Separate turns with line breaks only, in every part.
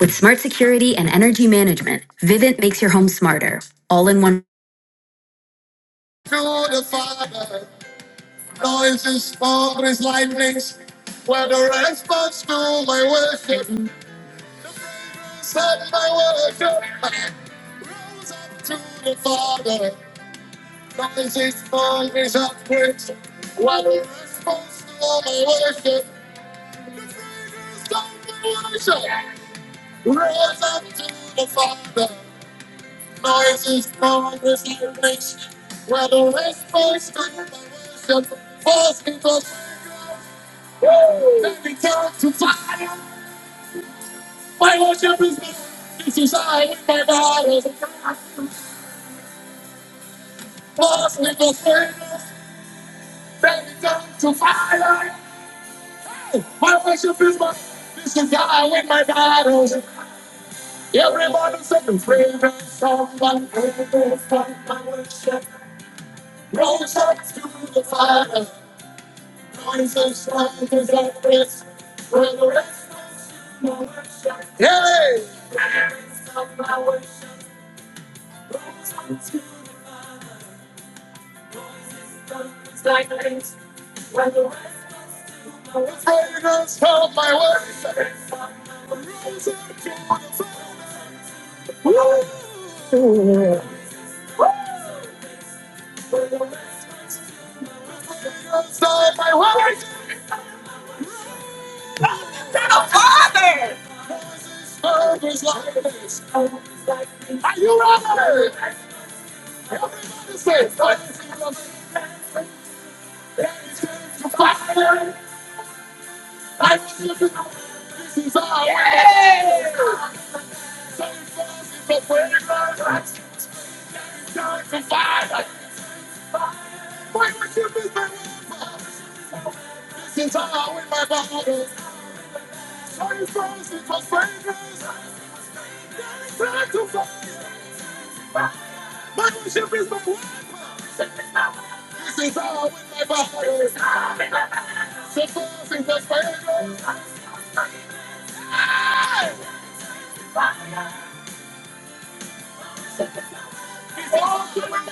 With smart security and energy management, Vivint makes your home smarter, all in one.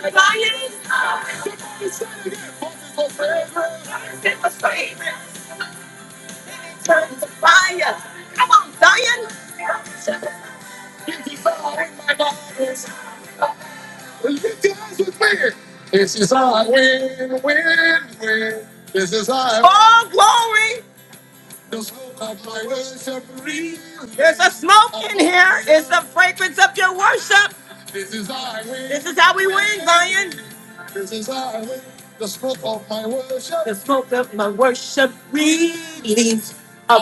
Zion, give us praise. Vivint to fire. Come on, Zion. All glory. Smoke is the fragrance of your worship. Tell Zion, smoke of my worship release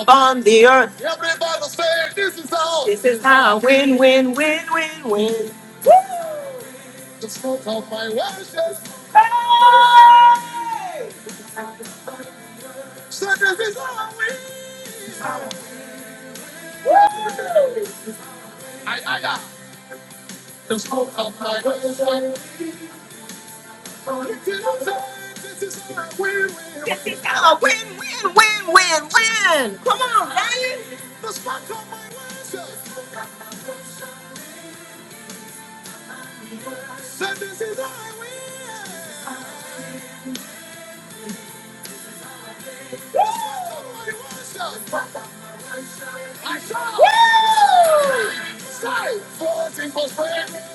upon the earth. This is how I win, win, win, win, win. Woo! Hey! It's how I win, win, win, win, win. Come on, Zion.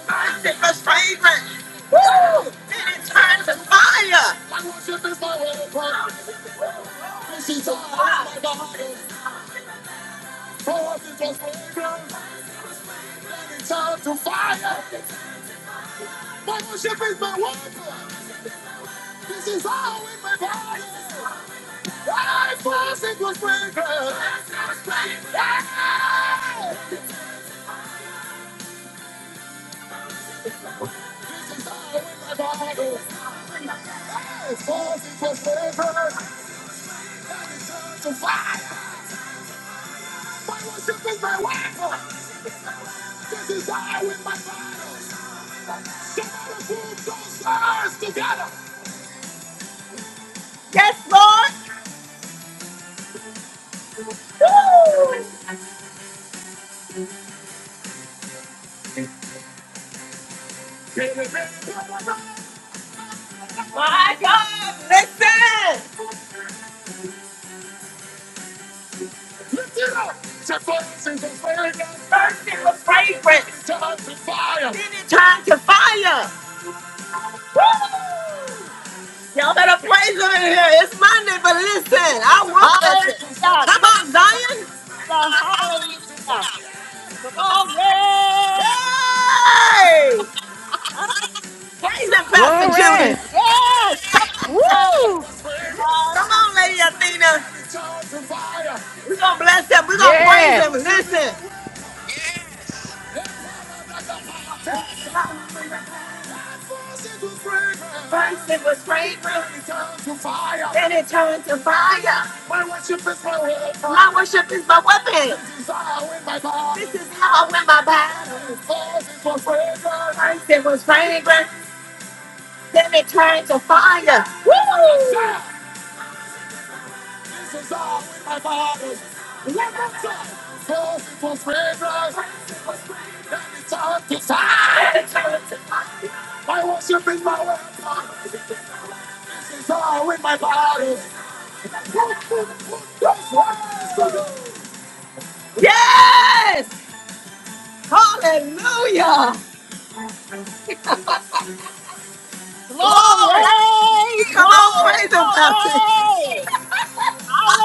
Finding the favorite, And it's fire. Yes, Lord. My God, listen. Fragrance. And it's time to fire. Y'all better praise him in here. It's Monday, but listen. I woke up.
Hallelujah.
Come on,
Come
Zion.
on, brother. Hallelujah. Come on, Ray.
Hey! Praise him, Pastor
Glory!
Judy.
Yes. Come on, Ray.
Woo!
God.
Come on, Lady Athena. We're going to bless him. We're going to praise him.
Yes!
Listen. Listen was fragrance and it turned to fire. My worship is my weapon. This is how I win my battle. It was fragrant. Then it turned to fire. Yes! Hallelujah! Glory!
Glory.
Come on,
Glory.
praise him about it.
Glory.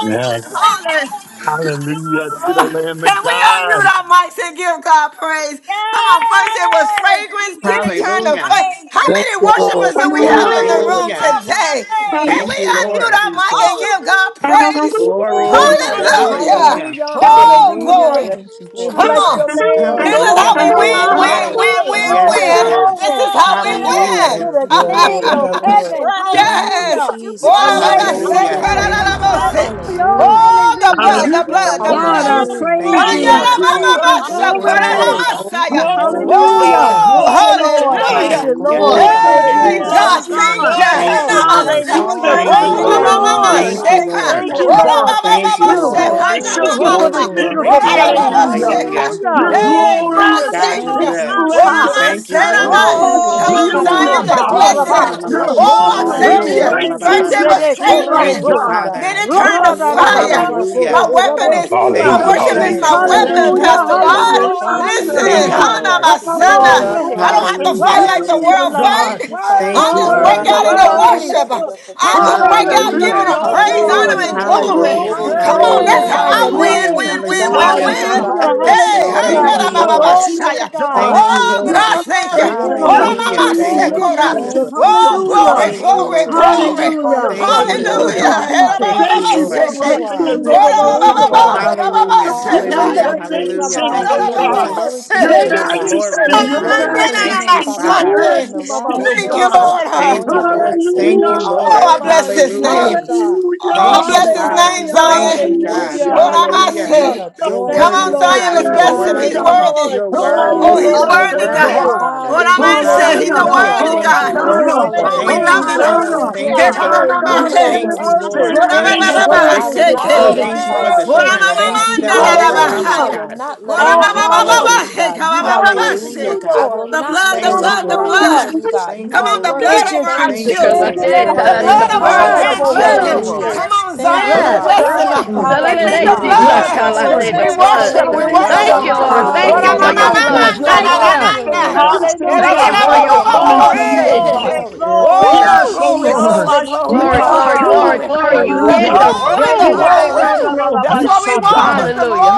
Yes.
Hallelujah!
Hallelujah to the
Hallelujah.
Lamb of
Can we unmute
God.
our mics and give God praise? Come on, first it was
Yes. We
fragrance, then
give
it
you
turned to
Hallelujah.
fire.
praise
How
and
Thank
many
you, Lord.
worshipers do
glory.
we have
Glory,
Glory.
in
Glory.
the
glory.
room
Hallelujah.
today?
To
Can
Bless
we
Thank you,
the
your name,
King
unmute
of
Lord.
our mic
Jesus.
and
glory.
give God praise?
Glory to
Oh,
you,
Woo.
Praise
God.
him.
Hallelujah.
hallelujah.
Hallelujah!
Hallelujah.
Hallelujah.
Oh,
Hallelujah.
Hallelujah.
glory!
Yes,
Thank you,
We
Lord.
Come
bless
on.
your
Jesus.
name.
This
Glory,
is how
Hallelujah.
glory,
we win,
glory,
Thank you,
Hallelujah.
win,
Hallelujah.
Lord.
glory.
win,
Glory.
Thank you,
win,
Thank
Glory,
you,
Yes,
Glory.
Jesus.
win.
Father.
God.
This
Glory.
is how we
Thank
glory.
you,
Glory to
Hallelujah.
win.
Lord.
the
We give
Yeah,
you the
King
Lord.
of
Yeah,
glory,
Give you
God.
Lord.
heaven.
praise.
Thank you,
We
yes.
give
Hallelujah.
you
The
Ora
Jesus.
Glory,
glory.
baba
mighty
Thank
se
you,
glory,
Hallelujah.
God.
Father.
karara
Thank
glory.
you,
la
Father.
Hallelujah.
bose.
Hallelujah.
Hallelujah.
Oh, the
Yes,
blood,
Hallelujah.
the
Hallelujah.
Lord.
blood,
Yes,
the
God,
blood.
I
Lord.
Yes,
Hallelujah.
Thank
praise
you,
Lord.
Thank
you.
Haya
I
you,
Thank
Yes,
la
you,
Lord.
baba
praise
Lord.
Father.
you.
basa,
Glory to your
Jesus.
karara
Hallelujah.
name,
Glory,
Glory.
God.
glory,
You are
masaya.
Hallelujah.
Glory
worthy
to
to be
glory.
Hallelujah.
God.
praised.
Thank you,
Oh,
Glory to
Lord.
Father,
Thank
God.
we
hallelujah.
you,
Hallelujah.
Glory,
Lord.
glorify
Thank
you.
Hallelujah.
you,
We
Hey,
Lamb.
Hallelujah
Father
exalt
God,
your
to
name.
thank you.
We
God.
Thank you,
God.
worship you. We
Lord.
Thank
We
you,
Namasa.
honor
Hallelujah.
Glory,
Lord.
you.
Thank
Oh,
you,
Thank
You
Thank
are
you,
magnify
Lord.
mama,
you,
glory,
you.
mama,
Lord.
faithful.
We
Lord.
You
glory.
are
Thank you,
a
praise
sheka.
you,
Thank
Lord.
faithful
Hallelujah.
oh
you,
Ora,
Father.
God.
Lord.
mama,
Thank
Thank you,
mama,
We
you.
Lord.
sheka.
Yes,
bless your
Hallelujah.
Thank
Lord.
you
Mama,
Yes,
Glory
for
holy
Glory,
to
this
ha.
your
Lord.
glory,
name.
Ora,
beautiful
name, O
day.
glory.
mama,
God.
mama,
Hallelujah.
Glory
sheka.
Hallelujah.
to
Hallelujah.
your
You're
Glory,
Hey,
name.
God,
glorious
Hallelujah.
God, you're
thank
in
you.
Thank
good.
you,
Ora,
splendor
ma,
and
Jesus.
Thank you,
sena,
majesty
Glory,
ma.
Jesus.
Roma
glory,
and
Come
yes,
Oh,
on,
glory,
this
beauty,
God.
oh
Zion,
glory.
Shikatama
let's
Thank
Thank
God.
fight
you,
you,
bless
our
Horabate.
Father.
him.
You're
battle.
eh.
Oh, I
holy.
thank
You're
you.
Reyes
Hallelujah.
de
Hallelujah.
First
righteous.
it
You're
Currebe
was
pure,
Hallelujah.
oh
Adrian.
Thank
Corazón.
you,
God.
Then
Father.
God.
it
You
turned
are
to
Roma da
Hallelujah.
da ba
worthy.
ba
fire.
ba
Yes,
Coro
Hallelujah.
My
God, you're
weapon
Horabe
Hallelujah.
is,
worthy.
my
Thank
Kiba.
Hallelujah.
you,
You
worship is
are
Hallelujah.
a
my
Jesus.
Salvation
Yes,
and
weapon,
worthy,
yes,
Hallelujah,
Pastor
worthy
Yes,
God.
glory
Rod.
Father.
and
hallelujah,
Lord. Yes,
Thank you,
honor
Listen,
Thank you,
Lord.
Lord.
hallelujah.
You
Hana,
are
Lord.
the
my son,
beginning
power
and
uh,
and
Yeah,
the
glory,
Glory.
end.
I don't
voice
Thank
have
you,
to
and
fight
Hallelujah.
like
Jesus.
the
glory,
Worthy
beauty
is the
world
of God.
Lamb.
Thank
fight.
you, Father.
Thank
I
Worthy,
you,
just
Thank
break
worthy,
you,
Lord.
out into
Lord. Thank you
worthy.
for
Hallelujah!
your
worship. I
protection,
just
God.
break
Thank you
out
for
giving
your
Hallelujah.
him
Hallelujah.
covering.
praise,
Bless
Thank
Hallelujah!
the
you for
honor, and
your
name.
glory.
faithfulness.
Hallelujah.
Thank you
Come
for
on,
being
Hallelujah.
that's
Glory!
glory.
how
who
Glorify
you
I
your
Glory.
are,
win,
Hallelujah.
name.
win,
Glory to
win,
God,
God
win,
in
Hallelujah.
the
all
win.
by
Hallelujah.
highest.
Hey,
yourself.
We
Yeah,
Hana,
Hallelujah.
Thank
Thank
you,
da, ba,
you,
ba, ba,
exalt
Lord.
Lord.
you,
Glory
O
to
shaya.
God.
God.
Thank you,
oh
Your
Hallelujah.
God,
Lord.
Yes.
thank you.
Thank you,
perfection, your
Glory,
Ora,
Lord.
beauty,
glory,
Hallelujah.
mama,
glory,
Thank
Thank
your
glory,
you,
you,
glory.
sekora.
Jesus.
glory.
Jesus.
Thank you,
majesty, O
Oh,
Hallelujah.
Jesus.
glory,
God.
Thank you,
Glory
glory,
to
Lord.
your
Thank you
name.
glory.
for your
Hallelujah.
Hallelujah.
Thank you,
You
presence,
are
Yes,
O
Thank
Lord.
you,
God.
worthy,
God.
Hallelujah.
Father.
Jesus.
Thank you,
Thank you
Lord.
for
Yes,
Erabababaseke.
you
rocking
are.
the
You are
nations, O
worthy,
Alabas-
God.
Lord.
Great-kun-do-do-bo-u-do-ba-da-ba-sa.
The
Hallelujah.
beauty,
Orabababababababaseke.
Hallelujah.
the
Hallelujah.
Hallelujah.
nations,
Thank
O
you,
Hallelujah.
God.
Rebe-be-ku-ra-ba-sanda-do.
Jesus.
Glory to your
Your
name, O
Thank
Orabababaseke.
you.
majesty,
God.
Glory to
Thank
your
you,
God.
Glory to
Jesus.
your
Rebe-ki-che-be-ku-ra-ba.
Thank
name,
you,
majesty,
Father
your
Father.
God.
Ura
Oramandenanamasante.
From the
majesty,
baba
Glory
O
rising
to
Thank
of the
you,
God.
shanda
God.
sun
Lord.
to the
Thank
going
you,
down
hakika.
of
Yes,
the
Lord.
Lord.
same,
Thank
Hallelujah!
you
Yes,
you,
Lord.
are
Ura
Oh,
baba
Lord.
I
worthy
baba
bless
to
his
be
Hallelujah.
shanda
name.
praised.
ta.
Oh, I
Thank
Yes,
Hallelujah!
you,
bless
you
his
are,
Father.
name,
Hallelujah,
Jesus.
Zion.
Thank
We
thank
you,
you,
God.
Jesus.
hallelujah,
worship
Hallelujah!
you.
Hallelujah.
Hallelujah!
hallelujah.
We
Oramase.
You're
adore
Thank
Come
your
you,
worthy,
on,
name.
Lord
Zion,
God.
let's
You're
Hallelujah.
Jesus.
bless him.
Thank
He's
you,
worthy.
Hallelujah.
Hallelujah!
worthy.
Lord.
You're worthy,
Glory,
Oh,
Yes,
God.
Lord.
he's
Hallelujah
You're
glory,
Hallelujah.
to
worthy,
Yes,
God.
worthy,
Lord.
glory.
God.
Hallelujah. We
Father.
give you
Hallelujah.
Oramase.
glory,
He's a
Hosanna!
Hallelujah.
You
Hallelujah.
are
glory,
worthy
Thank
worthy.
you,
God.
glory.
Yes,
You
Lord.
Glory
are
Hosanna!
to
God.
your
Oh,
worthy.
we
Thank
Hallelujah.
love
you,
name.
You are
Hosanna!
Jesus.
Glory,
worthy,
Thank
glory,
Jesus.
you,
Hallelujah.
Our
glory.
God.
You
God
You
alone
are
Worship
him
are
Thank you,
is
worthy,
our
worthy.
Jesus.
omnipotent
da
Lord.
da
Yes,
ba
Thank you
ba
weapon.
You're
Yes,
for
ba
the
God.
yes.
ba ba
I
worthy,
will
you're
victory,
not let
God.
a
reigneth!
seke.
worthy,
rock
you're
Thank you
cry
for
Glory.
the
out for
Ora
worthy.
me,
ma
strength.
O
ma
God.
Thank you
You
manda
that we're
da
are
Yes,
da ba
God.
worthy. I
overcomers,
Hallelujah.
Hallelujah.
haya.
will
God.
not let a
Ora
All
ba
Thank
rock
ba
Yes,
you,
ba
cry
ba
yes,
out
honor
for
yes.
to
Lord.
ba
me,
seka
God.
you.
ba
You
ba
are
ba ba
Glory
ma ma
to
worthy.
Hallelujah,
you,
I
God.
Lord.
will
The
not
blood,
let a
the
Thank
Yes,
you,
rock
blood, the
Lord.
cry
Lord.
out
Hallelujah.
for me,
blood.
God.
Thank
You
Come
you,
are
on, the
Lord.
Thank
worthy.
blood
you,
over our
Thank you,
Jesus.
Thank you,
Cause I
Thank
children,
Jesus.
you,
Lord.
said,
Yes,
"Tie
Lord.
the
Yes,
in the
Thank
blood
Thank
God.
you,
you,
over our
Lord.
blood, the
Lord.
Jesus.
blood
Thank you,
grandchildren.
Hallelujah.
over.
Hallelujah.
Hanadanabohurabasai.
Come
Jesus.
on,
Hallelujah.
Thank you,
Zion, the
Yes!
Father.
blessing.
Hey,
Hosanna!
Mm,
We
mm,
plead the
mm,
Hallelujah.
Renebedenemakurashaka.
Salalelesi
mm.
Worship
Yes,
Yes,
is
Yes,
God.
blood.
our
yes, yes,
Lord.
sakalate, The
We
yes.
weapon.
blood.
worship,
The
we
Hallelujah.
blood of
Salvation,
worship.
Thank
oh
you,
Glory.
Jesus.
Lord.
God.
Thank you
Ora ma
for
Praise
ma
Hallelujah.
your
Yes,
Hallelujah.
ma
and
ma
blood.
Thousands
God.
na
of
na
Thank
Denebebebekurababahatehorabakesata.
na
Thank
adoration.
you.
harvests,
you,
na
the
Oh
na.
Lord
God.
God.
nations,
Yes,
Era
Thank
la
oh
you
Hallelujah.
la
for
bo
God,
your
bo
are
bo
Glory,
Lord.
bo
coming
bo
to
glory,
Glory,
you, oh
glory.
glory,
se.
glory,
God.
glory.
Yeah.
Thank
glory.
you,
Yes,
Oh,
Woo!
oh
glory,
Lord.
glory,
Jesus.
glory,
Glory,
World
glory,
glory,
Hallelujah.
peace,
glory,
glory.
Hallelujah.
glory.
Yomashikatamashe.
You
The
Hallelujah.
in
hallelujah.
Hallelujah.
the
Hallelujah.
glory, the
You
room.
are
glory.
our
Woo!
world
That's
Hallelujah.
what
peace,
we
oh
want
Yedebekuranabashata.
God.
is the
Hallelujah,
Hallelujah.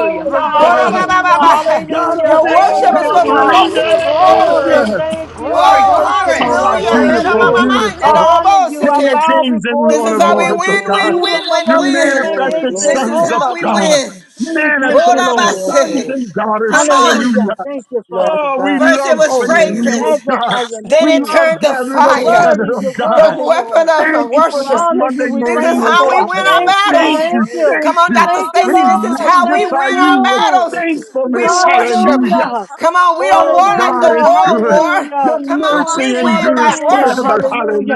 glory.
God.
hallelujah.
hallelujah,
Lord God,
hallelujah.
Your
Thank you,
worship
Glory,
is
omnipotent
Lord
Woo!
supposed to
glory, glory,
God.
provoke in the
Thank
glory,
glory.
you,
reigner.
thank you. I
Glory,
Worship
Oh,
worship
glory.
Oh,
you. I
Lord,
hallelujah.
glory,
hit
worship
praise
a
beautiful,
ma ma
you.
you,
ma
I
na da
beautiful.
Lord.
da
honor
bo
you. I
King of
bow
kings and
before
This
you,
Lord
is
of
how we
Lord.
lords, oh
win,
God.
win,
glory, glory,
win, win,
You
glory,
win.
glory, glory,
manifested
This is
sons
glory.
of
how we
Turamababimekesekombata.
God.
win.
We thank you,
Manifest your
Lord.
Yes,
sons
ora
Lord.
and daughters.
Come on.
Hallelujah.
Hallelujah.
Thank you,
Bless
Father.
Oh, we
God.
First it
love
was
Glory.
praising you, oh
fragrance.
God.
Magnify your
Then
We
it
name.
love
turned to
gathering
Your
Yes,
fire
word
together,
Lord.
is
oh
your word,
God.
the weapon
Lord.
of
Thank you for
We
this
worship.
honor you.
Monday
We
This is
morning,
Glory, glory.
oh
how
thankful.
we
What
God.
the
win our
Yes.
Thank you.
battles.
Thank
Thank
you,
you.
Come
thank
on,
you.
Dr.
Thank you,
We
Stacy, this
Lord
is
Lord.
how we
Thank
magnify
win our
you with
you.
battles.
Thank you, Jesus.
the
We
thankfulness.
worship.
Hallelujah.
delight
Hallelujah.
of
Come on, we
the
don't
Oh,
Lord.
war like
God
the
is
Hallelujah.
world
good.
war.
Hallelujah.
Your
Come
Thank
on,
you,
mercy
we
Jesus.
win by
endures
Hallelujah.
Hallelujah.
forever.
worship,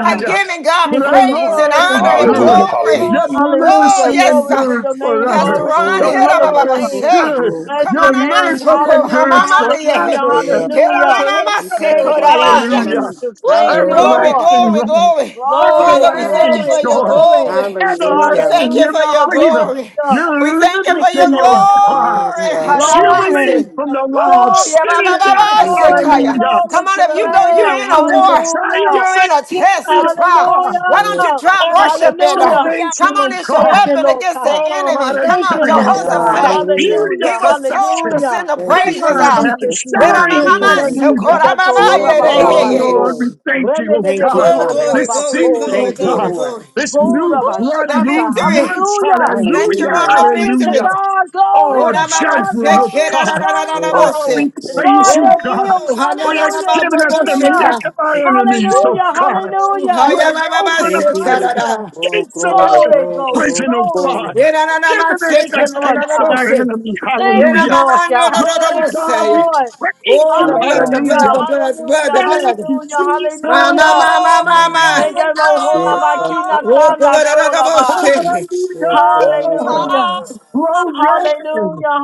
by giving God
For
Thank
the
you,
praise
Lord.
and
Lord
Thank
is
you,
honor
Yes,
and
Lord.
Hallelujah.
good.
glory.
Your
Hallelujah.
Lord.
Oh,
Hallelujah.
mercy
yes,
Glory
uh,
for
endures
your name.
Yes,
Pastor
forever.
Glory,
Glory to
Ron,
The
with
your
glory,
the
hit up, up,
wonderful
up,
worship
Lord
up,
is
of
glory,
name.
say.
God.
good.
glory.
Bless
Come
Your
on,
your
I'm out,
name.
mercy
so cool. I'm out,
Hallelujah.
endures
I'm out, yeah.
Hallelujah.
forever
Yeah.
and
Get on,
Hallelujah.
I'm
ever
out, i
and
You cut out
cool,
Thank
ever.
of
you,
our
I'm
shit,
Lord
out,
tell
yeah.
Hallelujah.
them,
Jesus. Thank
Woo!
you,
Yes, God.
Glory,
Hallelujah.
Lord.
Everlasting
Yes,
glory,
God.
love,
glory.
Glory,
Yes,
Father, we
God.
thank
Glory.
you
everlasting
for
glory,
your
Thank
joy,
glory.
glory.
Yes,
We
Hallelujah.
God.
thank
everlasting
you
your
for
Hallelujah,
your
freedom,
glory.
hallelujah.
We
your
thank you
Thank
for
you,
your
liberty, oh
Lord.
you,
God.
Lord.
Yes,
Thank
Mm,
glory.
mm,
you,
God.
mm.
Glory,
Jubilee
Hanamase.
from the law of
Woo! Yeah,
sin
ba, ba,
and
glory,
ba,
Yes,
death.
ba,
yes,
Thank you,
glory,
Lord.
sekaya.
Hallelujah.
Come
glory to
on, if
the
you
The
know you're
Lamb.
in a
victory, the
war,
Hallelujah,
you're in
triumphant
a test,
glory
a
of
trial.
God.
Why don't you
hallelujah,
God.
try
Oh, the
worshiping?
Lord. Oh,
Uh,
hallelujah.
yeah.
Come
salvation
come
on,
of
it's your
on.
Thank
God.
you,
weapon
Lord
against the
God.
Oh,
enemy.
out of
Come
Thank
on,
you, Lord
Zion.
God.
Yeah.
The
Jehoshaphat.
Hallelujah.
beauty of
He
Hallelujah,
was told to
perfection.
hallelujah.
send the
Thank you,
praises
God
Jesus.
out.
Thank
has
you,
Yes,
Jesus.
Jesus.
shined.
Thank you,
Hallelujah.
Jesus.
Hallelujah.
Igato
Yeah,
Glory,
God,
Oh
glory,
about
Yes.
horabarabako.
Lord, we
glory.
thank you, oh
Thank you,
Remebebebe
God.
Oh,
Father.
glory,
This
glory,
horabako
season, oh
glory,
Thank you,
today.
God.
glory, glory.
Lord.
This
Jesus.
new
Ooh,
blood
the
Gorabashata.
new
victory.
month.
Hallelujah.
Thank you,
Hallelujah.
Hallelujah.
Lord, for
Glory to
Hallelujah.
victory.
God. Glory
Oh,
Oh,
to
da, ma, ma,
God.
judgment,
shake,
oh
shake,
Glory
da,
to
da,
God.
da, da, da, da,
Yes,
bo,
God.
Oh,
God.
we
shake.
The
Yes,
praise
God
God.
you,
that
God.
heals.
Oh, ha, na,
For you
na,
have
na,
Hallelujah.
ma,
He's
bo,
given
a
us
bo,
the
shake,
healer.
neck of
ah.
our enemies, oh
Hallelujah.
God.
Ooh,
Hallelujah.
ha,
You
We
ya,
have
ma, ma,
praise
ma,
opened
you.
Thank you,
shake,
up
ah,
Praise
da,
the
Lord.
you.
da.
Oh,
gates of our
glory,
Glory,
glory,
Ooh,
glory,
glory,
prison, oh
glory.
Glory.
God.
ye, na, na, na,
Given
ma,
us
shake,
Thank
ah,
you,
the
da, da,
Lord
da,
gates
da,
of
bo,
God.
our
shake.
enemy,
Thank
Ye,
you,
na,
hallelujah.
ma,
Lord
ma, no, no,
God.
no, no,
Lord
Thank
bo,
you,
God, we
shake.
Lord.
praise
Oh,
you,
the
my
blood, the
God.
blood,
Hallelujah.
hallelujah.
the blood, the blood,
Hallelujah.
the
Thank
blood.
you,
Hallelujah.
Jesus.
Ma, ma,
Hallelujah.
ma, ma, ma,
Glory,
Mm.
ma.
Thank
glory,
Yeah, my
you,
glory.
Oh,
God.
glory, da, da, da, bo,
Lord.
shake.
Yes, God. Yes,
Hallelujah.
God.
Hallelujah.
Hallelujah.
Glory!
Hallelujah.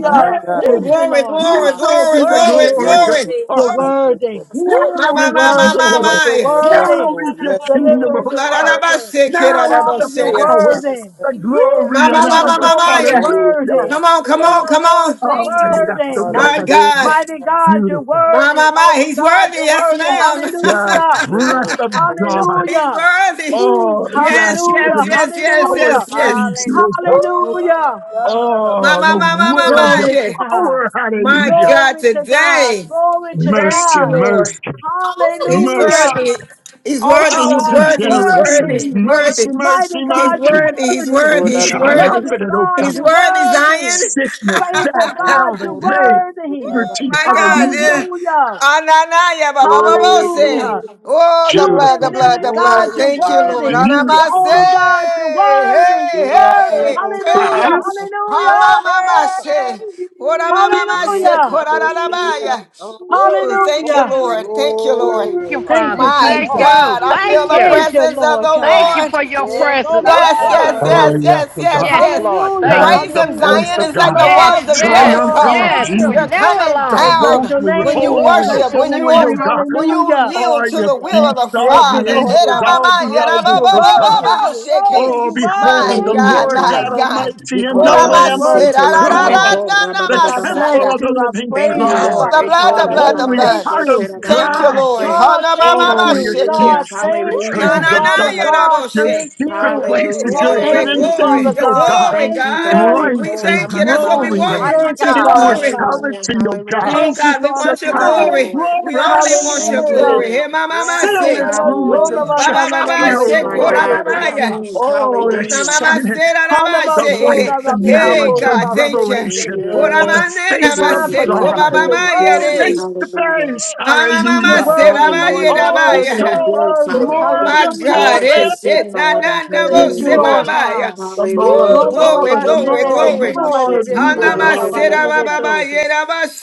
My God.
Woo,
Thank you,
glory,
Lord
glory,
God.
Now be
glory,
the
Worthy,
glory,
glory
Glory,
of
glory.
glory.
worthy,
God.
You're
worthy,
Thank you,
worthy.
Lord.
Lord.
Woo, my,
Now
You're
my,
is
my,
the
my,
worthy,
my,
Lord.
Yes,
glory.
You're
my.
Lord. Yes,
Now
worthy.
is
Lord.
the
Yes,
kingdom
Lord.
Deliverer,
of
you're
La, da, da,
God.
ba,
worthy.
se, ki,
Now
da, da,
is
ba,
Father,
the
you're
se, ya.
Thank
Yes, God.
power,
worthy.
Yes,
the
you.
Woo,
glory
my,
and
my,
King
my,
of
my,
honor.
my,
glory,
Yes,
my,
you're
ya.
thank
glory to
Hallelujah.
your
worthy.
name,
Come on,
you,
come
Spirit.
Lord
on,
Jesus.
of
come on.
lords, you're
Thank
Oh,
you, Holy
yes, oh
worthy.
God,
Spirit.
My
that's
Hallelujah.
God.
Mighty God, you're
beautiful.
My,
worthy.
my, my.
Awesome
He's
God,
worthy.
you're
Yes,
worthy.
Yes.
ma'am.
Yes,
Hallelujah.
Oh,
breath
Glory,
my
of
God.
glory.
God.
He's
Hallelujah.
worthy.
Woo.
Oh, yes,
Yes,
you've
yes,
Hallelujah.
given us
yes, yes,
power to
Hallelujah.
yes, yes.
praise you,
Hallelujah.
oh
Woo.
God.
Oh, Baba
Hallelujah.
Shanda, Baba
My,
Oh,
my,
the
my, my,
Shanda.
my,
word of
my,
your
Glory to
yeah.
God.
power.
My
Hallelujah.
God,
Glory to God.
today.
Glory to
Thank
Mercy,
you,
God.
Lord.
mercy.
He's
Hallelujah.
mercy,
My
worthy. He's worthy.
Awesome
He's
God,
thousand
you're
worthy. He's worthy.
generations,
worthy.
He's
mercy,
worthy.
mercy,
Mighty
He's
God, you're
mercy.
worthy. He's
worthy.
Oh,
worthy.
You
da,
He's
da, da, ba,
worthy.
triumphant,
Loving
it, oh
God,
God.
He's
you're
worthy,
worthy.
Zion.
Sickness,
Faithful
death,
yeah,
God,
hell, the
you're
oh, da, da,
grave,
worthy.
da, da,
Ooh,
liberty,
my
da.
God.
hallelujah.
yeah.
Hallelujah.
Ananaya baba baba
Glory,
say.
Hallelujah.
glory,
Oh, the
True
Beautiful
blood, the
and
God,
blood,
living
the
God,
blood.
glory
you're
to your
Thank
name.
you, Lord.
worthy. The
beautiful
Anamase.
only
God.
God, you're
Hey,
worthy. You're worthy.
hey,
Hallelujah.
hey.
Yalalaboshana,
Hama mama
Hallelujah.
say.
Glory.
Ora mama say.
Hallelujah.
Kora
Yalalaboshana,
rarabaya.
Oh,
Ooh, thank you,
Hallelujah.
thank
Lord.
you, Lord. Thank you,
Thank you, Lord.
Thank you,
Glory.
Lord.
Thank you,
Father.
Thank
My
you,
Thank
Lord.
Jesus.
you.
God, I feel
Thank
the
you.
Thank you,
presence of the
Lord
Thank
God.
you
Lord.
for your
Yes,
presence.
I'm
Yes,
a
Woo!
yes,
child.
yes,
Oh,
Yekomashande.
Yalalaboshana.
yes,
yes,
oh God.
yes,
Yes,
yes.
Lord.
Hallelujah,
Thank
That's
you.
Praise
the
him.
hallelujah.
voice
Zion
Thank
of
is
God,
you,
like the
Yes,
Lord.
walls of
Bless
yes,
triumphant
you,
Oh,
in
Jericho.
bless
yes.
hallelujah.
We're
you.
They're
beauty,
never
coming
the
We
Hallelujah.
alone.
Bless
down
your
holy,
when you
name,
Praise,
you
holy,
Woo!
bless
worship,
your
praise,
when you
holy,
name.
oh
ob-
praise.
God.
to
when
our
you
Hallelujah.
all
yield to
Yes,
your
the will of
God.
beasts,
the
all
Thank
the
you,
Father.
Lord
angels,
God.
all
God.
Hidamama,
the elders
You're
of God.
worthy,
Hallelujah.
yidamababababo,
you're
shaking.
worthy,
Oh,
you're
My
beholding the
worthy.
Hallelujah,
God,
Lord
my
God
God.
God.
Almighty
You
and
cut
the
No
out of
one's
Lamb
our
of
Hallelujah.
worthy
shit,
but
tell
you,
God,
Lord.
Yes,
the
I bless
temple
Odamasirarararanamasana.
them,
of the
you. I
living
Thank
praise
you,
you,
Ooh,
God,
Lord.
The
Father
Eh,
blood, the
God.
ko,
the
I
ra,
blood,
ma,
the
just
holy
thank
blood.
heart of
you.
Thank you,
God.
Lord.
God, thank
Oh,
Hanamamama,
you.
your deep
shaking.
God,
Hallelujah.
Ooh,
secret
thank
Hallelujah.
na,
you.
treasures
na, na,
of
Thank you,
Father
God,
Lord.
God,
your
yadaboshe.
thank
secret
you.
Ooh,
places,
Hallelujah.
your
Thank
glory,
Glory.
Thank
hidden
you,
you,
yes,
glory,
Father
things,
your
oh
Jesus.
God.
God,
glory,
Thank
Thank
you,
God.
God. Eh,
you.
We
light
ko,
and
ra,
thank you. That's what we
Lord.
glory
want.
and
We
Mighty
want
Thank you,
your
God.
Father
glory.
God.
Hallelujah.
immortality, oh God,
Oh
Hallelujah.
Thank you,
God, we
Father
want your
Thank
God.
you,
Shekinah
glory.
Lord.
We only want your
Thank you,
glory.
Hallelujah.
glory.
Lord.
Here, my mama
Yes,
Fill
say,
this
Ooh,
room
Lord
with the
Yenabasona
Hallelujah.
ba ba
God.
ba
bakanana
ba,
na
Shekinah,
Thank
Thank
oh
you,
you,
shake,
My
betine
hold
Lord.
Lord.
de
up,
God.
ba
God, my
ba ya."
bekoraba.
King.
Oh, the
Ooh, na
Hallelujah.
Thank
mama
shining,
say, na
you,
na
God,
ba
the light,
say.
Hanabasona
the
na
Thank you,
Hey
knowledge,
Lord.
the
God,
bebekoraba
Lord.
thank you.
Thank you,
revelation
sekete.
Ora
of
Lord.
Yes,
the
mane na
face
ma
of
Divine
Glory,
say, ko
glory,
ba
protector,
God.
ba
you're
glory,
ba ya,
glory.
re.
worthy.
Face to
Hallelujah.
face,
You're
Amamama
hallelujah.
worthy, Lord.
Serabaya
You're
Hallelujah.
Oh,
You're
worthy.
so
Rabaya.
You're
show us
good,
worthy.
Father.
more
Oh
of
my
your
Lord.
Hallelujah.
You're
God,
a good,
it's
glory,
good
it. Na
Father.
na na bo
Thank you,
se
Hallelujah.
Lord
Lord.
sebabaya.
God.
The more,
Hallelujah.
Ooh,
the
Roba
glory,
more,
baba
the
glory,
sene
more,
glory.
bekuna my
more of
bebe
you, oh
kura
Hanama
God.
baba
Yes,
serababa
kireto.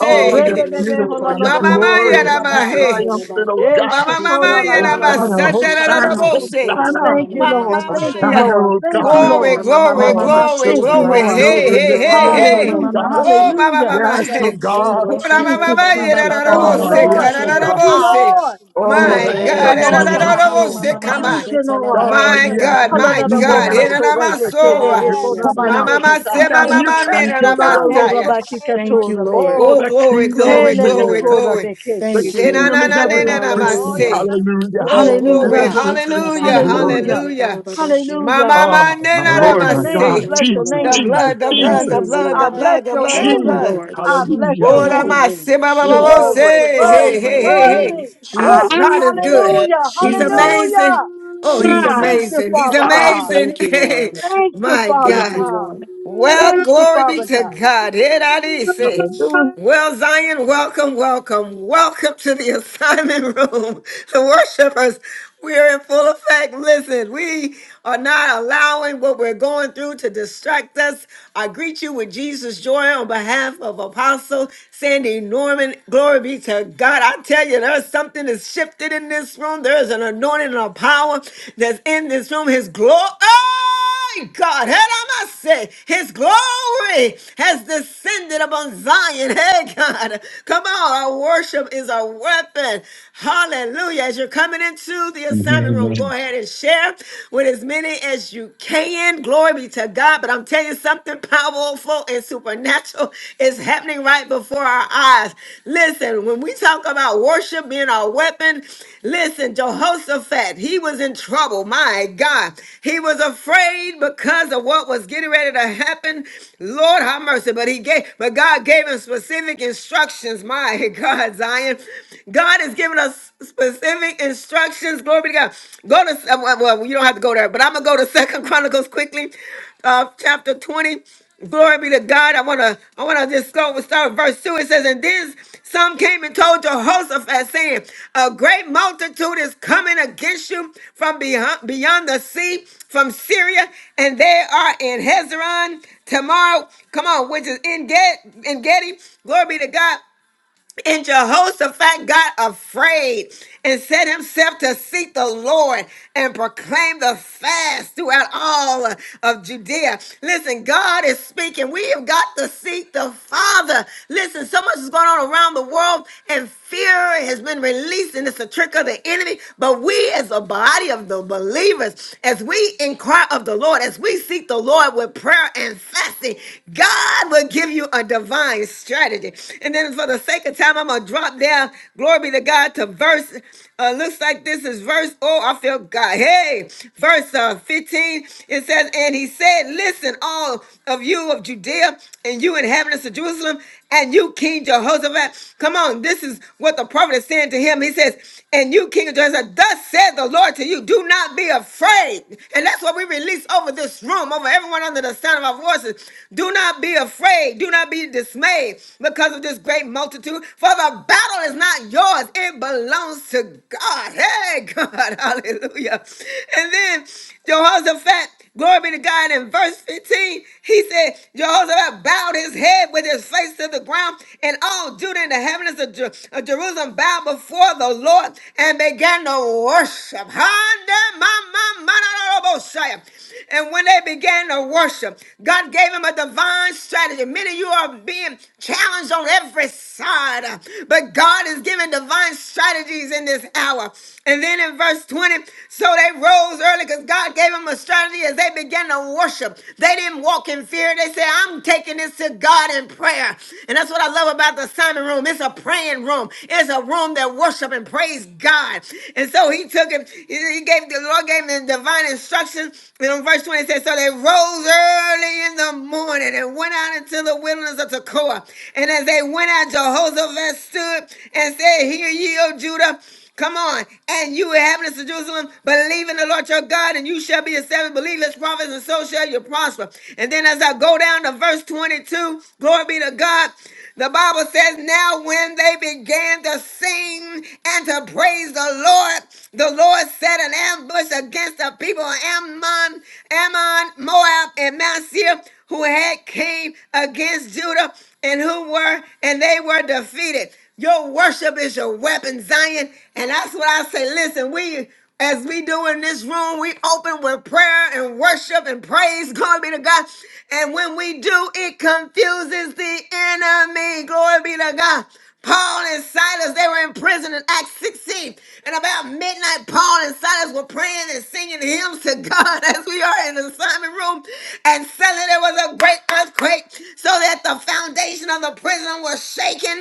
Oh, you're
Reme bebe
beautiful,
hola
Ooh,
you're
lodo
mama mama ma
glorious, you're
bosto
yerabahe.
triumphant, oh
Ooh,
Yes,
God.
mama
He
mama
Shekora la la
yera
la ba
Hosanna,
basandera na na
sekatata.
Hosanna,
bo se.
Hosanna.
Thank you, Lord.
Mama
Thank you,
maya.
Hosanna,
Lord.
oh
Thank you,
God.
Glory,
Lord.
glory,
Oh, the
glory,
Thank you,
children, the
glory.
Lord.
Hey,
yes,
children, the
hey, hey,
Oh,
children,
hey.
oh
Hallelujah.
God.
Oh, mama
Hallelujah.
Yes, oh
mama.
Jesus,
God.
My
Thank you, Jesus. Thank you,
Oh,
Lord.
yes,
Hallelujah,
oh
Thank
God.
you,
Father.
Lord.
Oh,
Holy
the
Thank
Ilamane
you,
yes.
Spirit,
ko
Lord
judgment
thank
rama
God.
against
mama
God,
you.
mama
him.
come
Thank
mama
on.
Thank
you,
you,
shete
Holy
Lord.
labane
Oh,
My
ko
Spirit,
yes,
God,
rama
you're
my
mama
for the
rooting
se.
out, oh
room.
Halalabosoto
God.
rebe
God,
kelele
You're
Yes,
Hallelujah,
kora ba
pulling
Mama,
out,
Father.
mama,
sekata.
pushing
se,
down,
way,
mama,
you're
Lord.
Thank
casting
you,
mama,
down,
Yoloro
Father.
oh
Have
hora ba
God.
your way, Lord.
Thank you,
be.
Lord.
Oh,
Oh,
the
glory,
kingdom is
glory,
Thank you,
Hele de
glory,
Lord.
kora
manifesting.
glory.
be
Thank
The
Thank
keki.
you,
you,
Yes,
Shena,
kingdom
Jesus.
Lord.
na,
is
na, na,
okay.
ever
na, na, ma,
Oh,
increasing.
yeah.
Hallelujah.
se.
Hallelujah.
Oh,
Ilabo
And
glory,
baba
Hallelujah.
ever
shete
increasing
hallelujah,
labane ko
glory.
Hallelujah.
rama baba
hallelujah.
baba she.
Mama,
Hallelujah.
Oh,
mama, na,
my
na, na,
Bless
Lord,
ma,
your
my
Hallelujah.
name.
God.
se.
Bless
Thank you,
your
Jesus,
The
Glory,
name.
Lord.
Bless
Jesus,
blood, the
your
Thank
blood,
name.
the
you,
Yes,
Jesus.
blood,
I
the
Lord.
bless
blood, the
your
mercy,
blood,
Thank
the
you,
name.
blood.
Jesus,
Lord.
I bless your
hallelujah.
What
Thank
am
you,
I
name.
Lord.
say? ba, ba,
You're
ba, ba,
worthy.
Jesus.
glory. glory.
You're
say,
worthy.
Hey,
You're
hey,
glory.
hey,
Hallelujah.
hey.
worthy.
Oh,
Amen.
God
Jesus.
is good.
yes, yes.
Hallelujah.
He's
Hallelujah.
Jesus.
amazing.
Hallelujah.
Oh, he's
Hallelujah!
Thank
Jesus.
you,
amazing. He's
Father
Hallelujah!
God.
amazing.
Thank you,
Hey,
Lord.
Thank you,
my
Father
Thank you,
God.
God.
Lord.
Well,
Thank you,
glory be
Father
to
God.
God. Here that is it.
Hallelujah.
Well, Zion, welcome, welcome, welcome to the assignment room. The worshipers, we're in full effect. Listen, we are not allowing what we're going through to distract us. I greet you with Jesus' joy on behalf of Apostle Sandy Norman. Glory be to God. I tell you, there's something that's shifted in this room. There is an anointing and a power that's in this room. His glory my God, Hedamase, His glory has descended upon Zion. Hey, God, come on, our worship is a weapon. Hallelujah. As you're coming into the assignment room,
Hallelujah!
go ahead and share with as many as you can. Glory be to God. But I'm telling you, something powerful and supernatural is happening right before our eyes. Listen. Listen, when we talk about worship being our weapon, listen, Jehoshaphat, he was in trouble. My God, he was afraid because of what was getting ready to happen. Lord, have mercy. But he gave, but God gave him specific instructions. My God, Zion, God has given us specific instructions. Glory be to God. Go to uh, well, well, you don't have to go there, but I'm gonna go to Second Chronicles quickly, uh, chapter twenty. Glory be to God. I wanna I wanna just go and start with verse 2. It says, And then some came and told Jehoshaphat, saying, A great multitude is coming against you from beyond, beyond the sea, from Syria, and they are in Hezron tomorrow. Come on, which is in Get in Gedi. Glory be to God. And Jehoshaphat got afraid and set himself to seek the Lord and proclaim the fast throughout all of Judea. Listen, God is speaking. We have got to seek the Father. Listen, so much is going on around the world, and fear has been released, and it's a trick of the enemy. But we, as a body of the believers, as we inquire of the Lord, as we seek the Lord with prayer and fasting, God will give you a divine strategy. And then for the sake of time, I'm gonna drop down. Glory be to God to verse. Uh, looks like this is verse. Oh, I feel God. Hey, verse uh, 15. It says, and he said, "Listen, all of you of Judea and you inhabitants of Jerusalem, and you King Jehoshaphat. Come on, this is what the prophet is saying to him. He says, and you King Jehoshaphat, thus said the Lord to you, do not be afraid. And that's what we release over this room, over everyone under the sound of our voices. Do not be afraid. Do not be be dismayed because of this great multitude. For the battle is not yours, it belongs to God. Hey, God, hallelujah. And then Jehoshaphat, glory be to God, in verse 15, he said, Jehoshaphat bowed his head with his face to the ground, and all Judah and the heavens of, Jer- of Jerusalem bowed before the Lord and began to worship. Hande ma- ma- ma- na- na- na- bo- shaya. And when they began to worship, God gave him a divine learn strategy. Many of you are being challenged on every side, uh, but God is giving divine strategies in this hour. And then in verse 20, so they rose early because God gave them a strategy as they began to worship. They didn't walk in fear. They said, I'm taking this to God in prayer. And that's what I love about the Simon room. It's a praying room. It's a room that worship and praise God. And so he took him, he he gave the Lord gave him divine instruction. And in verse 20 it says, So they rose early early in the morning and went out into the wilderness of Tekoa. And as they went out, Jehoshaphat stood and said, Hear ye, O Judah. Come on, and you inhabitants of Jerusalem, believe in the Lord your God, and you shall be established. Believe his prophets, and so shall you prosper. And then as I go down to verse 22, glory be to God. The Bible says, Now when they began to sing and to praise the Lord, the Lord set an ambush against the people of Ammon, Ammon, Moab, and Mount Seir who had came against Judah and who were, and they were defeated. Your worship is your weapon, Zion. And that's what I say. Listen, we as we do in this room, we open with prayer and worship and praise. Glory be to God. And when we do, it confuses the enemy. Glory be to God. Paul and Silas, they were in prison in Acts 16. And about midnight, Paul and Silas were praying and singing hymns to God as we are in the Simon room. And suddenly there was a great earthquake so that the foundation of the prison was shaken.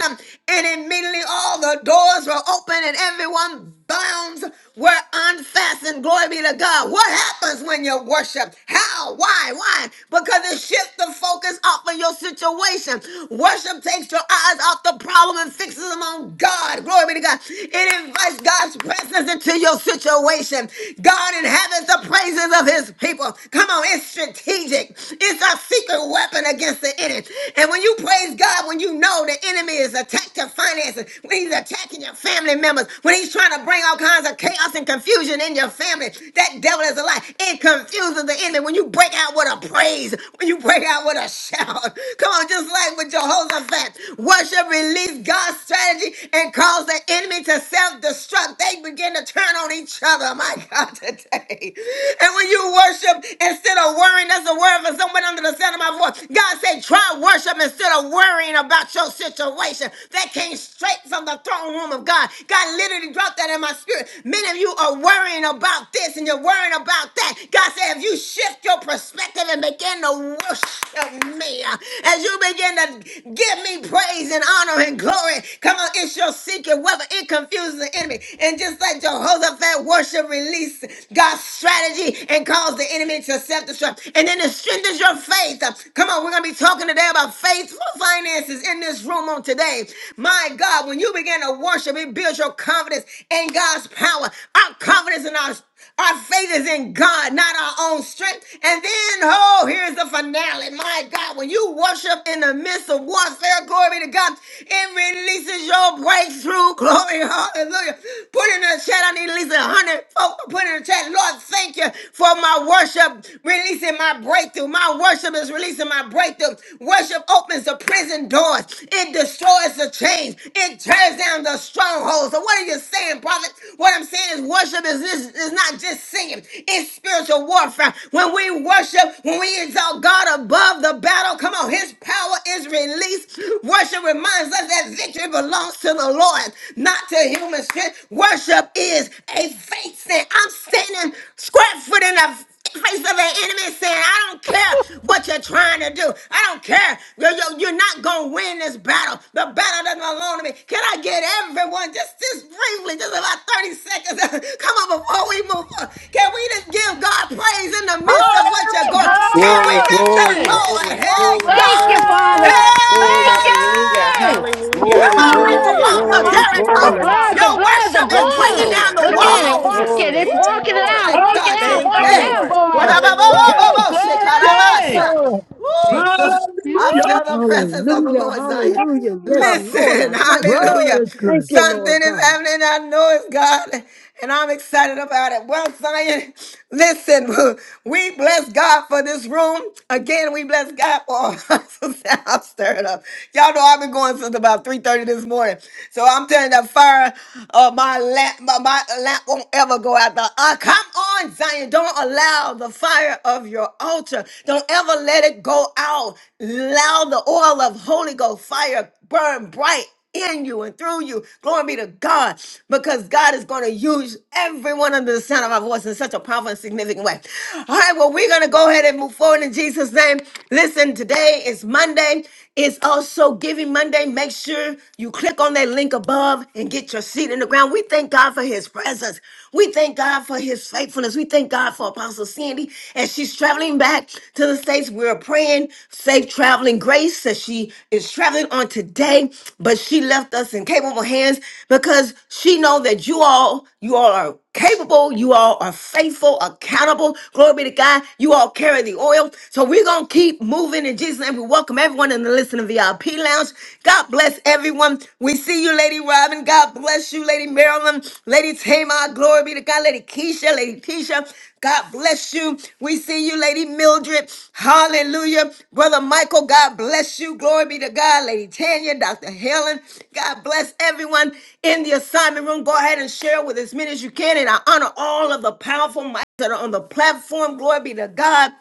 And immediately all the doors were open and everyone bounds were unfastened. Glory be to God. What happens when you worship? How? Why? Why? Because it shifts the focus off of your situation. Worship takes your eyes off the problem and fixes them on God. Glory be to God. It invites God's presence into your situation. God inhabits the praises of his people. Come on, it's strategic. It's our secret weapon against the enemy. And when you praise God, when you know the enemy is attacked your finances, when he's attacking your family members, when he's trying to bring all kinds of chaos and confusion in your family, that devil is a lie. It confuses the enemy when you break out with a praise, when you break out with a shout. Come on, just like with Jehoshaphat, worship released God's strategy and cause the enemy to self-destruct. They begin to turn on each other. My God, today. And when you worship instead of worrying, that's a word for someone under the sound of my voice. God said, try worship instead of worrying about about your situation that came straight from the throne room of God. God literally dropped that in my spirit. Many of you are worrying about this and you're worrying about that. God said, if you shift your perspective and begin to worship me, uh, as you begin to give me praise and honor and glory, come on, it's your secret weapon. It confuses the enemy. And just like Jehoshaphat worship release God's strategy and cause the enemy to self destruct. And then it strengthens your faith. Uh, Come on, God, we're going to be talking today about faithful finances in this room on today. My God, when you begin to worship, it builds your confidence in God's power. Our confidence in our our faith is in God, not our own strength. And then, oh, here's the finale. My God, when you worship in the midst of warfare, glory be to God, it releases your breakthrough. Glory, hallelujah. Put in the chat, I need at least a hundred folks. Put in the chat, Lord, thank you for my worship. Release releasing my breakthrough. My worship is releasing my breakthrough. Worship opens the prison doors. It destroys the chains. It tears down the strongholds. So what are you saying, prophet? What I'm saying is worship is, is, is not just singing. It's spiritual warfare. When we worship, when we exalt God above the battle, come on, his power is released. Worship reminds us that victory belongs to the Lord, not to human strength. Worship is a faith thing. I'm standing square foot in the face of an enemy saying, I don't care what you're trying to do. I don't care. You're, you're, you're not going to win this battle. The battle doesn't belong to me. Can I get everyone just, just briefly, just about 30 seconds? Come on, before we move on. Can we just give God praise in the midst of what you're
Woo!
going? Can we
Glory,
Hallelujah.
bless the
glory,
Glory!
glory,
Lord? Hey,
Glory.
glory,
Thank
God.
you,
glory,
Father.
glory,
Thank
glory,
Hallelujah.
you!
Hey! Come
Hallelujah.
glory,
on, like
glory,
the
Woo!
Hallelujah,
Hallelujah.
walls of
glory,
Thank you,
The
Jericho.
glory.
Lord.
blood,
hallelujah.
the
Your
blood, the
worship is
Glory,
bringing
blood.
Glory,
down
God.
the
Look
glory,
at it. Walk
walls.
Hallelujah.
it.
glory.
It's
Thank you,
walking it
Woo,
Lord.
out.
my
Walk it
God,
out.
Thank
Walk
you,
it
today.
out,
Lord.
boy.
Hallelujah.
Woo! Glory!
Whatababababababoshikarabasa. Woo,
Jesus.
the-
Woo!
I feel the presence of the
Hallelujah.
Lord, Zion.
Hallelujah. Yes,
Hallelujah!
Lord. I
Listen,
bless you.
Word
hallelujah.
is
Thank
good.
you, Lord
Something is
God.
happening. I know it's God and I'm excited about it. Well, Zion, listen, we bless God for this room. Again, we bless God for I'm stirred up. Y'all know I've been going since about 3:30 this morning. So I'm telling that fire of my lamp, my, my lamp won't ever go out. The, uh, come on, Zion. Don't allow the fire of your altar. Don't ever let it go out. Allow the oil of Holy Ghost fire burn bright in you and through you. Glory be to God, because God is going to use everyone under the sound of our voice in such a powerful and significant way. All right, well, we're going to go ahead and move forward in Jesus' name. Listen, today is Monday. It's also Giving Monday. Make sure you click on that link above and get your seat in the ground. We thank God for his presence. We thank God for his faithfulness. We thank God for Apostle Sandy as she's traveling back to the States, we're praying safe traveling grace as she is traveling on today. But she left us in capable hands because she know that you all, you all are capable. You all are faithful, accountable. Glory be to God. You all carry the oil. So we're going to keep moving in Jesus' name. We welcome everyone in the listening VIP lounge. God bless everyone. We see you you, Lady Robin. God bless you, Lady Marilyn. Lady Tamar. Glory be to God. Lady Keisha. Lady Keisha. God bless you. We see you, Lady Mildred. Hallelujah. Brother Michael, God bless you. Glory be to God. Lady Tanya, Dr. Helen. God bless everyone in the assignment room. Go ahead and share with as many as you can. And I honor all of the powerful mics that are on the platform. Glory be to God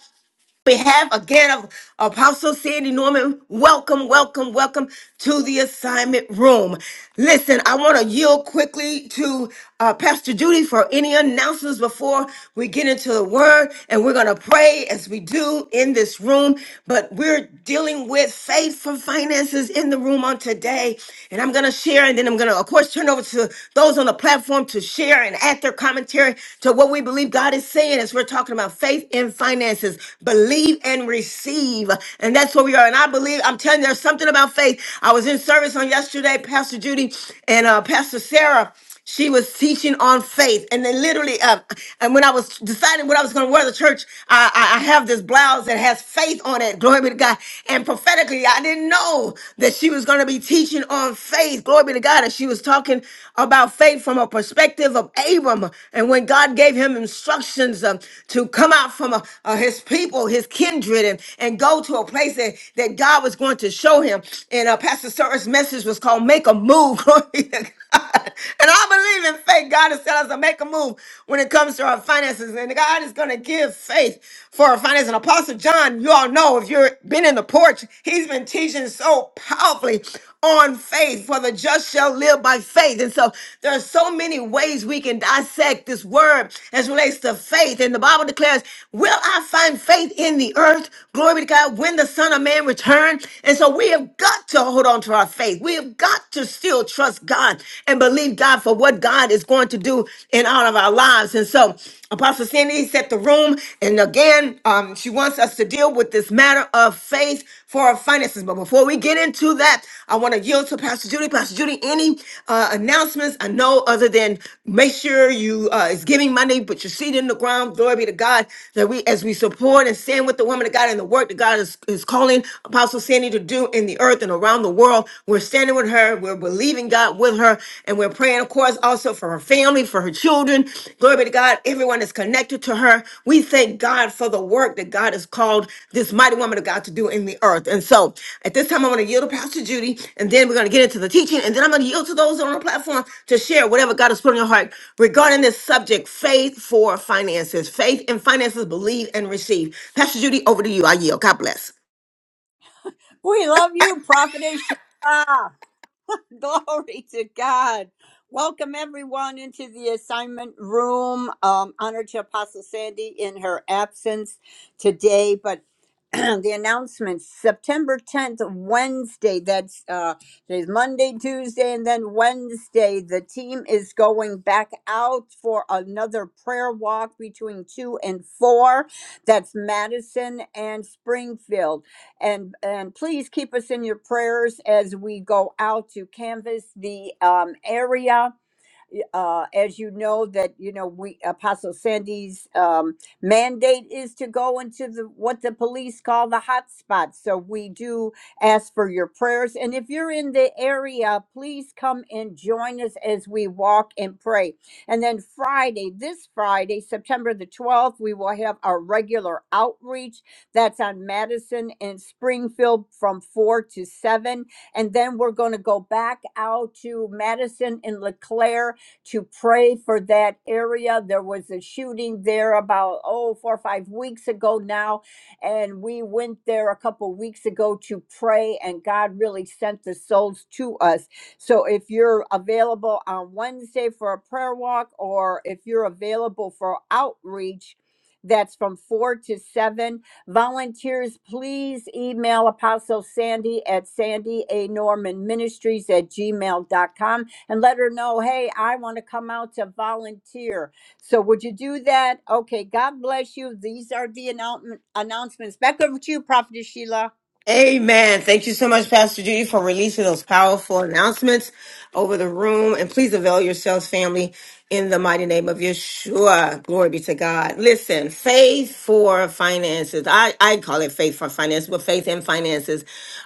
behalf again of Apostle Sandy Norman, welcome, welcome, welcome to the assignment room. Listen, I want to yield quickly to uh, Pastor Judy for any announcements before we get into the word, and we're going to pray as we do in this room. But we're dealing with faith for finances in the room on today, and I'm going to share, and then I'm going to, of course, turn over to those on the platform to share and add their commentary to what we believe God is saying as we're talking about faith and finances. Believe and receive. And that's where we are. And I believe, I'm telling you, there's something about faith. I was in service on yesterday, Pastor Judy and uh, Pastor Sarah she was teaching on faith and then literally uh, and when i was deciding what i was going to wear to church I, I I have this blouse that has faith on it glory be to god and prophetically i didn't know that she was going to be teaching on on faith. Glory be to God. And she was talking about faith from a perspective of Abram. And when God gave him instructions um, to come out from uh, uh, his people, his kindred, and, and go to a place that, that God was going to show him. And uh, Pastor Sarah's message was called Make a Move. Glory be to God. And I believe in faith. God is telling us to make a move when it comes to our finances. And God is going to give faith for our finances. And Apostle John, you all all know if you've been in the porch, he's been teaching so powerfully on faith, for the just shall live by faith. And so there are so many ways we can dissect this word as relates to faith. And the Bible declares, Will I find faith in the earth? Glory be to God, when the Son of Man returns. And so we have got to hold on to our faith. We have got to still trust God and believe God for what God is going to do in all of our lives lives. And so Apostle Sandy set the room. And again, um, she wants us to deal with this matter of faith for our finances. But before we get into that, I want to yield to Pastor Judy. Pastor Judy, any uh, announcements? I know other than make sure you uh, is giving money, put your seed in the ground. Glory be to God that we, as we support and stand with the woman of God and the work that God is, is calling Apostle Sandy to do in the earth and around the world, we're standing with her. We're believing believing God with her. And we're praying, of course, also for her family, for her children. Glory be to God. Everyone is connected to her. We thank God for the work that God has called this mighty woman of God to do in the earth. And so at this time, I'm going to yield to Pastor Judy, and then we're going to get into the teaching. And then I'm going to yield to those on the platform to share whatever God has put on your heart regarding this subject faith for finances. Faith and finances, believe and receive. Pastor Judy, over to you. I yield. God bless.
We love you, Prophetess Sheila. Glory to God. Welcome everyone into the assignment room. Um, honor to Apostle Sandy in her absence today, but the announcements September 10th, Wednesday. That's uh, today's Monday, Tuesday, and then Wednesday. The team is going back out for another prayer walk between two and four. That's Madison and Springfield and and please keep us in your prayers as we go out to canvas the um, area uh, as you know, that you know, we Apostle Sandy's um, mandate is to go into the what the police call the hot spots. So we do ask for your prayers, and if you're in the area, please come and join us as we walk and pray. And then Friday, this Friday, September the 12th, we will have our regular outreach. That's on Madison and Springfield from 4 to 7. And then we're going to go back out to Madison and LeClaire to pray for that area. There was a shooting there about, oh, four or five weeks ago now. And we went there a couple weeks ago to pray, and God really sent the souls to us. So if you're available on Wednesday for a prayer walk, or if you're available for outreach, that's from four to seven. Volunteers, please email Apostle Sandy at Sandy A. Norman Ministries at gmail dot com and let her know, hey, I want to come out to volunteer. So would you do that? Okay, God bless you. These are the announcement announcements. Back over to you, Prophetess Sheila.
Amen. Thank you so much, Pastor Judy, for releasing those powerful announcements over the room. And please avail yourselves, family, in the mighty name of Yeshua. Glory be to God. Listen, faith for finances. I, I call it faith for finances, but faith in finances.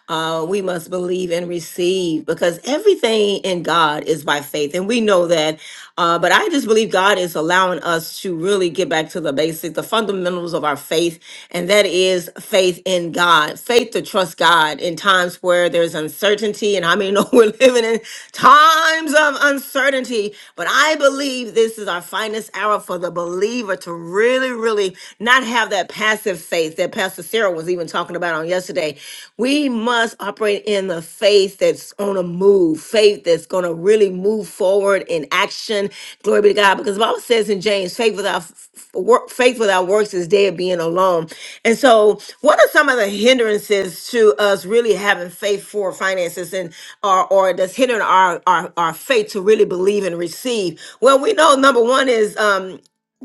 Uh, we must believe and receive because everything in God is by faith. And we know that. Uh, but I just believe God. God is allowing us to really get back to the basics, the fundamentals of our faith, and that is faith in God, faith to trust God in times where there's uncertainty. And I mean, know we're living in times of uncertainty, but I believe this is our finest hour for the believer to really, really not have that passive faith that Pastor Sarah was even talking about on yesterday. We must must operate in the faith that's on a move, faith that's going to really move forward in action. Glory be to God. Because the Bible says in James, faith without f- f- work, faith without works is dead being alone. And so, what are some of the hindrances to us really having faith for finances and or or that's hindering our our, our faith to really believe and receive? Well, we know number one is um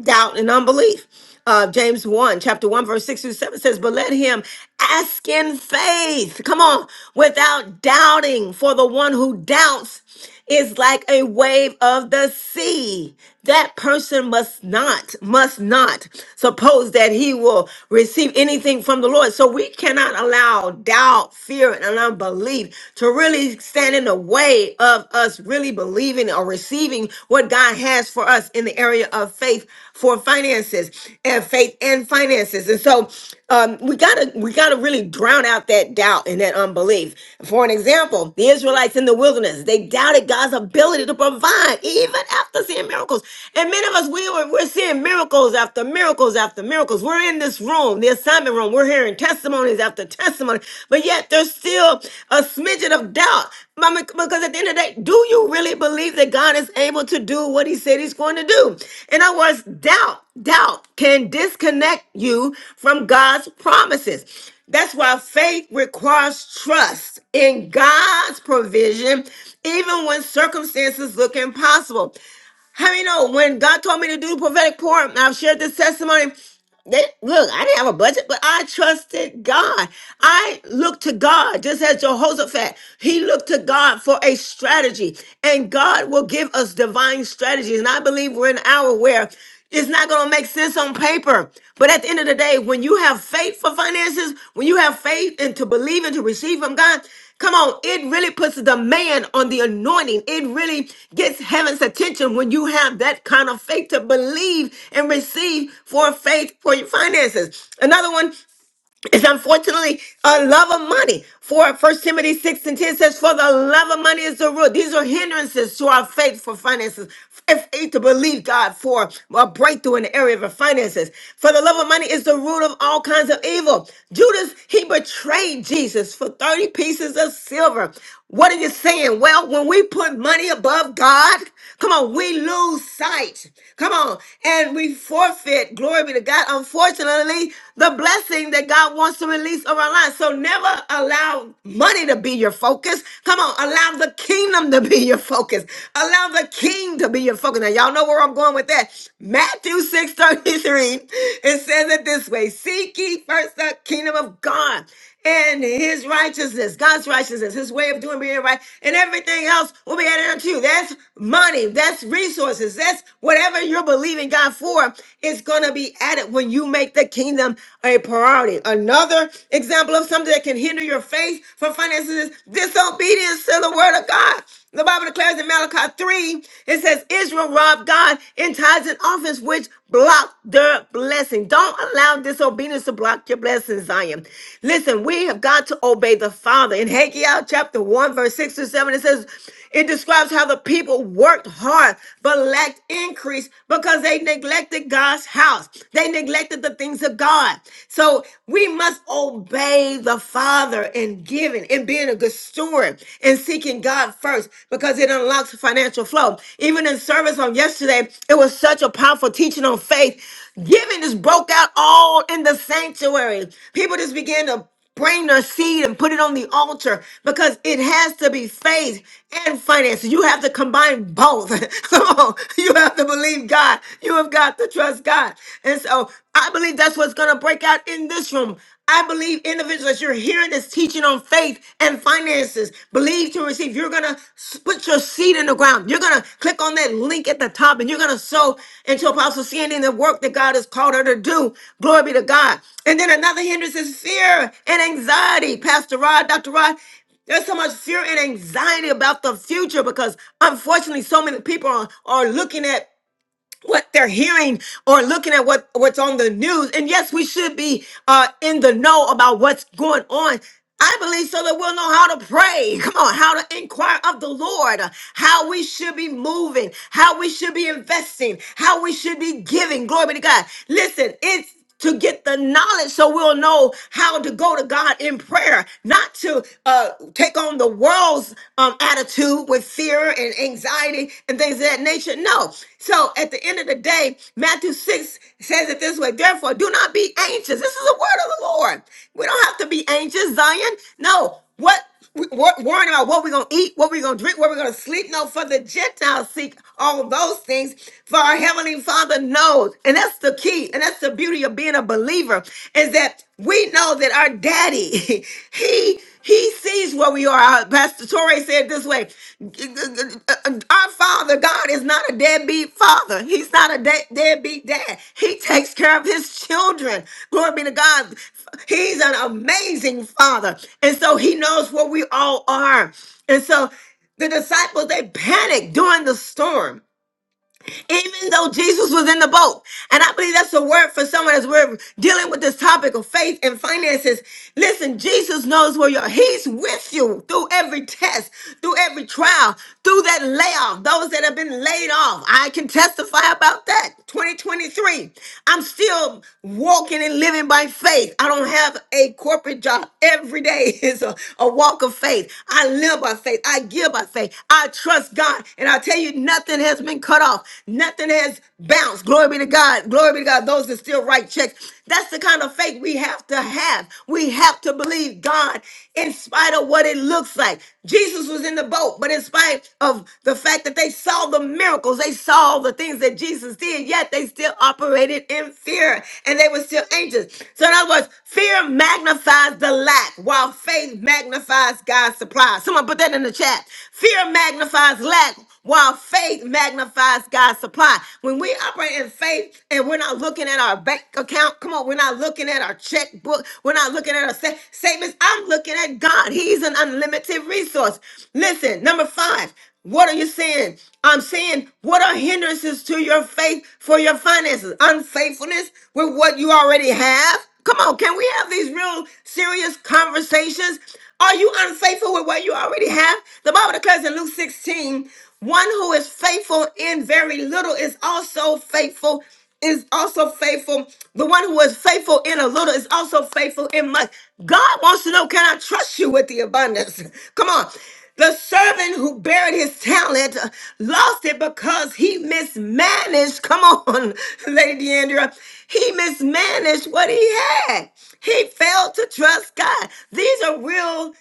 doubt and unbelief. Uh, James 1, chapter 1, verse 6 through 7 says, But let him ask in faith, come on, without doubting, for the one who doubts is like a wave of the sea. That person must not, must not suppose that he will receive anything from the Lord. So we cannot allow doubt, fear, and unbelief to really stand in the the way of us really believing or receiving what God has for us in the area of faith for finances and faith and finances. And so um, we gotta we gotta really drown out that doubt and that unbelief. For an example, the Israelites in the wilderness, they doubted God's ability to provide even after seeing miracles. And many of us we were we're seeing miracles after miracles after miracles. We're in this room assignment room. We're hearing testimonies after testimony, but yet there's still a smidgen of doubt. Mama, because at the end of the day, do you really believe that God is able to do what he said he's going to do? In other words, doubt, doubt can disconnect you from God's promises. That's why faith requires trust in God's provision, even when circumstances look impossible. How many know when God told me to do the prophetic pour, and I've shared this testimony. They, look, I didn't have a budget, but I trusted God. I looked to God, just as Jehoshaphat. He looked to God for a strategy, and God will give us divine strategies. And I believe we're in an hour where it's not going to make sense on paper. But at the end of the day, when you have faith for finances, when you have faith and to believe and to receive from God, Come on, it really puts the man on the anointing. It really gets heaven's attention when you have that kind of faith to believe and receive for faith for your finances. Another one it's unfortunately a love of money. For First Timothy 6 and 10 says, For the love of money is the root. These are hindrances to our faith for finances. If faith to believe God for a breakthrough in the area of our finances. For the love of money is the root of all kinds of evil. Judas, he betrayed Jesus for 30 pieces of silver. What are you saying? Well, when we put money above God, come on, we lose sight. Come on, and we forfeit, glory be to God. Unfortunately, the the blessing that God wants to release over our lives. So never allow money to be your focus. Come on, allow the kingdom to be your focus. Allow the king to be your focus. Now, y'all know where I'm going with that. Matthew 6 33, it says it this way Seek ye first the kingdom of God and his righteousness, God's righteousness, his way of doing being right, and everything else will be added unto you. That's money, that's resources, that's whatever you're believing God for is going to be added when you make the kingdom a priority. Another example of something that can hinder your faith for finances is disobedience to the word of God. The Bible declares in Malachi 3, it says, Israel robbed God in tithes and offerings, which blocked their blessing. Don't allow disobedience to block your blessings, Zion. Listen, we have got to obey the Father. In Haggai chapter 1, verse 6 to 7, it says, it describes how the people worked hard but lacked increase because they neglected God's house. They neglected the things of God. So we must obey the Father other and giving and being a good steward and seeking God first because it unlocks financial flow. Even in service on yesterday, it was such a powerful teaching on faith. Giving just broke out all in the sanctuary. People just began to bring their seed and put it on the altar because it has to be faith and finances. You have to combine both. Come on. You have to believe God. You have got to trust God. And so I believe that's what's going to break out in this room. I believe individuals, you're hearing this teaching on faith and finances. Believe to receive. You're going to put your seed in the ground. You're going to click on that link at the top and you're going to sow into Apostle Sandy and the work that God has called her to do. Glory be to God. And then another hindrance is fear and anxiety. Pastor Rod, Dr. Rod, there's so much fear and anxiety about the future because unfortunately so many people are, are looking at what they're hearing or looking at what what's on the news and yes we should be uh in the know about what's going on I believe so that we'll know how to pray. Come on, how to inquire of the Lord, uh, how we should be moving, how we should be investing, how we should be giving. Glory be to God. Listen, it's to get the knowledge so we'll know how to go to God in prayer, not to uh, take on the world's um, attitude with fear and anxiety and things of that nature. No. So at the end of the day, Matthew 6 says it this way Therefore, do not be anxious. This is the word of the Lord. We don't have to be anxious, Zion. No, what we- wor- worrying about what we're gonna eat, what we're gonna drink, what we're gonna sleep. No, for the Gentiles seek all those things. For our Heavenly Father knows, and that's the key, and that's the beauty of being a believer, is that we know that our daddy, he he sees where we are. Our Pastor Pastor Torrey said this way Our Father, God, is not a deadbeat father. He's not a de- deadbeat dad. He takes care of his children. Glory be to God. He's an amazing father. And so he knows what we all are. And so the disciples, they panicked during the storm even though Jesus was in the boat. And I believe that's a word for someone as we're dealing with this topic of faith and finances. Listen, Jesus knows where you are. He's with you through every test, through every trial, through that layoff, those that have been laid off. I can testify about that. 2023. I'm still walking and living by faith. I don't have a corporate job. Every day is a, a walk of faith. I live by faith. I give by faith. I trust God. And I tell you, Nothing has been cut off. Nothing has bounced. Glory be to God. Glory be to God. Those that still write checks. That's the kind of faith we have to have. We have to believe God in spite of what it looks like. Jesus was in the boat, but in spite of the fact that they saw the miracles, they saw the things that Jesus did, yet they still operated in fear and they were still anxious. So, in other words, fear magnifies the lack while faith magnifies God's supply. Someone put that in the chat. Fear magnifies magnifies lack while faith magnifies God's supply. When we operate in faith and we're not looking at our bank account, come on, we're not looking at our checkbook, we're not looking at our sa- statements. I'm looking at God. He's an unlimited resource. Listen, number five, what are you saying? I'm saying, what are hindrances to your faith for your finances? Unfaithfulness with what you already have? Come on, can we have these real serious conversations? Are you unfaithful with what you already have? The Bible declares in Luke 16, one who is faithful in very little is also faithful, is also faithful. The one who is faithful in a little is also faithful in much. God wants to know, can I trust you with the abundance? Come on. The servant who buried his talent uh, lost it because he mismanaged. Come on, Lady Deandra. He mismanaged what he had. He failed to trust God. These are real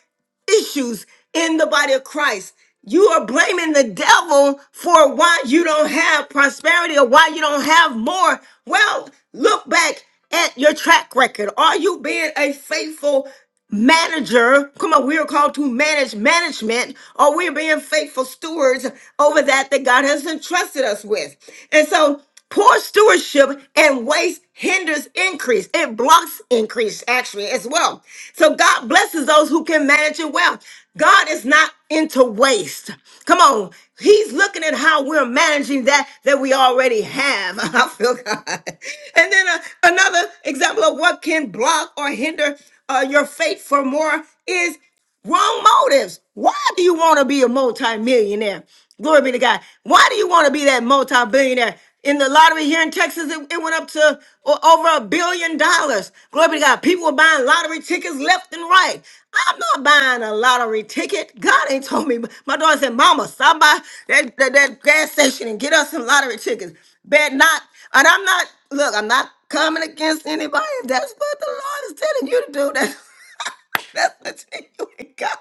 issues in the body of Christ. You are blaming the devil for why you don't have prosperity or why you don't have more. Well, look back at your track record. Are you being a faithful manager? Come on, we are called to manage management. Or we are being faithful stewards over that that God has entrusted us with? And so Poor stewardship and waste hinders increase. It blocks increase, actually, as well. So God blesses those who can manage it well. God is not into waste. Come on. He's looking at how we're managing that that we already have. I feel God. And then uh, another example of what can block or hinder uh, your faith for more is Wrong motives. Why do you want to be a multimillionaire? Glory be to God. Why do you want to be that multi-billionaire? In the lottery here in Texas, it, it went up to o- over a billion dollars. Glory be to God. People were buying lottery tickets left and right. I'm not buying a lottery ticket. God ain't told me. My daughter said, Mama, stop by that, that, that gas station and get us some lottery tickets. Bet not. And I'm not, look, I'm not coming against anybody. That's what the Lord is telling you to do. That. That's between you God.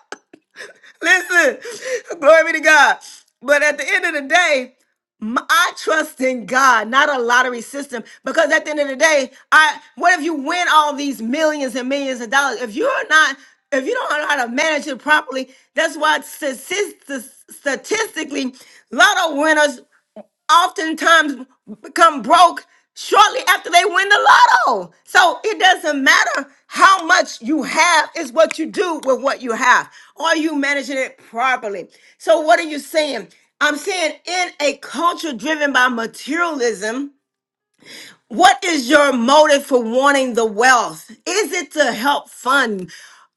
Listen, glory be to God. But at the end of the day, m- I trust in God, not a lottery system. Because at the end of the day, I what if you win all these millions and millions of dollars? If you're not, if you don't know how to manage it properly, that's why statis- statistically, lotto winners oftentimes become broke shortly after they win the lotto. So it doesn't matter how much you have, it's what you do with what you have. Are you managing it properly? So, what are you saying? I'm saying in a culture driven by materialism, what is your motive for wanting the wealth? Is it to help fund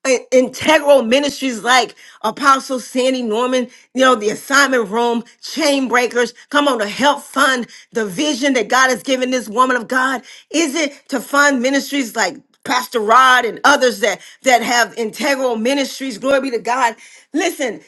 i- integral ministries like Apostle Sandy Norman, you know, the assignment room, chain breakers? Come on, to help fund the vision that God has given this woman of God? Is it to fund ministries like Pastor Rod and others that that have integral ministries? Glory be to God. Listen,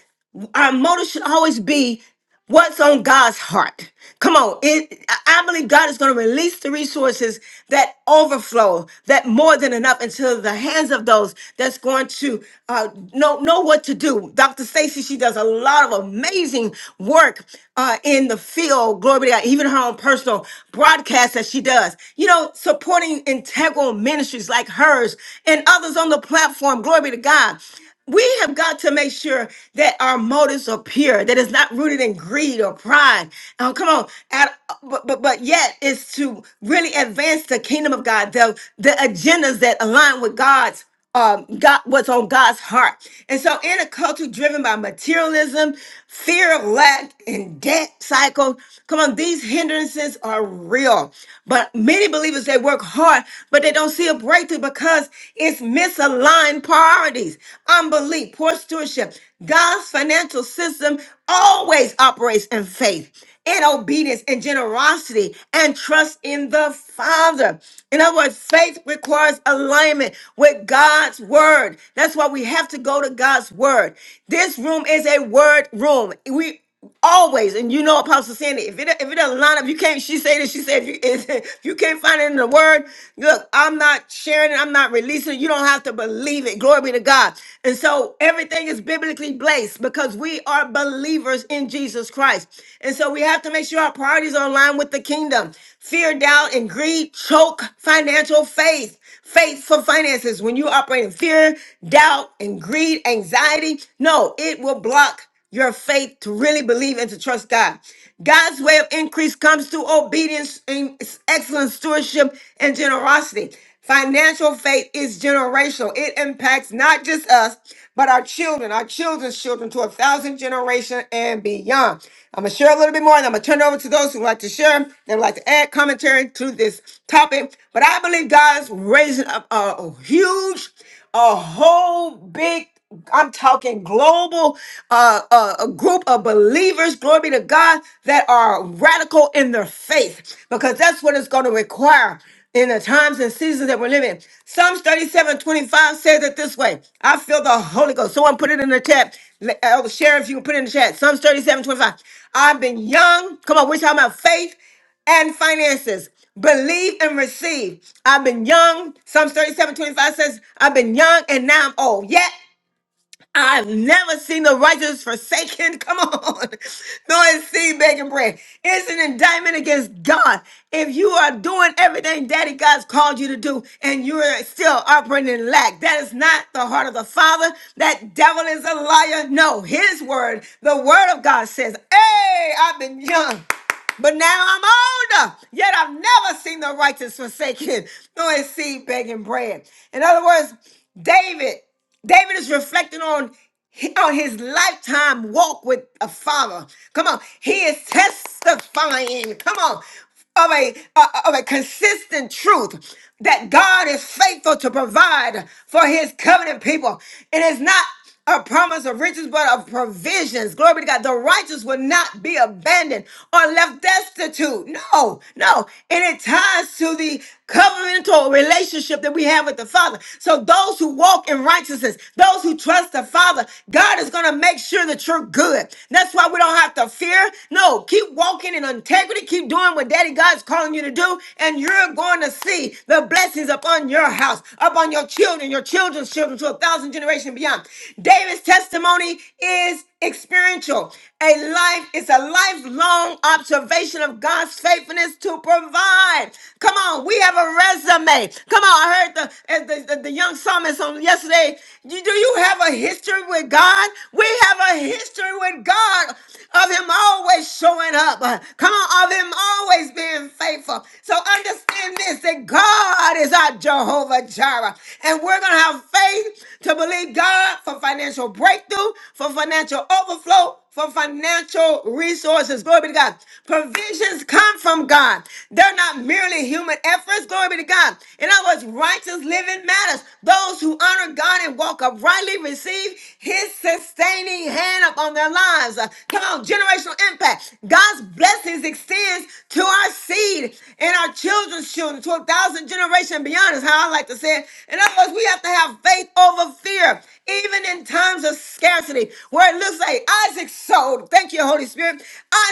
our motive should always be what's on God's heart. Come on, it, I I believe God is going to release the resources that overflow, that more than enough, into the hands of those that's going to uh, know know what to do. Dr. Stacy, she does a lot of amazing work uh, in the field. Glory be to God. Even her own personal broadcast that she does. You know, supporting integral ministries like hers and others on the platform. Glory be to God. We have got to make sure that our motives are pure, that it's not rooted in greed or pride. Oh, come on. At- but, but, but yet, it's to really advance the kingdom of God, the, the agendas that align with God's um, God, what's on God's heart. And so, in a culture driven by materialism, fear of lack, and debt cycle, come on, these hindrances are real. But many believers, they work hard, but they don't see a breakthrough because it's misaligned priorities, unbelief, poor stewardship. God's financial system always operates in faith in obedience and generosity and trust in the Father. In other words, faith requires alignment with God's word. That's why we have to go to God's word. This room is a word room. We always and you know apostle sandy if it if it doesn't line up you can't she say this she said if you, if you can't find it in the word look i'm not sharing it i'm not releasing it you don't have to believe it glory be to god and so everything is biblically placed because we are believers in jesus christ and so we have to make sure our priorities are aligned with the kingdom fear doubt and greed choke financial faith faith for finances when you operate in fear doubt and greed anxiety no it will block your faith to really believe and to trust God. God's way of increase comes through obedience and excellent stewardship and generosity. Financial faith is generational. It impacts not just us, but our children, our children's children to a thousand generation and beyond. I'm gonna share a little bit more and I'm gonna turn it over to those who would like to share, they would like to add commentary to this topic. But I believe God's raising up a huge a whole big I'm talking global uh, uh, a group of believers, glory be to God, that are radical in their faith because that's what it's going to require in the times and seasons that we're living. in. Psalms 37:25 says it this way I feel the Holy Ghost. Someone put it in the chat. Le- Elder Sheriff, you can put it in the chat. Psalms 37:25. I've been young. Come on, we're talking about faith and finances. Believe and receive. I've been young. Psalms 37 25 says, I've been young and now I'm old. Yet I've never seen the righteous forsaken. Come on. Nor his seed begging bread. It's an indictment against God. If you are doing everything Daddy God's called you to do and you're still operating in lack, that is not the heart of the Father. That devil is a liar. No, his word, the word of God says, Hey, I've been young. But now I'm older, yet I've never seen the righteous forsaken, nor his seed begging bread. In other words, David, David is reflecting on on his lifetime walk with a father. Come on, he is testifying. Come on, of a uh, uh, of a consistent truth that God is faithful to provide for His covenant people. It is not a promise of riches, but of provisions. Glory be to God. The righteous will not be abandoned or left destitute. No, no. And it ties to the covenantal relationship that we have with the Father. So those who walk in righteousness, those who trust the Father, God is going to make sure that you're good. That's why we don't have to fear. No, keep walking in integrity. Keep doing what Daddy God's calling you to do. And you're going to see the blessings upon your house, upon your children, your children's children to a thousand generations beyond. David's testimony is experiential. A life is a lifelong observation of God's faithfulness to provide. Come on, we have a resume. Come on, I heard the as the, the, the young psalmist on yesterday. You- Do you have a history with God? We have a history with God of Him always showing up. Uh, Come on, of Him always being faithful. So understand this that God is our Jehovah Jireh, and we're gonna have faith to to believe God for financial breakthrough, for financial overflow, for financial resources. Glory be to God. Provisions come from God. They're not merely human efforts. Glory be to God. In other words, righteous living matters. Those who honor God and walk uprightly receive his sustaining hand upon their lives. Uh, Come on, generational impact. God's blessings extends to our seed and our children's children to a thousand generations beyond is how I like to say it. In other words, we have to have faith faith over fear, even in times of scarcity, where it looks like Isaac sold. Thank you, Holy Spirit.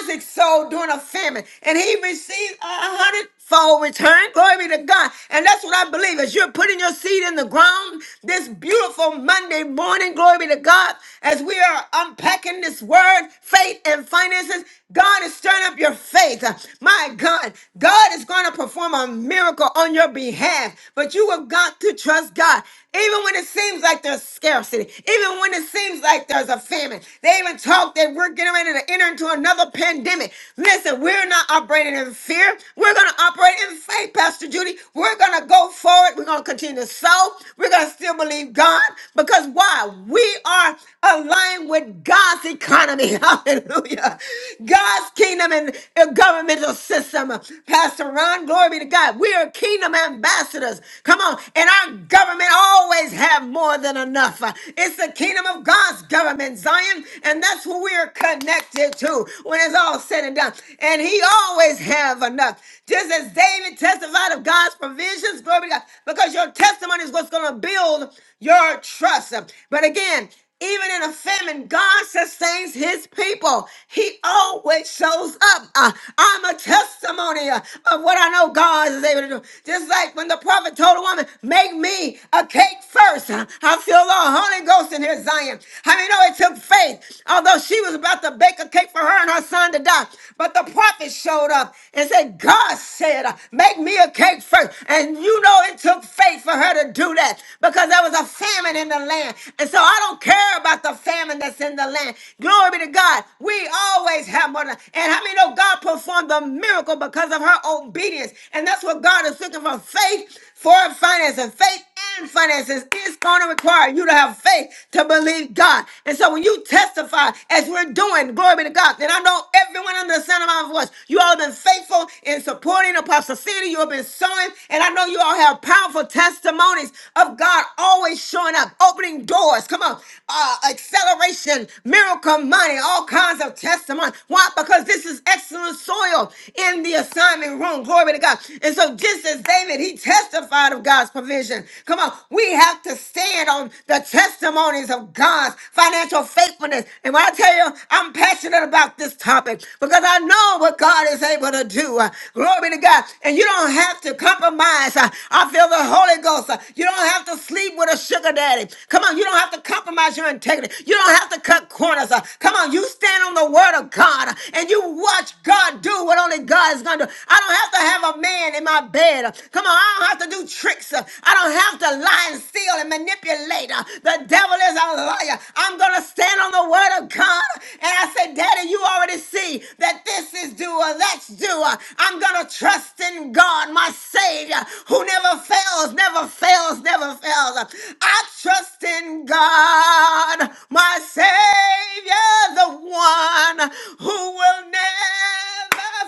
Isaac sold during a famine, and he received a hundredfold return. Glory be to God. And that's what I believe. As you're putting your seed in the ground this beautiful Monday morning, glory be to God, as we are unpacking this word, faith and finances, God is stirring up your faith. My God, God is going to perform a miracle on your behalf, but you have got to trust God. Even when it seems like there's scarcity, even when it seems like there's a famine, they even talk that we're getting ready to enter into another pandemic. Listen, we're not operating in fear. We're going to operate in faith, Pastor Judy. We're going to go forward. We're going to continue to sow. We're going to still believe God because why? We are aligned with God's economy. Hallelujah. God's kingdom and and governmental system. Pastor Ron, glory be to God. We are kingdom ambassadors. Come on. And our government always have more than enough. Uh, It's the kingdom of God's government, Zion, and that's who we're connected to when it's all said and done. And he always have enough. Just as David testified of God's provisions, glory to God, because your testimony is what's going to build your trust. But again, even in a famine, God sustains his people. He always shows up. Uh, I'm a testimony uh, of what I know God is able to do. Just like when the prophet told a woman, Make me a cake first. Uh, I feel the Holy Ghost in here, Zion. I mean, no, it took faith, although she was about to bake a cake for her and her son to die. But the prophet showed up and said, God said, uh, Make me a cake first. And you know, it took faith for her to do that because there was a famine famine in the land. And so I don't care about the famine that's in the land. Glory be to God. We always have more. than- And how many know God performed the miracle because of her obedience? And that's what God is looking for faith for finances. Faith and finances is going to require you to have faith to believe God. And so when you testify, as we're doing, glory be to God, then I know everyone under the sound of my voice, you all have been faithful in supporting Apostle City. You have been sowing, and I know you all have powerful testimonies testimonies of God always showing up, opening doors. Come on, uh, acceleration, miracle money, all kinds of testimony. Why? Because this is excellent soil in the assignment room. Glory to God. And so, just as David, he testified of God's provision. Come on, we have to stand on the testimonies of God's financial faithfulness. And when I tell you, I'm passionate about this topic because I know what God is able to do. Uh, Glory to God. And you don't have to compromise. Uh, I feel the Holy Ghost. Uh, You don't have to sleep with a sugar daddy. Come on, you don't have to compromise your integrity. You don't have to cut corners. Uh, Come on, you stand on the word of God uh, and you watch God do what only God is going to do. I don't have to have a man in my bed. Uh, Come on, I don't have to do tricks. Uh, I don't have to lie and steal and manipulate. Uh, The devil is a liar. I'm going to stand on the word of God. And I say, Daddy, you already see that this is doer, that's doer. I'm going to trust in living God, my Savior, who never fails, never fails, never fails. I trust in God, my Savior, the one who will never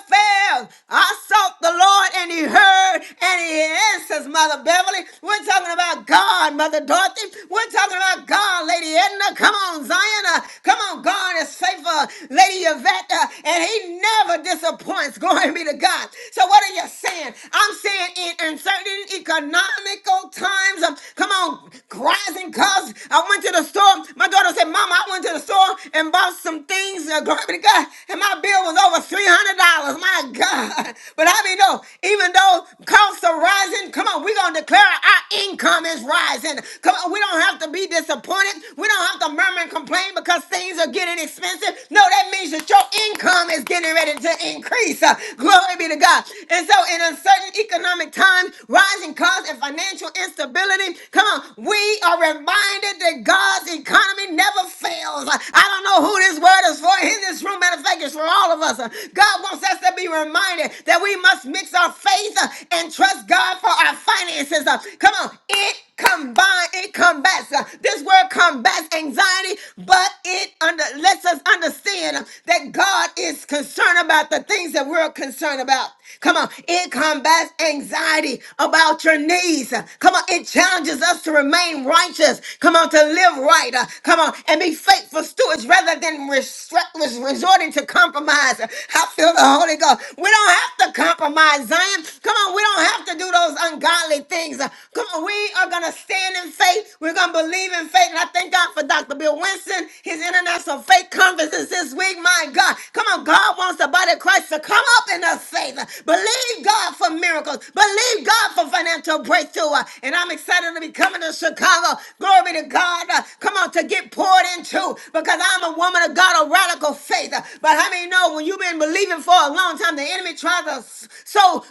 fail. I sought the Lord and he heard and he answers, Mother Beverly. We're talking about God, Mother Dorothy. We're talking about God, Lady Edna. Come on, Zion. Uh, Come on, God is faithful, Lady Yvette. uh, And he never disappoints. Glory be to God. So what are you saying? I'm saying in uncertain economical times. um, come on, rising costs. I went to the store. My daughter said, "Mama, I went to the store and bought some things." Uh, glory be to God. And my bill was over three hundred dollars. My God. But I mean, no. Even though costs are rising, come on, we're gonna declare our income is rising. Come on, we don't have to be disappointed. We don't have to murmur and complain because things are getting expensive. No, that means that your income income is getting ready to increase. Uh, Glory be to God. And so, in uncertain economic times, rising costs, and financial instability, come on, we are reminded that God's economy never fails. Uh, I don't know who this word is for in this room. Matter of fact, it's for all of us. Uh, God wants us to be reminded that we must mix our faith uh, and trust God for our finances. Uh, Come on, it combine it combats uh, this word combats anxiety but it under lets us understand uh, that god is concerned about the things that we're concerned about come on it combats anxiety about your needs Uh, come on it challenges us to remain righteous come on to live right Uh, come on and be faithful stewards rather than restre- res- resorting to compromise Uh, i feel the holy ghost we don't have to compromise zion come on we don't have to do those ungodly things. Uh, Come on, we are going to stand in faith. We're going to believe in faith. And I thank God for Dr. Bill Winston, his international faith conferences this week. My God. Come on, God wants the body of Christ to come up in us faith. Believe God for miracles. Believe God for financial breakthrough. Uh, And I'm excited to be coming to Chicago. Glory be to God. Uh, Come on, to get poured into because I'm a woman of God of radical faith. Uh, But how many know when you've been believing for a long time, the enemy tries to s- sow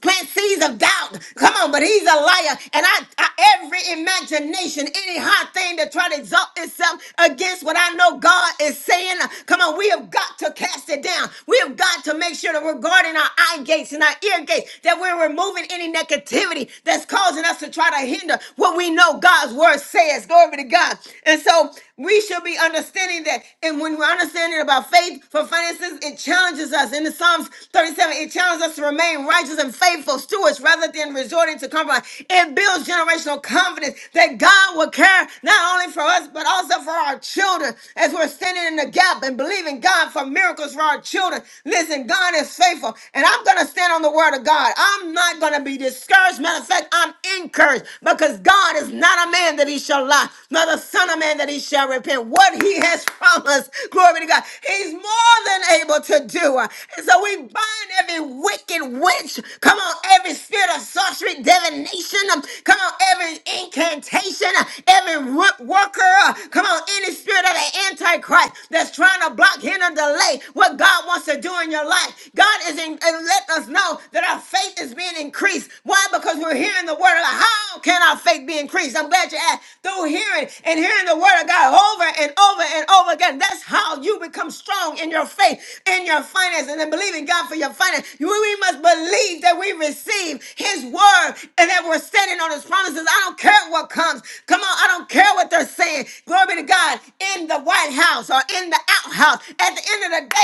plant seeds of doubt. Come on, but he's a liar. And I, I every imagination, any hot thing that try to exalt itself against what I know God is saying. Come on, we have got to cast it down. We have got to make sure that we're guarding our eye gates and our ear gates, that we're removing any negativity that's causing us to try to hinder what we know God's word says. Glory to God. And so we should be understanding that. And when we're understanding about faith for finances, it challenges us. In the Psalms 37, it challenges us to remain righteous and faithful stewards rather than resorting to compromise. It builds generational confidence that God will care not only for us, but also for our children as we're standing in the gap and believing God for miracles for our children. Listen, God is faithful. And I'm going to stand on the word of God. I'm not going to be discouraged. Matter of fact, I'm encouraged perish, because God is not a man that he shall lie, nor the son of man that he shall repent. What he has promised, glory be to God, he's more than able to do. And so we bind every wicked witch, come on, every spirit of sorcery, divination, um, come on, every incantation, uh, every root worker, uh, come on, any spirit of the Antichrist that's trying to block, hinder, delay what God wants to do in your life. God is in, and let us know that our faith is being increased. Why? Because we're hearing the word of God. How can our faith be increased? I'm glad you asked. Through hearing and hearing the word of God over and over and over again. That's how you become strong in your faith, in your finance, and in believing God for your finance. You- We must believe that we receive His word and that we're standing on His promises. I don't care what comes. Come on, I don't care what they're saying. Glory be to God in the White House or in the outhouse. At the end of the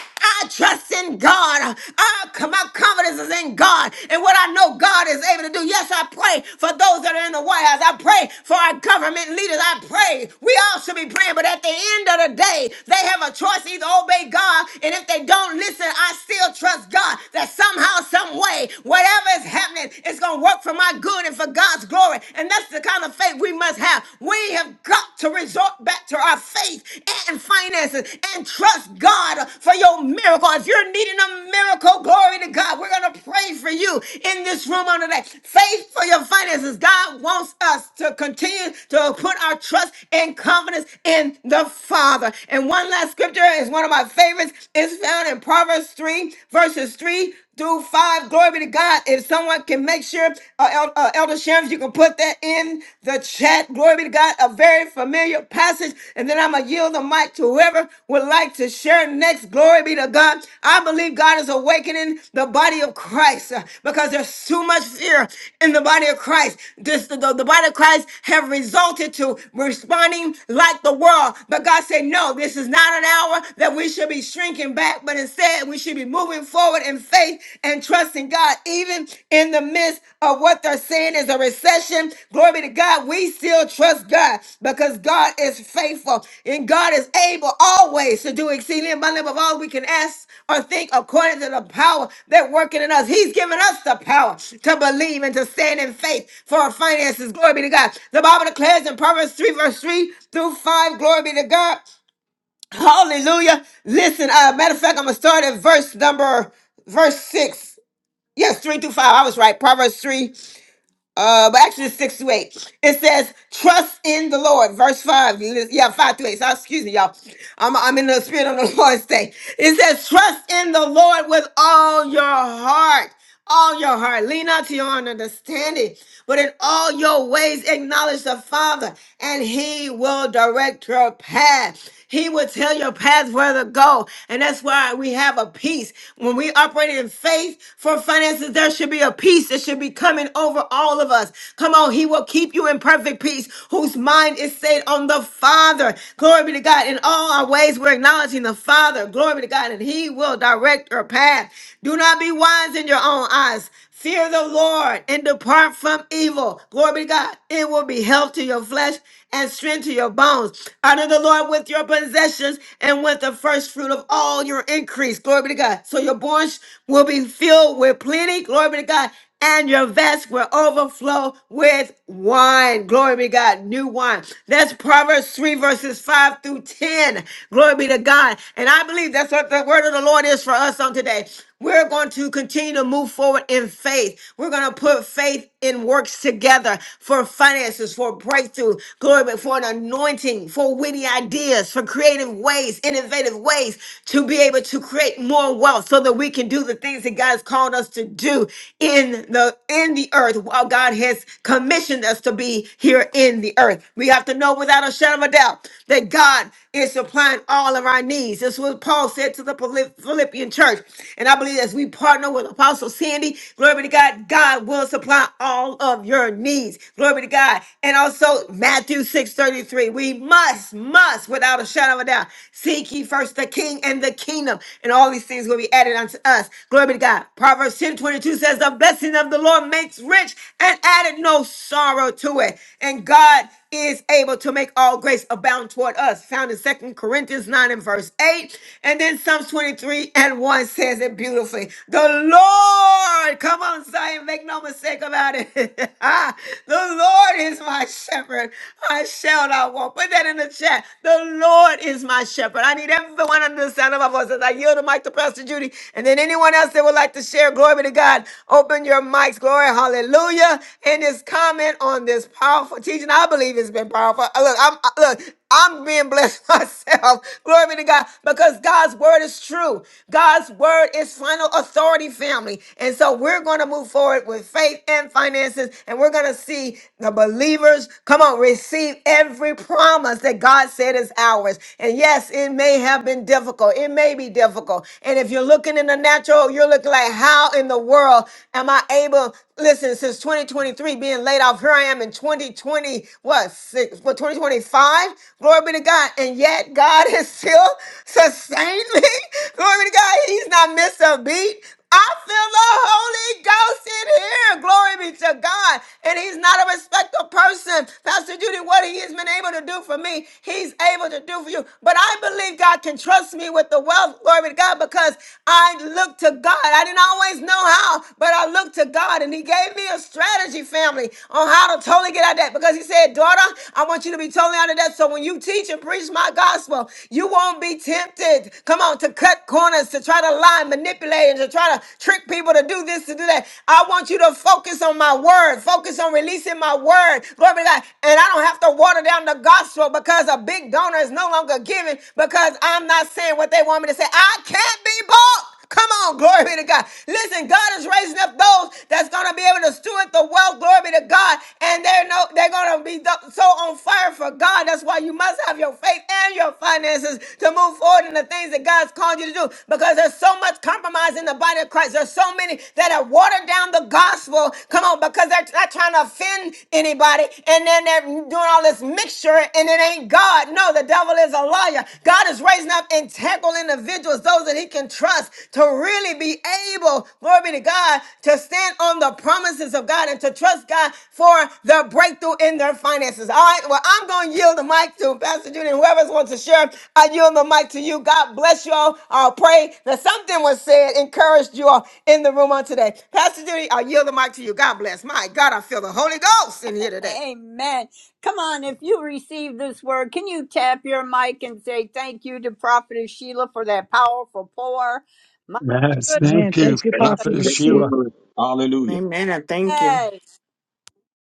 day, I trust in God. I, my confidence is in God and what I know God is able to do. Yes, I pray for those that are in the White House. I pray for our government leaders. I pray. We all should be praying, but at the end of the day, they have a choice either obey God, and if they don't listen, I still trust God that somehow, some way, whatever is happening, it's going to work for my good and for God's glory. And that's the kind of faith we must have. We have got to resort exalt back to our faith and finances and trust God for your miracle. If you're needing a miracle, glory to God. We're going to pray for you in this room on today. Faith for your finances. God wants us to continue to put our trust and confidence in the Father. And one last scripture is one of my favorites. It's found in Proverbs 3, verses 3 through five. Glory be to God. If someone can make sure, uh, El- uh, Elder Shams, you can put that in the chat. Glory be to God. A very familiar passage. And then I'm going to yield the mic to whoever would like to share next. Glory be to God. I believe God is awakening the body of Christ uh, because there's too much fear in the body of Christ. This, the, the body of Christ have resulted to responding like the world. But God said, no, this is not an hour that we should be shrinking looking back, but instead we should be moving forward in faith and trusting God, even in the midst of what they're saying is a recession. Glory be to God. We still trust God because God is faithful and God is able always to do exceeding abundantly above all we can ask or think according to the power that working in us. He's given us the power to believe and to stand in faith for our finances. Glory be to God. The Bible declares in Proverbs 3, verse 3 through 5, glory be to God. Hallelujah. Listen, uh, matter of fact, I'm gonna start at verse number verse six. Yes, three through five. I was right. Proverbs three uh but actually it's six to eight it says trust in the lord verse five li- yeah five to eight so excuse me y'all i'm, I'm in the spirit of the lord's day it says trust in the lord with all your heart all your heart lean not to your own understanding but in all your ways acknowledge the father and he will direct your path he will tell your path where to go and that's why we have a peace when we operate in faith for finances there should be a peace there should be should be coming over all of us. Come on, He will keep you in perfect peace, whose mind is set on the Father. Glory be to God. In all our ways, we're acknowledging the Father. Glory be to God, and He will direct your path. Do not be wise in your own eyes. Fear the Lord and depart from evil. Glory be to God. It will be health to your flesh and strength to your bones. Honor the Lord with your possessions and with the first fruit of all your increase. Glory be to God. So your barns will be filled with plenty. Glory be to God and your vats will overflow with wine. Glory be to God, new wine. That's Proverbs 3, verses 5 through 10. Glory be to God. And I believe that's what the word of the Lord is for us on today. We're going to continue to move forward in faith. We're going to put faith in works together for finances, for breakthrough, glory, be- for an anointing, for witty ideas, for creative ways, innovative ways to be able to create more wealth so that we can do the things that God's called us us to do in the in the earth while God has commissioned us to be here in the earth. We have to know without a shadow of a doubt that God is supplying all of our needs. This was Paul said to the Philipp- Philippian church. And I believe as we partner with Apostle Sandy, glory be to God, God will supply all of your needs. Glory be to God. And also Matthew 6 33, We must, must, without a shadow of a doubt, seek ye first the king and the kingdom, and all these things will be added unto us us. Glory be to God. Proverbs ten twenty two says, The blessing of the Lord makes rich and added no sorrow to it. And God is able to make all grace abound toward us, found in Second Corinthians 9 and verse 8. And then Psalms 23 and 1 says it beautifully. The Lord, come on, Zion, make no mistake about it. the Lord is my shepherd. I shall not want." Put that in the chat. The Lord is my shepherd. I need everyone under the sound of my voice. As "I yield yield the mic to Pastor Judy. And then anyone else that would like to share, glory be to God, open your mics. Glory, hallelujah. And his comment on this powerful teaching, I believe it's been powerful. Uh, Look, I'm, uh, look, I'm being blessed myself. Glory be to God because God's word is true. God's word is final authority, family. And so we're going to move forward with faith and finances, and we're going to see the believers come on, receive every promise that God said is ours. And yes, it may have been difficult been difficult. It may be difficult. And if you're looking in the natural, you're looking like, how in the world am I able? Listen, since 2023 being laid off, here I am in 2020, what, six, what, 2025? Glory be to God. And yet God is still sustained me. Glory be to God. He's not missed a beat. I feel the Holy Ghost in here. Glory be to God. And he's not a respectful person. Pastor Judy, what he has been able to do for me, he's able to do for you. But I believe God can trust me with the wealth. Glory to God because I look to God. I didn't always know how, but I looked to God and he gave me a strategy, family, on how to totally get out of debt. Because he said, daughter, I want you to be totally out of debt. So when you teach teach and preach my gospel. You won't be tempted, come on, to cut corners, to try to lie, manipulate, and to try to trick people to do this, to do that. I want you to focus on my word, focus on releasing my word. Glory be to God. And I don't have to water down the gospel because a big donor is no longer giving because I'm not saying what they want me to say. I can't be bought. Come on, glory be to God. Listen, God is raising up those that's gonna be able to steward the wealth, glory be to God, and they're no, they're gonna be th- so on fire for God. That's why you must have your faith and your finances to move forward in the things that God's called you to do. Because there's so much compromise in the body of Christ. There's so many that are watered down the gospel. Come on, because they're not trying to offend anybody, and then they're doing all this mixture, and it ain't God. No, the devil is a Liar! God is raising up integral individuals, those that He can trust to really be able, glory be to God, to stand on the promises of God and to trust God for their breakthrough in their finances. All right, well, I'm going to yield the mic to Pastor Judy and whoever wants to share. I yield the mic to you. God bless you all. I'll pray that something was said, encouraged you all in the room on today. Pastor Judy, I yield the mic to you. God bless. My God, I feel the Holy Ghost in here today.
Amen. Come on, if you receive this word, can you tap your mic and say thank you to Prophetess Sheila for that powerful pour? My
Yes,
Man,
thank you,
It's
thank you, Pastor
Prophetess
a great
Steve.
word.
Sheila.
Amen. I Thank you.
goodness.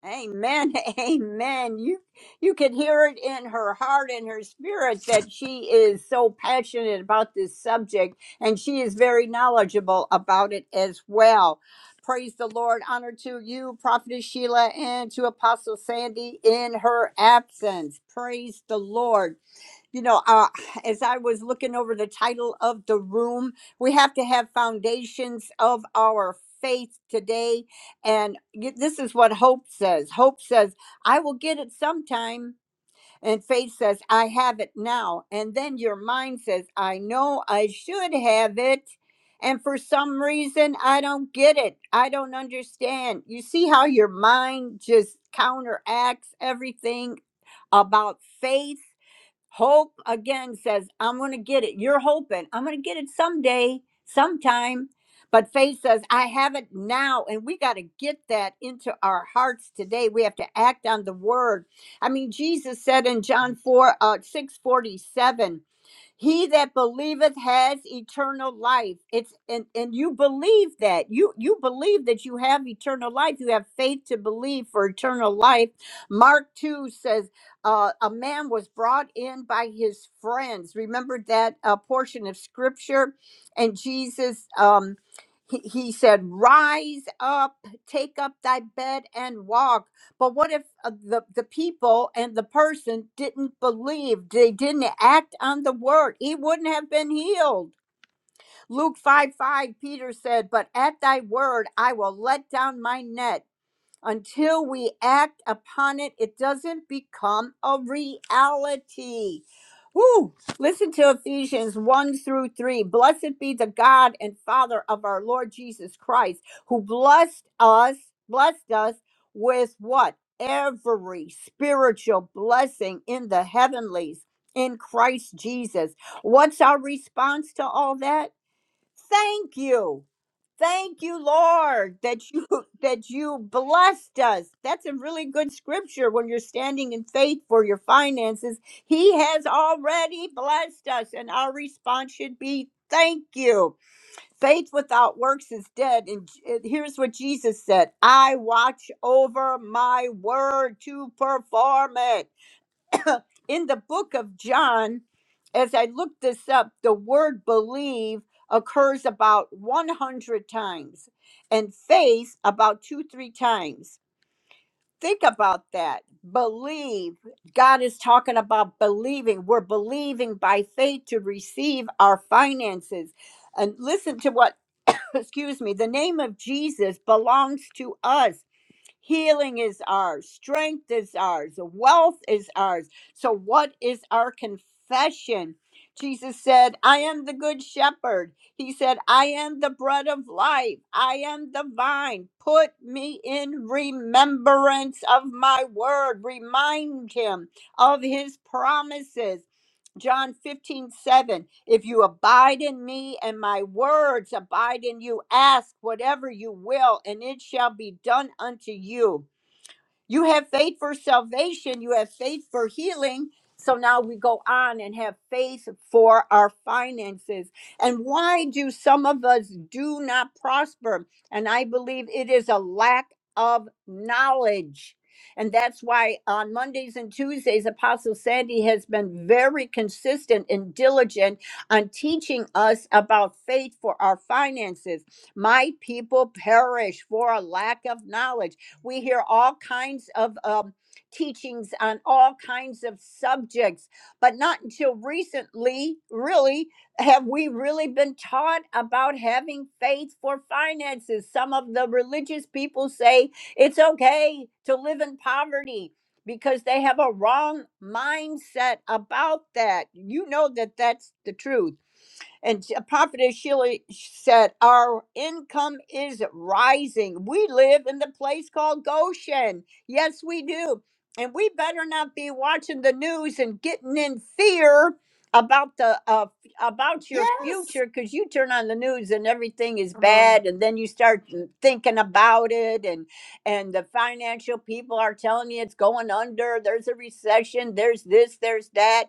Amen. Amen. You you can hear it in her heart and her spirit that she is so passionate about this subject and she is very knowledgeable about it as well. Praise the Lord. Honor to you, Prophetess Sheila, and to Apostle Sandy in her absence. Praise the Lord you know, uh, as I was looking over the title of the room, we have to have foundations of our faith today. And y- this is what hope says hope says, I will get it sometime. And faith says, I have it now. And then your mind says, I know I should have it. And for some reason, I don't get it. I don't understand. You see how your mind just counteracts everything about faith? Hope again says, I'm going to get it. You're hoping. I'm going to get it someday, sometime. But faith says, I have it now. And we got to get that into our hearts today. We have to act on the word. I mean, Jesus said in John 4, uh, 647. He that believeth has eternal life. It's and and you believe that. You you believe that you have eternal life. You have faith to believe for eternal life. Mark 2 says uh, a man was brought in by his friends. Remember that uh, portion of scripture and Jesus um he, he said, Rise up, take up thy bed and walk. But what if uh, the, the people and the person didn't believe? They didn't act on the word. He wouldn't have been healed. Luke 5 5, Peter said, But at thy word I will let down my net until we act upon it, it doesn't become a reality. Woo! Listen to Ephesians 1 through 3. Blessed be the God and Father of our Lord Jesus Christ, who blessed us, blessed us with what? Every spiritual blessing in the heavenlies in Christ Jesus. What's our response to all that? Thank you. Thank you, Lord, that you that you blessed us. That's a really good scripture when you're standing in faith for your finances. He has already blessed us, and our response should be thank you. Faith without works is dead. And J- and here's what Jesus said: I watch over my word to perform it in the book of John, as I looked this up, the word believe occurs about 100 times and faith about two, three times. Think about that. Believe. God is talking about believing. We're believing by faith to receive our finances. And listen to what, excuse me, the name of Jesus belongs to us. Healing is ours, strength is ours, wealth is ours. So, what is our confession? Jesus said, I am the good shepherd. He said, I am the bread of life. I am the vine. Put me in remembrance of my word. Remind him of his promises. John 15 7. If you abide in me and my words abide in you, ask whatever you will, and it shall be done unto you. You have faith for salvation, you have faith for healing. So now we go on and have faith for our finances. And why do some of us do not prosper? And I believe it is a lack of knowledge. And that's why on Mondays and Tuesdays, Apostle Sandy has been very consistent and diligent on teaching us about faith for our finances. My people perish for a lack of knowledge. We hear all kinds of um, teachings on all kinds of subjects, but not until recently, really, have we really been taught about having faith for finances. Some of the religious people say it's okay to live in poverty because they have a wrong mindset about that. You know that that's the truth and Sh- uh, Prophetess Sheila said, Our income is rising. We live in the place called Goshen. Yes, we do. And we better not be watching the news and getting in fear about the uh, about your
Yes.
future because you turn on the news and everything is bad and then you start thinking about it and and the financial people are telling you it's going under there's a recession there's this there's that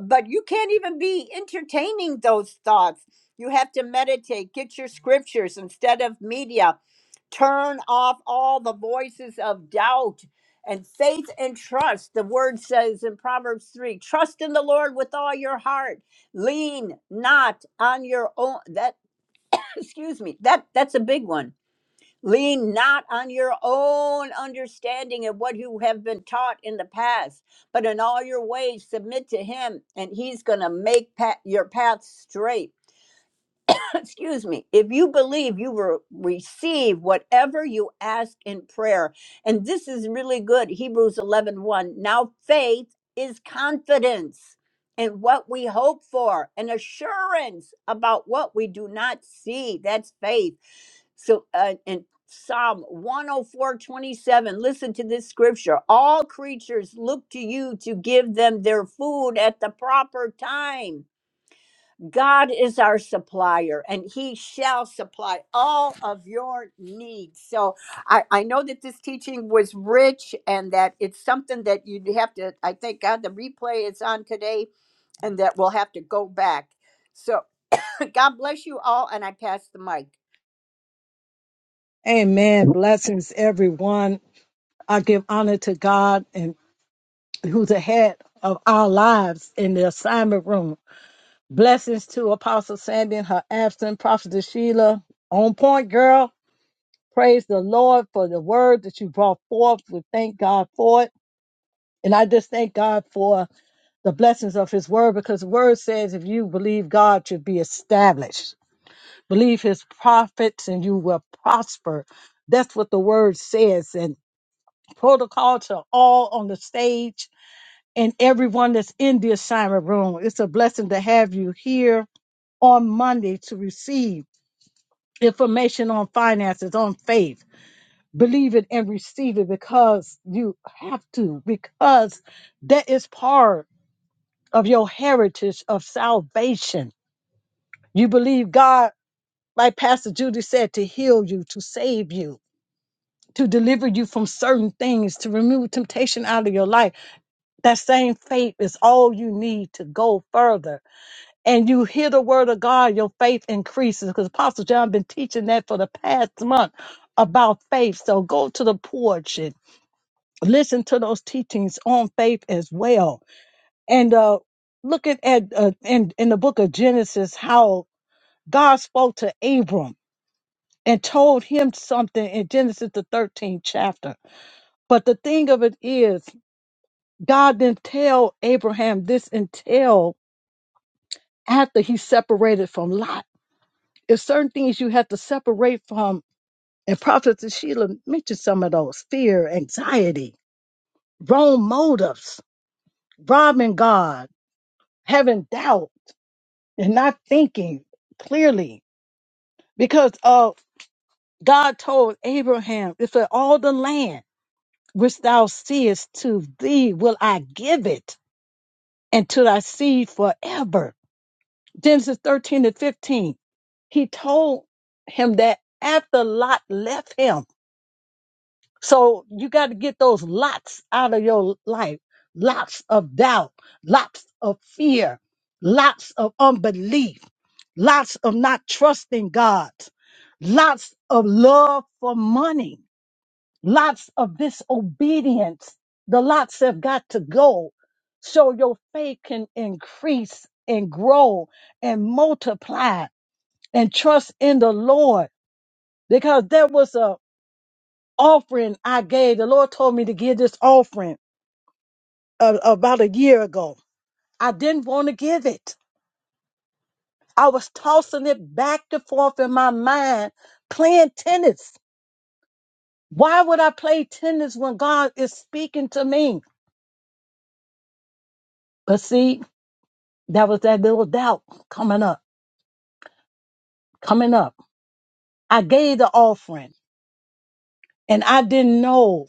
but you can't even be entertaining those thoughts. You have to meditate, get your scriptures instead of media, turn off all the voices of doubt and faith and trust. The word says in Proverbs 3 trust in the Lord with all your heart, lean not on your own. That, excuse me, that, that's a big one Lean not on your own understanding of what you have been taught in the past, but in all your ways submit to Him, and He's going to make pa- your path straight. Excuse me. If you believe, you will receive whatever you ask in prayer. And this is really good. Hebrews eleven one. Now faith is confidence in what we hope for and assurance about what we do not see. That's faith. So uh, in Psalm 104:27. listen to this scripture. All creatures look to you to give them their food at the proper time. God is our supplier, and He shall supply all of your needs. So I, I know that this teaching was rich and that it's something that you'd have to, I thank God the replay is on today and that we'll have to go back. So God bless you all, and I pass the mic.
Amen. Blessings, everyone. I give honor to God and. who's the head of our lives in the assignment room. Blessings to Apostle Sandy and her absent prophetess Sheila. On point, girl. Praise the Lord for the word that you brought forth. We thank God for it. And I just thank God for the blessings of his word because the word says if you believe God should be established, believe his prophets and you will prosper. That's what the word says. And protocol to all on the stage and everyone that's in the assignment room. It's a blessing to have you here on Monday to receive information on finances, on faith. Believe it and receive it because you have to, because that is part of your heritage of salvation. You believe God, like Pastor Judy said, to heal you, to save you, to deliver you from certain things, to remove temptation out of your life. That same faith is all you need to go further and you hear the word of God, your faith increases. Because Apostle John been teaching that for the past month about faith. So go to the porch and listen to those teachings on faith as well. And uh, looking at uh, in in the book of Genesis, how God spoke to Abram and told him something in Genesis the 13th chapter. But the thing of it is, God didn't tell Abraham this until after he separated from Lot There's certain things you have to separate from. And Prophet Sheila mentioned some of those fear, anxiety, wrong motives, robbing God, having doubt, and not thinking clearly. Because uh, God told Abraham, if all the land which thou seest to thee will I give it, and to thy seed forever. Genesis 13 and 15. He told him that after Lot left him, So you got to get those lots out of your life. Lots of doubt, lots of fear, lots of unbelief, lots of not trusting God, lots of love for money, lots of disobedience. The lots have got to go so your faith can increase and grow and multiply and trust in the Lord because there was a offering I gave. The Lord told me to give this offering uh, about a year ago. I didn't want to give it. I was tossing it back and forth in my mind, playing tennis. Why would I play tennis when God is speaking to me? But see, that was that little doubt coming up, coming up. I gave the offering and I didn't know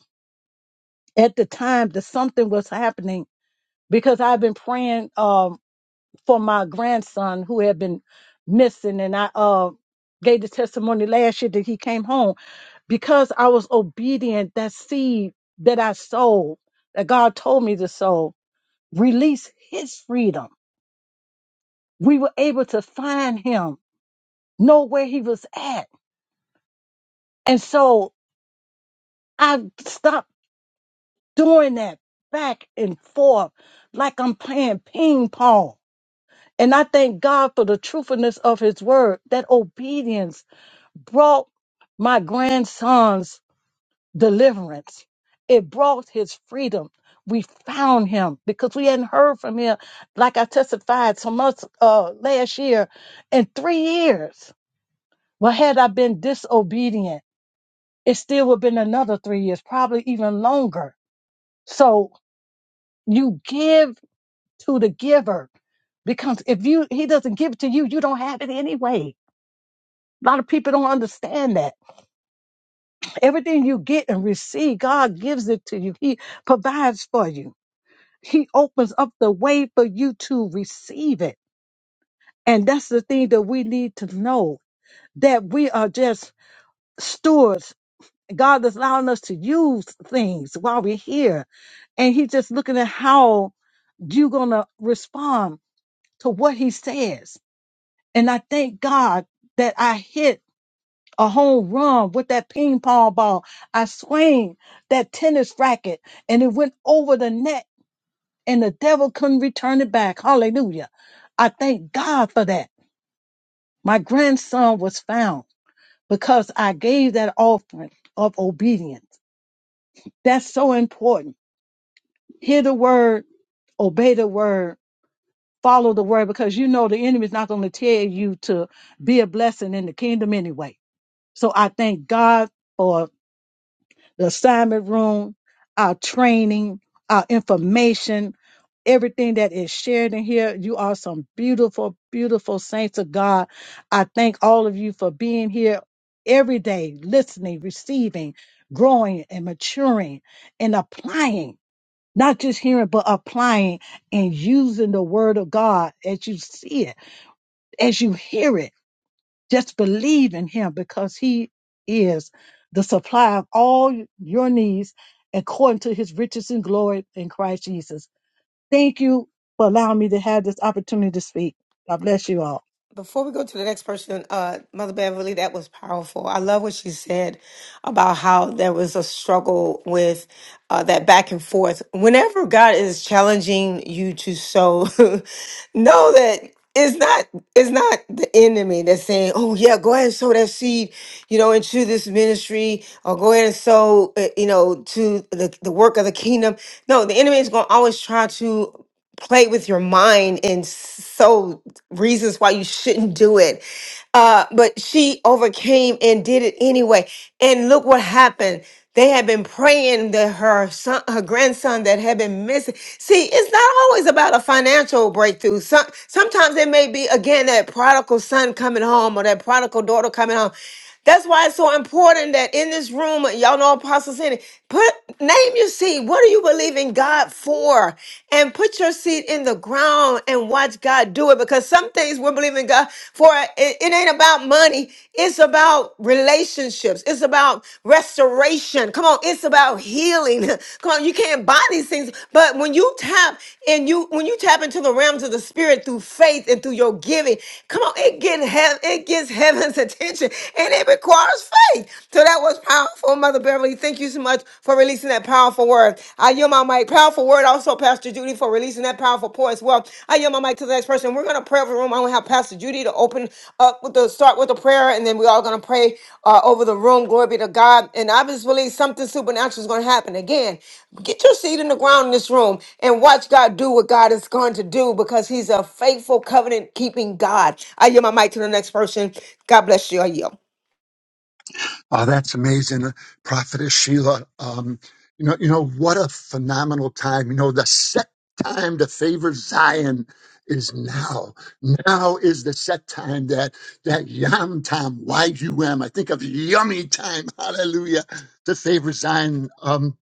at the time that something was happening because I've been praying. um, for my grandson who had been missing and I uh gave the testimony last year that he came home because I was obedient that seed that I sowed that God told me to sow released his freedom we were able to find him know where he was at and so I stopped doing that back and forth like I'm playing ping pong and I thank God for the truthfulness of his word that obedience brought my grandson's deliverance. It brought his freedom. We found him because we hadn't heard from him, like I testified so much uh, last year, in three years. Well, had I been disobedient, it still would have been another three years, probably even longer. So you give to the giver because if you he doesn't give it to you, you don't have it anyway. A lot of people don't understand that. Everything you get and receive, God gives it to you. He provides for you. He opens up the way for you to receive it. And that's the thing that we need to know that we are just stewards. God is allowing us to use things while we're here. And He's just looking at how you're going to respond to what He says. And I thank God that I hit a home run with that ping pong ball. I swing that tennis racket and it went over the net and the devil couldn't return it back. Hallelujah. I thank God for that. My grandson was found because I gave that offering of obedience. That's so important. Hear the word, obey the word, follow the word because you know the enemy's not going to tell you to be a blessing in the kingdom anyway. So I thank God the assignment room, our training, our information, everything that is shared in here. You are some beautiful, beautiful saints of God. I thank all of you for being here every day, listening, receiving, growing, and maturing and applying. Not just hearing, but applying and using the word of God as you see it, as you hear it just believe in him because he is the supply of all your needs according to his riches and glory in Christ Jesus. Thank you for allowing me to have this opportunity to speak. God bless you all.
Before we go to the next person, uh, Mother Beverly, that was powerful. I love what she said about how there was a struggle with uh, that back and forth. Whenever God is challenging you to sow, know that it's not it's not the enemy that's saying, "Oh yeah, go ahead and sow that seed, you know, into this ministry, or go ahead and sow, uh, you know, to the the work of the kingdom." No, the enemy is going to always try to play with your mind and so reasons why you shouldn't do it. Uh, but she overcame and did it anyway. And look what happened. They had been praying that her son, her grandson that had been missing. See, it's not always about a financial breakthrough. Some, sometimes it may be again that prodigal son coming home or that prodigal daughter coming home. That's why it's so important that in this room, y'all know Apostle Sandy, put name your seed. What are you believing God for? And put your seed in the ground and watch God do it. Because some things we're believing God for, it, it ain't about money. It's about relationships. It's about restoration. Come on, it's about healing. Come on, you can't buy these things. But when you tap and you when you tap into the realms of the spirit through faith and through your giving, come on, it get heaven, it gets heaven's attention and it requires faith. So that was powerful, Mother Beverly. Thank you so much for releasing that powerful word. I yield my mic. Powerful word. Also, Pastor Judy for releasing that powerful pour as well. I yield my mic to the next person. We're gonna pray over the room. I'm gonna have Pastor Judy to open up with the start with the prayer, and then we're all gonna pray uh, over the room. Glory be to God. And I just believe something supernatural is gonna happen again. Get your seed in the ground in this room and watch God do what God is going to do because He's a faithful covenant keeping God. I yield my mic to the next person. God bless you. I yield.
Oh, that's amazing, Uh, Prophetess Sheila. Um, you know, you know what a phenomenal time. You know, the set time to favor Zion is now. Now is the set time that that yum time, Y U M. I think of yummy time. Hallelujah to favor Zion. Um,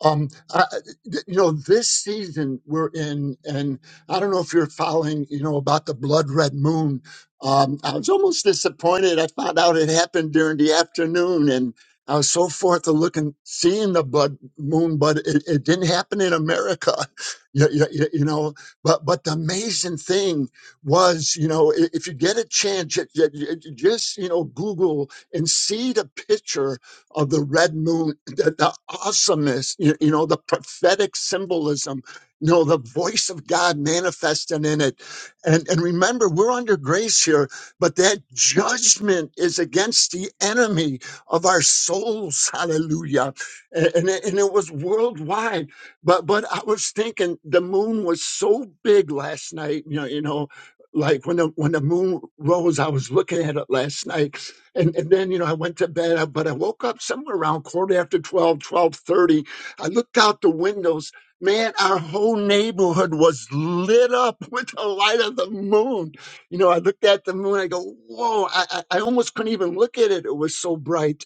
um, I, th- you know, this season we're in, and I don't know if you're following, you know, about the blood red moon. Um, I was almost disappointed. I found out it happened during the afternoon, and I was so forth to looking, seeing the blood moon, but it, it didn't happen in America, you, you, you you know. But but the amazing thing was, you know, i- if you get a chance, ju- ju- ju- just you know, Google and see the picture of the red moon, the, the awesomeness, you, you know, the prophetic symbolism, you know, the voice of God manifested in it. And, and remember, we're under grace here, but that judgment is against the enemy of our souls. Hallelujah. And, and, it, and it was worldwide. But, but I was thinking the moon was so big last night, you know, you know, like when the, when the moon rose, I was looking at it last night and, and then you know i went to bed uh, but i woke up somewhere around quarter after twelve, twelve thirty. i looked out the windows man our whole neighborhood was lit up with the light of the moon you know i looked at the moon i go whoa i, I I almost couldn't even look at it it was so bright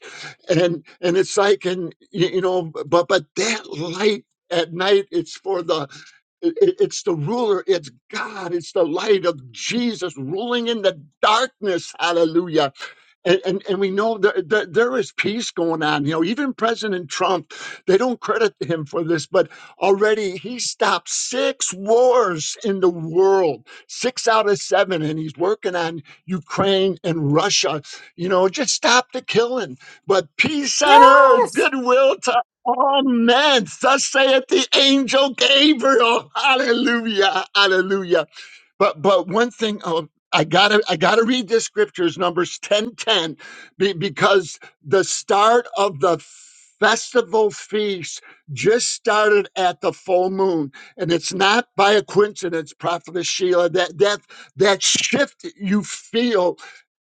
and and it's like and y- you know but but that light at night it's for the it- it- it's the ruler, it's God, it's the light of Jesus ruling in the darkness. Hallelujah and, and, and we know that, that there is peace going on. You know, even President Trump, they don't credit him for this, but already he stopped six wars in the world, six out of seven, and he's working on Ukraine and Russia. You know, just stop the killing. But peace on earth, goodwill to all men. Thus saith the angel Gabriel. Hallelujah. Hallelujah. But but one thing, um, I gotta I gotta read this scriptures Numbers ten ten be, because the start of the festival feast just started at the full moon and it's not by a coincidence prophetess Sheila that that that shift you feel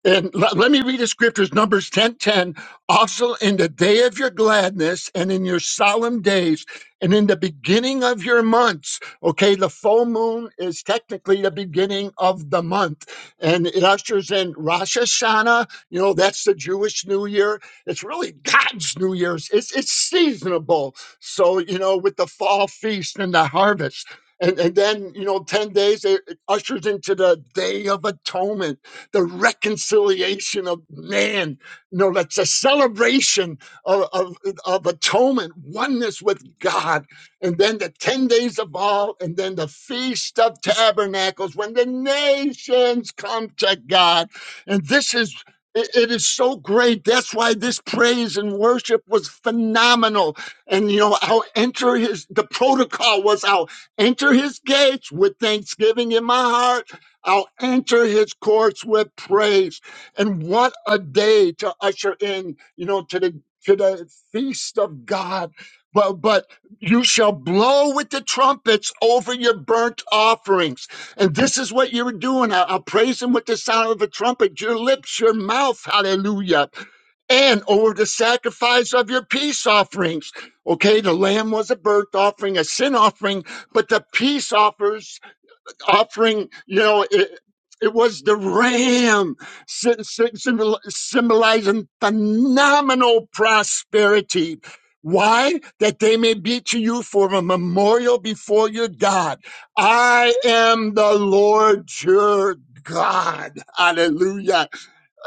and let, let me read the scriptures numbers ten ten. also in the day of your gladness and in your solemn days and in the beginning of your months okay the full moon is technically the beginning of the month and it ushers in Rosh Hashanah. You know, that's the Jewish New Year. It's really God's New Year's. It's it's seasonable. So you know, with the fall feast and the harvest. And, and then, you know, 10 days, it it ushers into the Day of Atonement, the reconciliation of man. You know, that's a celebration of, of, of atonement, oneness with God and then the 10 days of all, and then the Feast of Tabernacles when the nations come to God. And this is, it it is so great. That's why this praise and worship was phenomenal. And you know, I'll enter his, the protocol was I'll enter his gates with thanksgiving in my heart. I'll enter his courts with praise. And what a day to usher in, you know, to the, to the feast of God. But, but you shall blow with the trumpets over your burnt offerings. And this is what you're doing. I- I'll praise him with the sound of a trumpet, your lips, your mouth. Hallelujah. And over the sacrifice of your peace offerings. Okay, the lamb was a burnt offering, a sin offering, but the peace offers offering, you know, it, it was the ram sy- sy- symbol- symbolizing phenomenal prosperity. Why? That they may be to you for a memorial before your God. I am the Lord your God. Hallelujah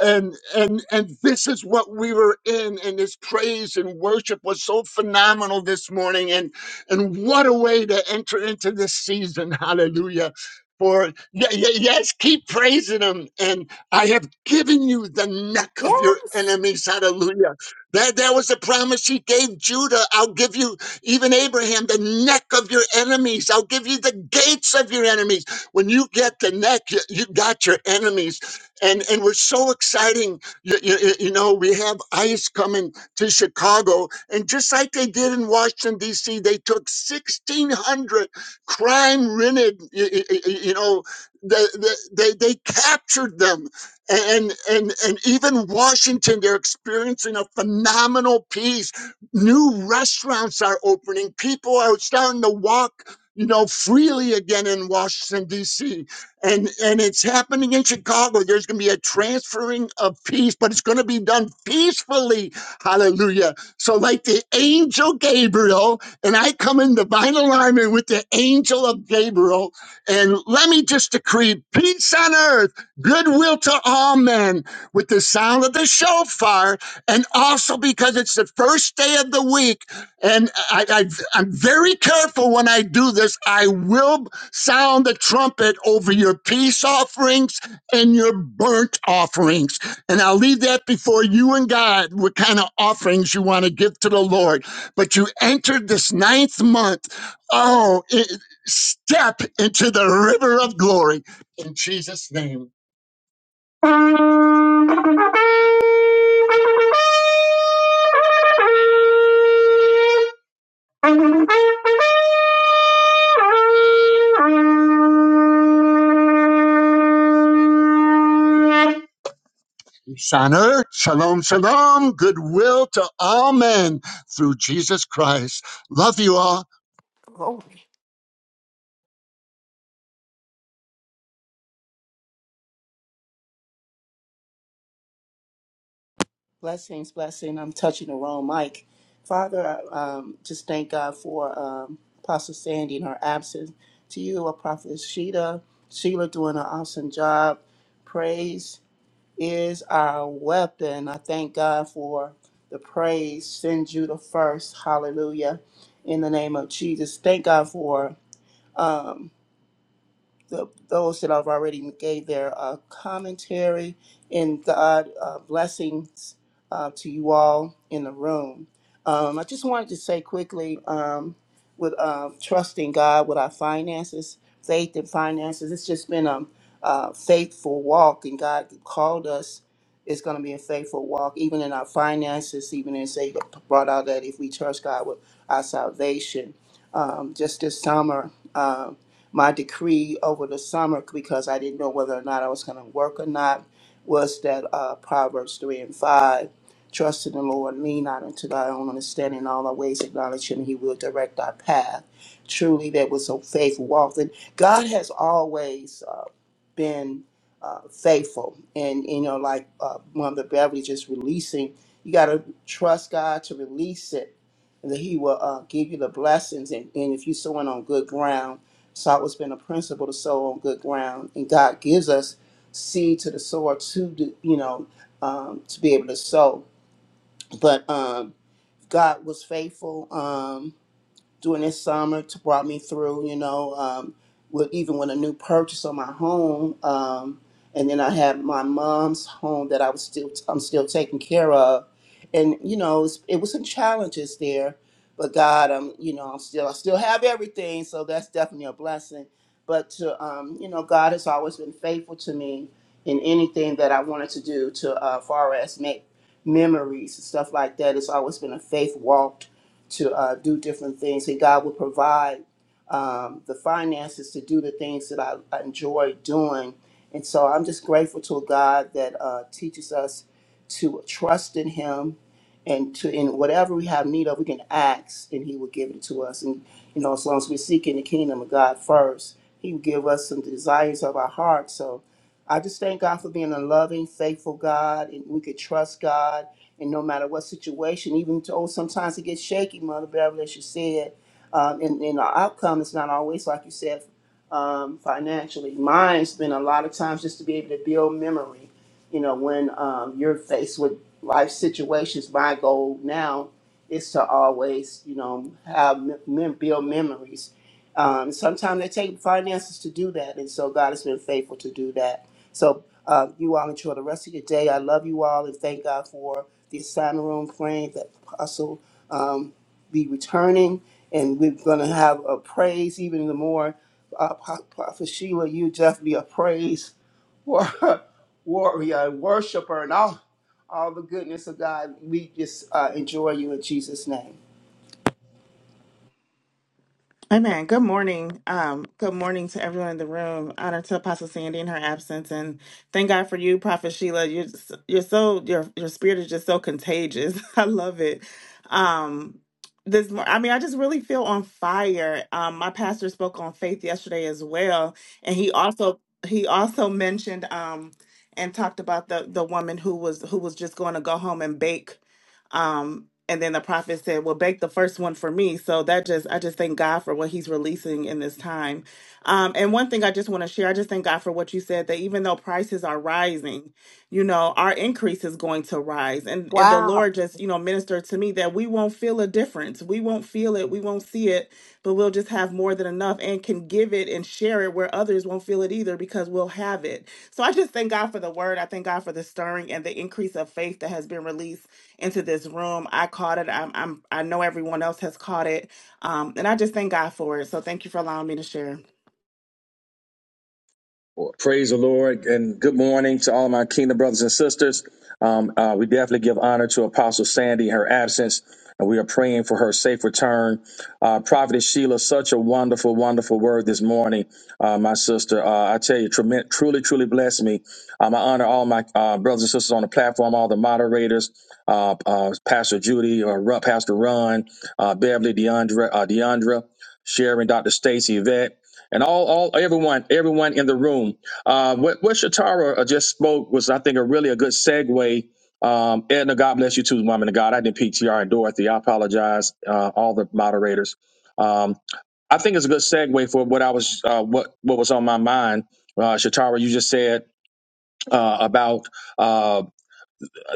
and and and this is what we were in and this praise and worship was so phenomenal this morning and and what a way to enter into this season hallelujah for y- y- yes keep praising him and i have given you the neck of your
Yes.
enemies hallelujah that that was the promise he gave judah i'll give you even abraham the neck of your enemies i'll give you the gates of your enemies when you get the neck you, you got your enemies and and we're so exciting. You, you, you know, we have ICE coming to Chicago, and just like they did in Washington D.C., they took sixteen hundred crime-ridden. You, you you- you know, they, they they they captured them, and and and even Washington, they're experiencing a phenomenal peace. New restaurants are opening. People are starting to walk. You know, freely again in Washington D.C and and it's happening in Chicago. There's going to be a transferring of peace, but it's going to be done peacefully. Hallelujah! So, like the angel Gabriel, and I come in divine alignment with the angel of Gabriel, and let me just decree peace on earth, goodwill to all men, with the sound of the shofar, and also because it's the first day of the week, and I, I I'm very careful when I do this. I will. Sound the trumpet over your peace offerings and your burnt offerings. And I'll leave that before you and God what kind of offerings you want to give to the Lord. But you entered this ninth month. Oh, it, step into the river of glory in Jesus' name. Shaner, shalom, shalom, goodwill to all men through Jesus Christ. Love you all.
Oh,
Blessings, blessing. I'm touching the wrong mic. Father, I, um, just thank God for um, Apostle Sandy in her absence. To you, a prophet Sheila. Sheila doing an awesome job. Praise is our weapon. I thank God for the praise. Send you the first. Hallelujah. In the name of Jesus. Thank God for. Um, the, those that have already gave their uh, commentary and God uh, blessings uh, to you all in the room. Um, I just wanted to say quickly um, with uh, trusting God with our finances, faith and finances, it's just been a, uh faithful walk, and God called us. It's going to be a faithful walk, even in our finances, even in say brought out that if we trust God with our salvation. Um, just this summer. um, my decree over the summer because I didn't know whether or not I was going to work or not was that uh, Proverbs 3 and 5. Trust in the Lord, lean not unto thy own understanding, in all thy ways acknowledge him, and he will direct thy path. Truly, there was a faithful walk. And God has always uh, been uh, faithful. And, you know, like uh, Mother Beverly just releasing, you got to trust God to release it and that He will uh, give you the blessings. And, and if you're sowing on good ground, it's always been a principle to sow on good ground. And God gives us seed to the sower to, do, you know, um, to be able to sow. But um, God was faithful. Um, during this summer to brought me through, you know, um, with even with a new purchase on my home. Um, and then I had my mom's home that I was still I'm still taking care of. And, you know, it's, it was some challenges there, but God, um, you know, I'm still, I still have everything. So that's definitely a blessing. But to, um, you know, God has always been faithful to me in anything that I wanted to do to, uh, far as make memories and stuff like that. It's always been a faith walk to uh, do different things, and God will provide um, the finances to do the things that I, I enjoy doing. And so I'm just grateful to a God that uh, teaches us to trust in Him, and to in whatever we have need of, we can ask, and He will give it to us. And you know, as long as we're seeking the kingdom of God first, He will give us some desires of our heart. So I just thank God for being a loving, faithful God, and we could trust God and no matter what situation, even though sometimes it gets shaky, Mother Beverly, as you said, um, and, and the outcome is not always, like you said, um, financially. Mine's been a lot of times just to be able to build memory. You know, when um, you're faced with life situations, my goal now is to always, you know, have mem- build memories. Um, sometimes they take finances to do that, and so God has been faithful to do that so uh, you all enjoy the rest of your day. I love you all and thank God for the assignment room praying that Apostle um, be returning. And we're going to have a praise even the more. Uh, Pro- Prophet Sheila, you just be a praise war- warrior, worshiper, and all, all the goodness of God. We just uh, enjoy you in Jesus' name.
Amen. Good morning. Um, good morning to everyone in the room. Honor to Apostle Sandy in her absence, and thank God for you, Prophet Sheila. You're s- you're so your your spirit is just so contagious. I love it. Um, this mor- I mean, I just really feel on fire. Um, my pastor spoke on faith yesterday as well, and he also he also mentioned um and talked about the the woman who was who was just going to go home and bake um, and then the prophet said, "Well, bake the first one for me." So that just I just thank God for what He's releasing in this time. Um, and one thing I just want to share, I just thank God for what you said that even though prices are rising, you know, our increase is going to rise, and and the
wow.
Lord just you know ministered to me that we won't feel a difference, we won't feel it, we won't see it, but we'll just have more than enough and can give it and share it where others won't feel it either because we'll have it. So I just thank God for the word. I thank God for the stirring and the increase of faith that has been released into this room. I caught it. I'm, I'm I know everyone else has caught it, um, and I just thank God for it. So thank you for allowing me to share.
Praise the Lord and good morning to all my kingdom brothers and sisters. Um, uh, we definitely give honor to Apostle Sandy in her absence, and we are praying for her safe return. Uh, Prophetess Sheila, such a wonderful, wonderful word this morning, uh, my sister. Uh, I tell you, trem- truly, truly blessed me. Um, I honor all my uh, brothers and sisters on the platform, all the moderators, uh, uh, Pastor Judy, or Ru- Pastor Ron, uh, Beverly, Deandra, uh, Deandra, Sharon, Dr. Stacy, Yvette and all, all everyone, everyone in the room. Uh, what, what Shatara uh, just spoke was, I think, a really a good segue. Um, Edna, God bless you too, woman of God. I did not PTR and Dorothy. I apologize, uh, all the moderators. Um, I think it's a good segue for what I was, uh, what what was on my mind. Uh, Shatara, you just said uh, about uh,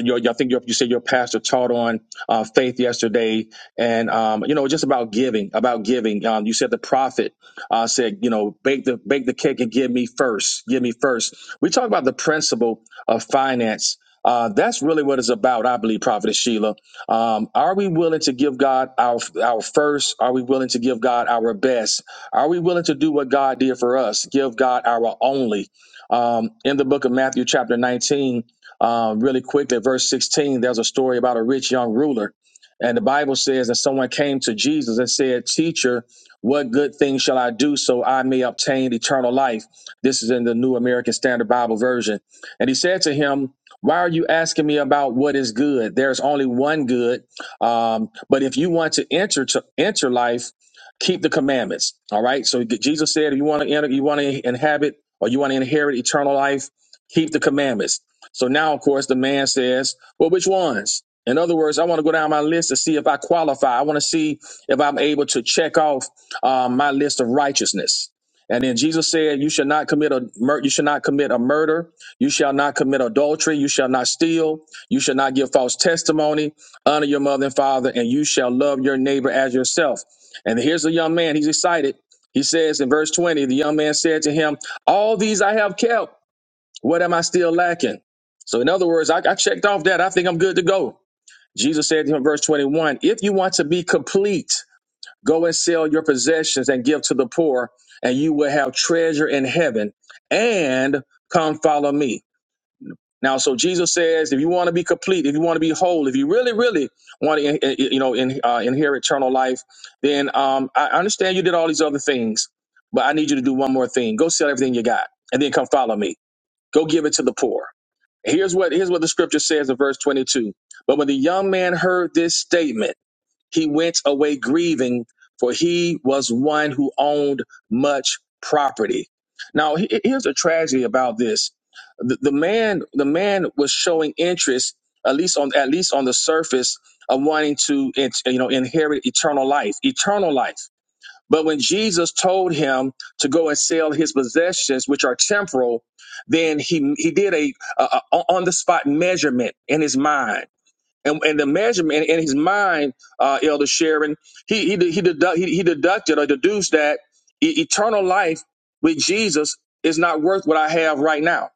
your, I think your, you said your pastor taught on uh, faith yesterday, and um, you know just about giving, about giving. Um, you said the prophet uh, said, you know, bake the bake the cake and give me first, give me first. We talk about the principle of finance. Uh, that's really what it's about, I believe, Prophet Sheila. Um, are we willing to give God our our first? Are we willing to give God our best? Are we willing to do what God did for us? Give God our only. Um, in the book of Matthew, chapter 19, um, really quickly, at verse 16, there's a story about a rich young ruler. And the Bible says that someone came to Jesus and said, Teacher, what good thing shall I do so I may obtain eternal life? This is in the New American Standard Bible Version. And he said to him, Why are you asking me about what is good? There's only one good. Um, but if you want to enter to enter life, keep the commandments. All right. So Jesus said, if you want to enter, you want to inhabit or you want to inherit eternal life, keep the commandments. So now, of course, the man says, well, which ones? In other words, I want to go down my list to see if I qualify. I want to see if I'm able to check off um, my list of righteousness. And then Jesus said, "You shall not commit a mur- you shall not commit a murder. You shall not commit adultery. You shall not steal. You shall not give false testimony. Honor your mother and father, and you shall love your neighbor as yourself." And here's the young man. He's excited. He says in verse 20, the young man said to him, "All these I have kept." What am I still lacking? So, in other words, I, I checked off that. I think I'm good to go. Jesus said to him, verse 21, if you want to be complete, go and sell your possessions and give to the poor, and you will have treasure in heaven. And come follow me. Now, so Jesus says, if you want to be complete, if you want to be whole, if you really, really want to, eh, eh, you know, in, uh, inherit eternal life, then um, I I understand you did all these other things, but I need you to do one more thing. Go sell everything you got, and then come follow me. Go give it to the poor. Here's what here's what the scripture says in verse 22. But when the young man heard this statement, he went away grieving, for he was one who owned much property. Now, he- here's a tragedy about this. The, the man the man was showing interest at least on at least on the surface of wanting to you know inherit eternal life, eternal life. But when Jesus told him to go and sell his possessions, which are temporal, then he he did a, a, a on the spot measurement in his mind. And, and the measurement in his mind, uh, Elder Sharon, he he he, deduct, he he deducted or deduced that e- eternal life with Jesus is not worth what I have right now.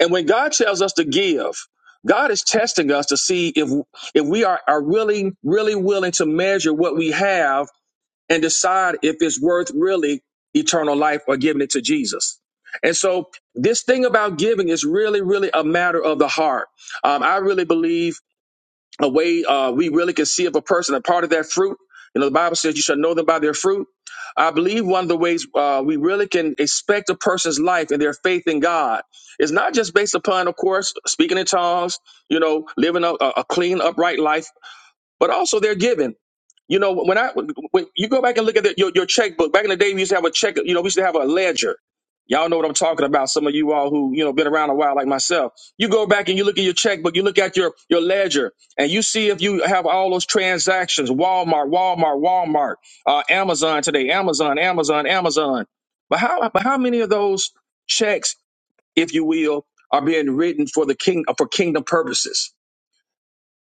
And when God tells us to give, God is testing us to see if if we are, are really really willing to measure what we have and decide if it's worth really eternal life or giving it to Jesus. And so, this thing about giving is really, really a matter of the heart. Um, I really believe a way uh, we really can see if a person a part of that fruit. You know, the Bible says you shall know them by their fruit. I believe one of the ways uh, we really can expect a person's life and their faith in God is not just based upon, of course, speaking in tongues, you know, living a, a a clean, upright life, but also their giving. You know, when I when you go back and look at the, your your checkbook. Back in the day, we used to have a check. You know, we used to have a ledger. Y'all know what I'm talking about. Some of you all who you know been around a while, like myself. You go back and you look at your checkbook. You look at your your ledger, and you see if you have all those transactions. Walmart, Walmart, Walmart, uh, Amazon today, Amazon, Amazon, Amazon. But how but how many of those checks, if you will, are being written for the king for kingdom purposes?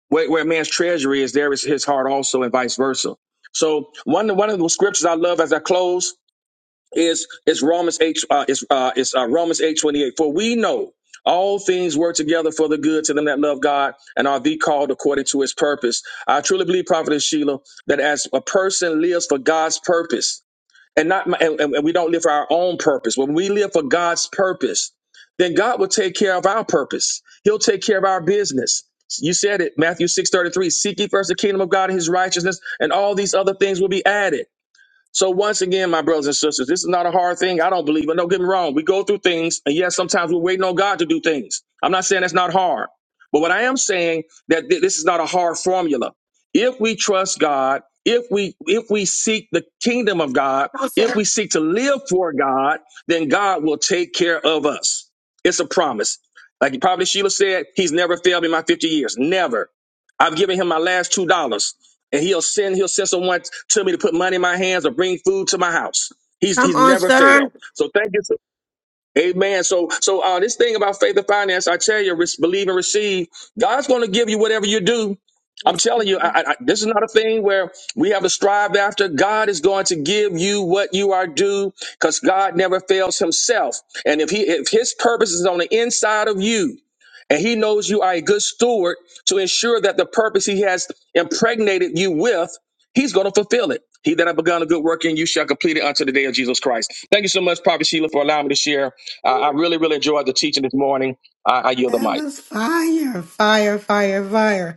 where, where a man's treasury is, there is his heart also, and vice versa. So one one of the scriptures I love as I close is is Romans eight uh, is uh, is uh, Romans eight twenty eight. For we know all things work together for the good to them that love God and are the called according to His purpose. I truly believe, Prophetess Sheila, that as a person lives for God's purpose, and not my- and, and we don't live for our own purpose when we live for god's purpose then god will take care of our purpose he'll take care of our business you said it matthew six thirty three. 33 seek ye first the kingdom of god and his righteousness and all these other things will be added so once again, my brothers and sisters, this is not a hard thing. I don't believe it. Don't get me wrong. We go through things, and yes, sometimes we're waiting on God to do things. I'm not saying that's not hard, but what I am saying that thi- this is not a hard formula. If we trust God, if we if we seek the kingdom of God, if we seek to live for God, then God will take care of us. It's a promise. Like probably Sheila said, He's never failed me in my 50 years. Never. I've given Him my last two dollars and he'll send he'll send someone to me to put money in my hands or bring food to my house. He's
Come
he's
on,
never
sir.
failed. So thank you. Amen. So, so uh, this thing about faith and finance, I tell you, re- believe and receive. God's going to give you whatever you do. I'm telling you, I, I, I- this is not a thing where we have to strive after. God is going to give you what you are due, because God never fails Himself. And if He, if His purpose is on the inside of you, and He knows you are a good steward to ensure that the purpose He has impregnated you with, He's going to fulfill it. He that have begun a good work in you shall complete it unto the day of Jesus Christ. Thank you so much, Prophet Sheila, for allowing me to share. I, I really, really enjoyed the teaching this morning. I, I yield the
That
mic.
was fire, fire, fire, fire.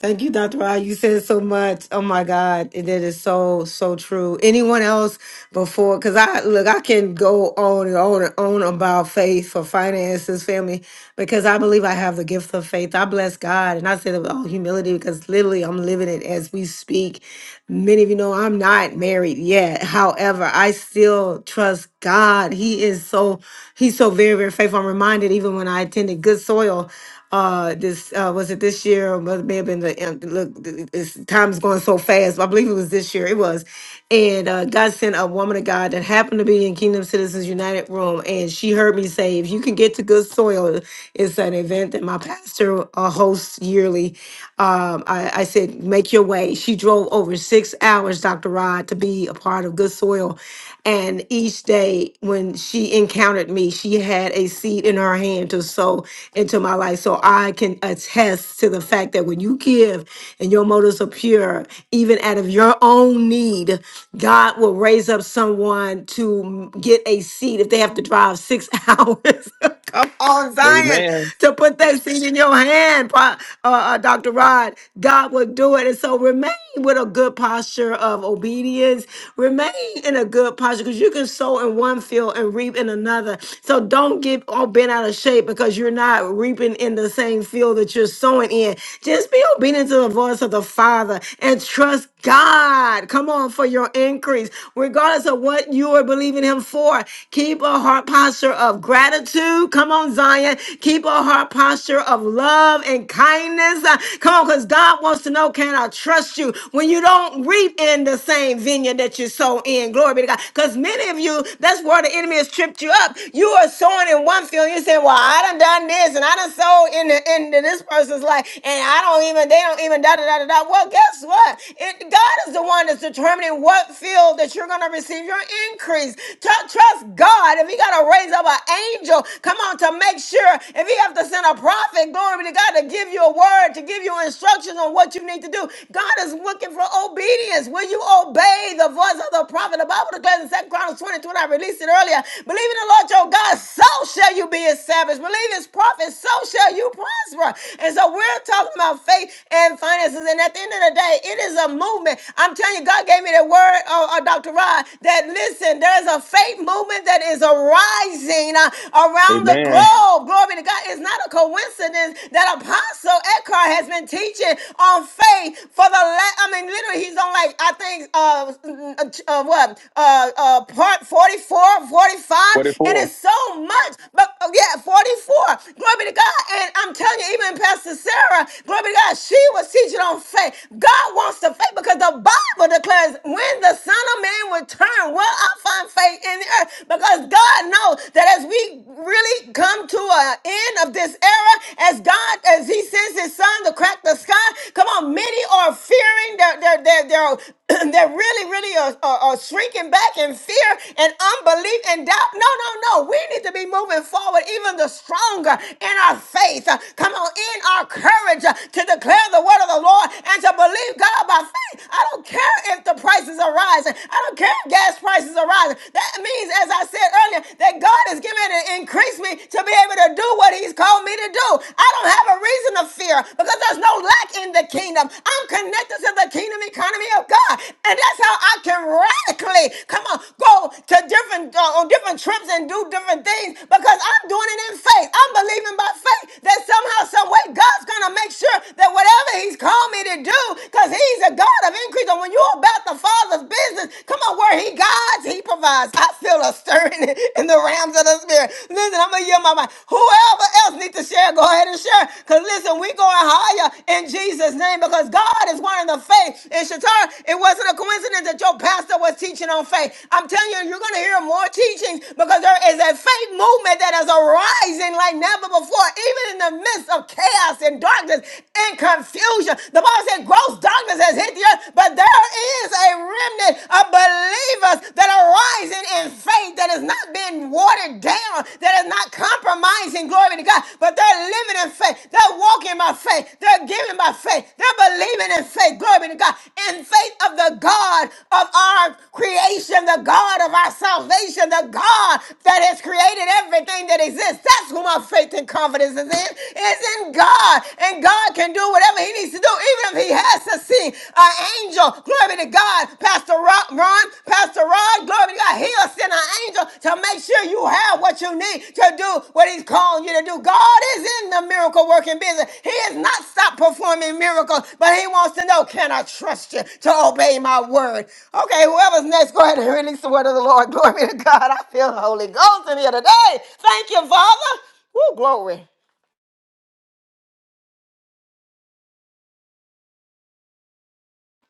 Thank you, Dr. Rod. You said so much. Oh my God. That is so, so true. Anyone else before? Because I look, I can go on and on and on about faith for finances, family, because I believe I have the gift of faith. I bless God. And I said it with all humility because literally I'm living it as we speak. Many of you know I'm not married yet. However, I still trust God. He is so, he's so very, very faithful. I'm reminded even when I attended Good soil. Uh, this uh, was it this year, or it may have been the um, look. th- It's time's going so fast. But I believe it was this year. It was, and uh, God sent a woman of God that happened to be in Kingdom Citizens United room, and she heard me say, "If you can get to good soil, it's an event that my pastor uh, hosts yearly." Um, I, I said, "Make your way." She drove over six hours, Dr. Rod, to be a part of Good Soil, and each day when she encountered me, she had a seed in her hand to sow into my life. So I can attest to the fact that when you give and your motives are pure, even out of your own need, God will raise up someone to get a seed if they have to drive six hours. Come on, Zion, to put that seed in your hand, Pro- uh, uh, Dr. Rod. God will do it. And so remain with a good posture of obedience. Remain in a good posture because you can sow in one field and reap in another. So don't get all bent out of shape because you're not reaping in the same field that you're sowing in. Just be obedient to the voice of the Father and trust God. Come on for your increase, regardless of what you are believing Him for. Keep a heart posture posture of gratitude. Come on, Zion. Keep a heart posture of love and kindness. Uh, Come on, because God wants to know can I trust you when you don't reap in the same vineyard that you sow in? Glory be to God. Because many of you, that's where the enemy has tripped you up. You are sowing in one field. You're saying, Well, I done done this and I done sold in the into this person's life, and I don't even, they don't even da da da da da. Well, guess what? It, God is the one that's determining what field that you're going to receive your increase. Talk Tru- Trust God. If you got to raise up an angel, come on, to make sure. If you have to send a prophet, glory be to God, to give you a word, to give you instructions on what you need to do. God is looking for obedience. Will you obey the voice of the prophet? The Bible declares in Second Chronicles 22, I released it earlier. Believe in the Lord your God, so shall you be established. Believe his prophets, so shall you prosper. And so we're talking about faith and finances. And at the end of the day, it is a movement. I'm telling you, God gave me the word, uh, uh, Dr. Rod, that listen, there's a faith movement that is arising uh, around the
Amen.
globe. Glory to God. It's not a coincidence that Apostle Eckhart has been teaching on faith for the last, I mean, literally, he's on like, I think, uh, uh, uh, what, uh, uh, part 44, 45, and
44.
it's so much, but oh, yeah, 44. Glory be to God. And I'm telling you, even Pastor Sarah, glory be to God, she was teaching on faith. God wants the faith because the Bible declares when when the Son of Man return, will I find faith in the earth? Because God knows that as we really come to an end of this era, as God, as He sends His Son to crack the sky, come on, many are fearing, they're, they're, they're, they're, they're really, really are, are, are shrinking back in fear and unbelief and doubt. No, no, no. We need to be moving forward even the stronger in our faith. Uh, Come on, in our courage uh, to declare the word of the Lord and to believe God by faith. I don't care if the prices are rising. I don't care if gas prices are rising. That means, as I said earlier, that God is giving me to increase me to be able to do what He's called me to do. I don't have a reason to fear because there's no lack in the kingdom. I'm connected to the kingdom economy of God, and that's how I can radically come on go to different uh, on different trips and do different things because I'm doing it in faith. I'm believing by faith that somehow, some way, God's gonna make sure that whatever whatever he's called me to do because he's a God of increase. And when you're about the Father's business, come on, where he guides, he provides. I feel a stirring in the realms of the Spirit. Listen, I'm going to yell my mind. Whoever else needs to share, go ahead and share because listen, we're going higher in Jesus' name because God is one in the faith. And Shatar, it wasn't a coincidence that your pastor was teaching on faith. I'm telling you, you're going to hear more teachings because there is a faith movement that is arising like never before, even in the midst of chaos and darkness darkness and confusion. The Bible said gross darkness has hit the earth, but there is a remnant of believers that are rising in faith that is not being watered down, that is not compromising, glory to God, but they're living in faith. They're walking by faith. They're giving by faith. They're believing in faith, glory to God, in faith of the God of our creation, the God of our salvation, the God that has created everything that exists. That's who my faith and confidence is in. It's is in God, and God can do whatever He needs to do, even if He has to send an angel. Glory be to God, Pastor Ron, Ron Pastor Ron. Glory be to God. He'll send an angel to make sure you have what you need to do what He's calling you to do. God is in the miracle working business. He has not stopped performing miracles, but He wants to know, can I trust you to obey my word? Okay, whoever's next, go ahead and release the word of the Lord. Glory be to God. I feel the Holy Ghost in here today. Thank you, Father. Woo, glory.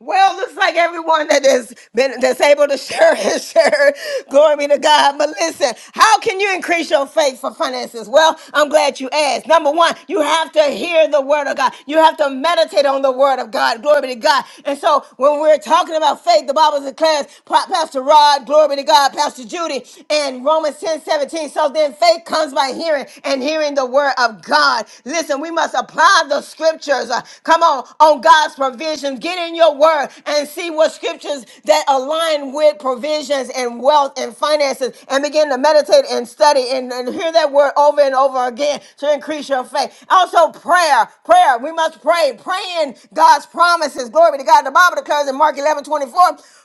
Well, looks like everyone that has been that's able to share is share. Glory be to God. But listen, how can you increase your faith for finances? Well, I'm glad you asked. Number one, you have to hear the word of God. You have to meditate on the word of God. Glory be to God. And so when we're talking about faith, the Bible declares Pa- Pastor Rod, glory be to God, Pastor Judy, and Romans 10 17. So then faith comes by hearing and hearing the word of God. Listen, we must apply the scriptures. Uh, come on, on on God's provisions. Get in your word and see what scriptures that align with provisions and wealth and finances and begin to meditate and study and, and hear that word over and over again to increase your faith. Also, prayer. Prayer. We must pray. Praying God's promises. Glory be to God. The Bible declares in Mark 11 24.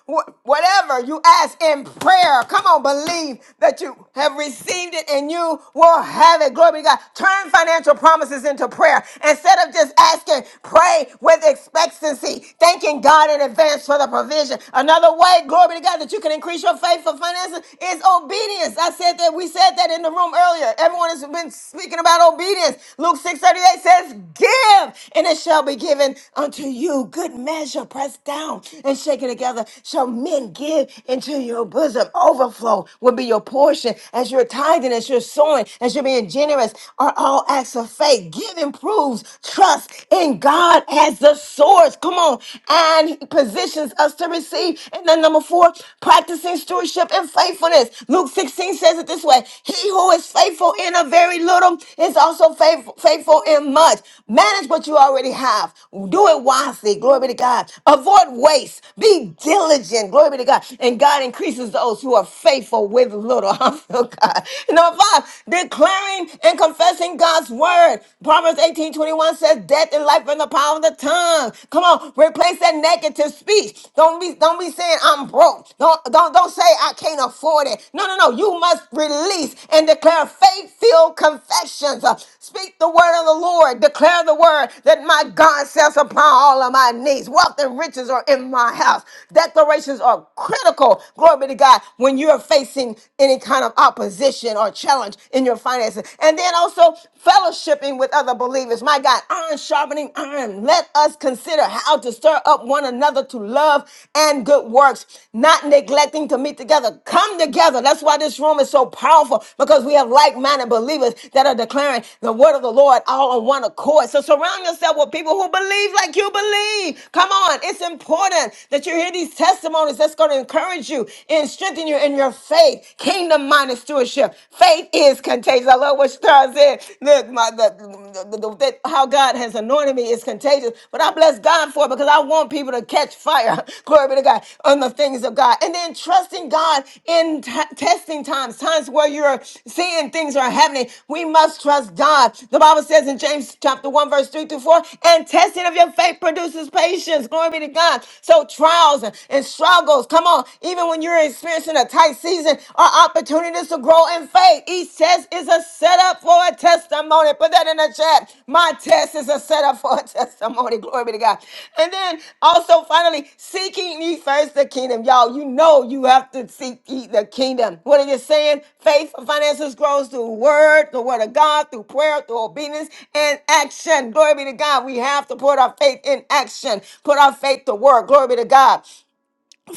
wh- whatever you ask in prayer, come on, believe that you have received it and you will have it. Glory be to God. Turn financial promises into prayer. Instead of just asking, pray with expectancy, thanking God in advance for the provision. Another way, glory to God, that you can increase your faith for finances is obedience. I said that we said that in the room earlier. Everyone has been speaking about obedience. Luke 6:38 says, Give, and it shall be given unto you. Good measure, pressed down and shaken together. Shall men give into your bosom? Overflow will be your portion as you're tithing, as you're sowing, as you're being generous, are all acts of faith. Giving proves trust in God as the source. Come on. And he positions us to receive. And then number four, practicing stewardship and faithfulness. Luke 16 says it this way He who is faithful in a very little is also faithful, faithful in much. Manage what you already have. Do it wisely. Glory be to God. Avoid waste. Be diligent. Glory be to God. And God increases those who are faithful with little. I feel God. Number five, declaring declaring and confessing God's word. Proverbs 18 21 says, Death and life are in the power of the tongue. Come on, replace that negative speech. Don't be don't be saying I'm broke. Don't don't don't say I can't afford it. No, no, no. You must release and declare faith-filled confessions. Uh, Speak the word of the Lord. Declare the word that my God shall supply all of my needs. Wealth and riches are in my house. Declarations are critical. Glory be to God when you're facing any kind of opposition condition or challenge in your finances. And then also fellowshipping with other believers. My God, iron sharpening iron. Let us consider how to stir up one another to love and good works, not neglecting to meet together. Come together. That's why this room is so powerful because we have like minded believers that are declaring the word of the Lord all on one accord. So surround yourself with people who believe like you believe. Come on. It's important that you hear these testimonies that's going to encourage you and strengthen you in your faith faith, kingdom minded stewardship. Faith is contagious. I love what Star said. Look, my, the, the, the- the- how God has anointed me is contagious. But I bless God for it because I want people to catch fire. Glory be to God on the things of God. And then trusting God in t- testing times, times where you're seeing things are happening. We must trust God. The Bible says in James chapter 1, verse 3 through 4, and testing of your faith produces patience. Glory be to God. So trials and, and struggles, come on, even even when you're experiencing a tight season or opportunities to grow in faith. Each test is a setup for a testimony. Put that in the chat. My test is a setup for a testimony. Glory be to God. And then also finally, seeking ye first the kingdom. Y'all, you know you have to seek ye the kingdom. What are you saying? Faith for finances grows through word, the word of God, through prayer, through obedience and action. Glory be to God. We have to put our faith in action. Put our faith to work. Glory be to God.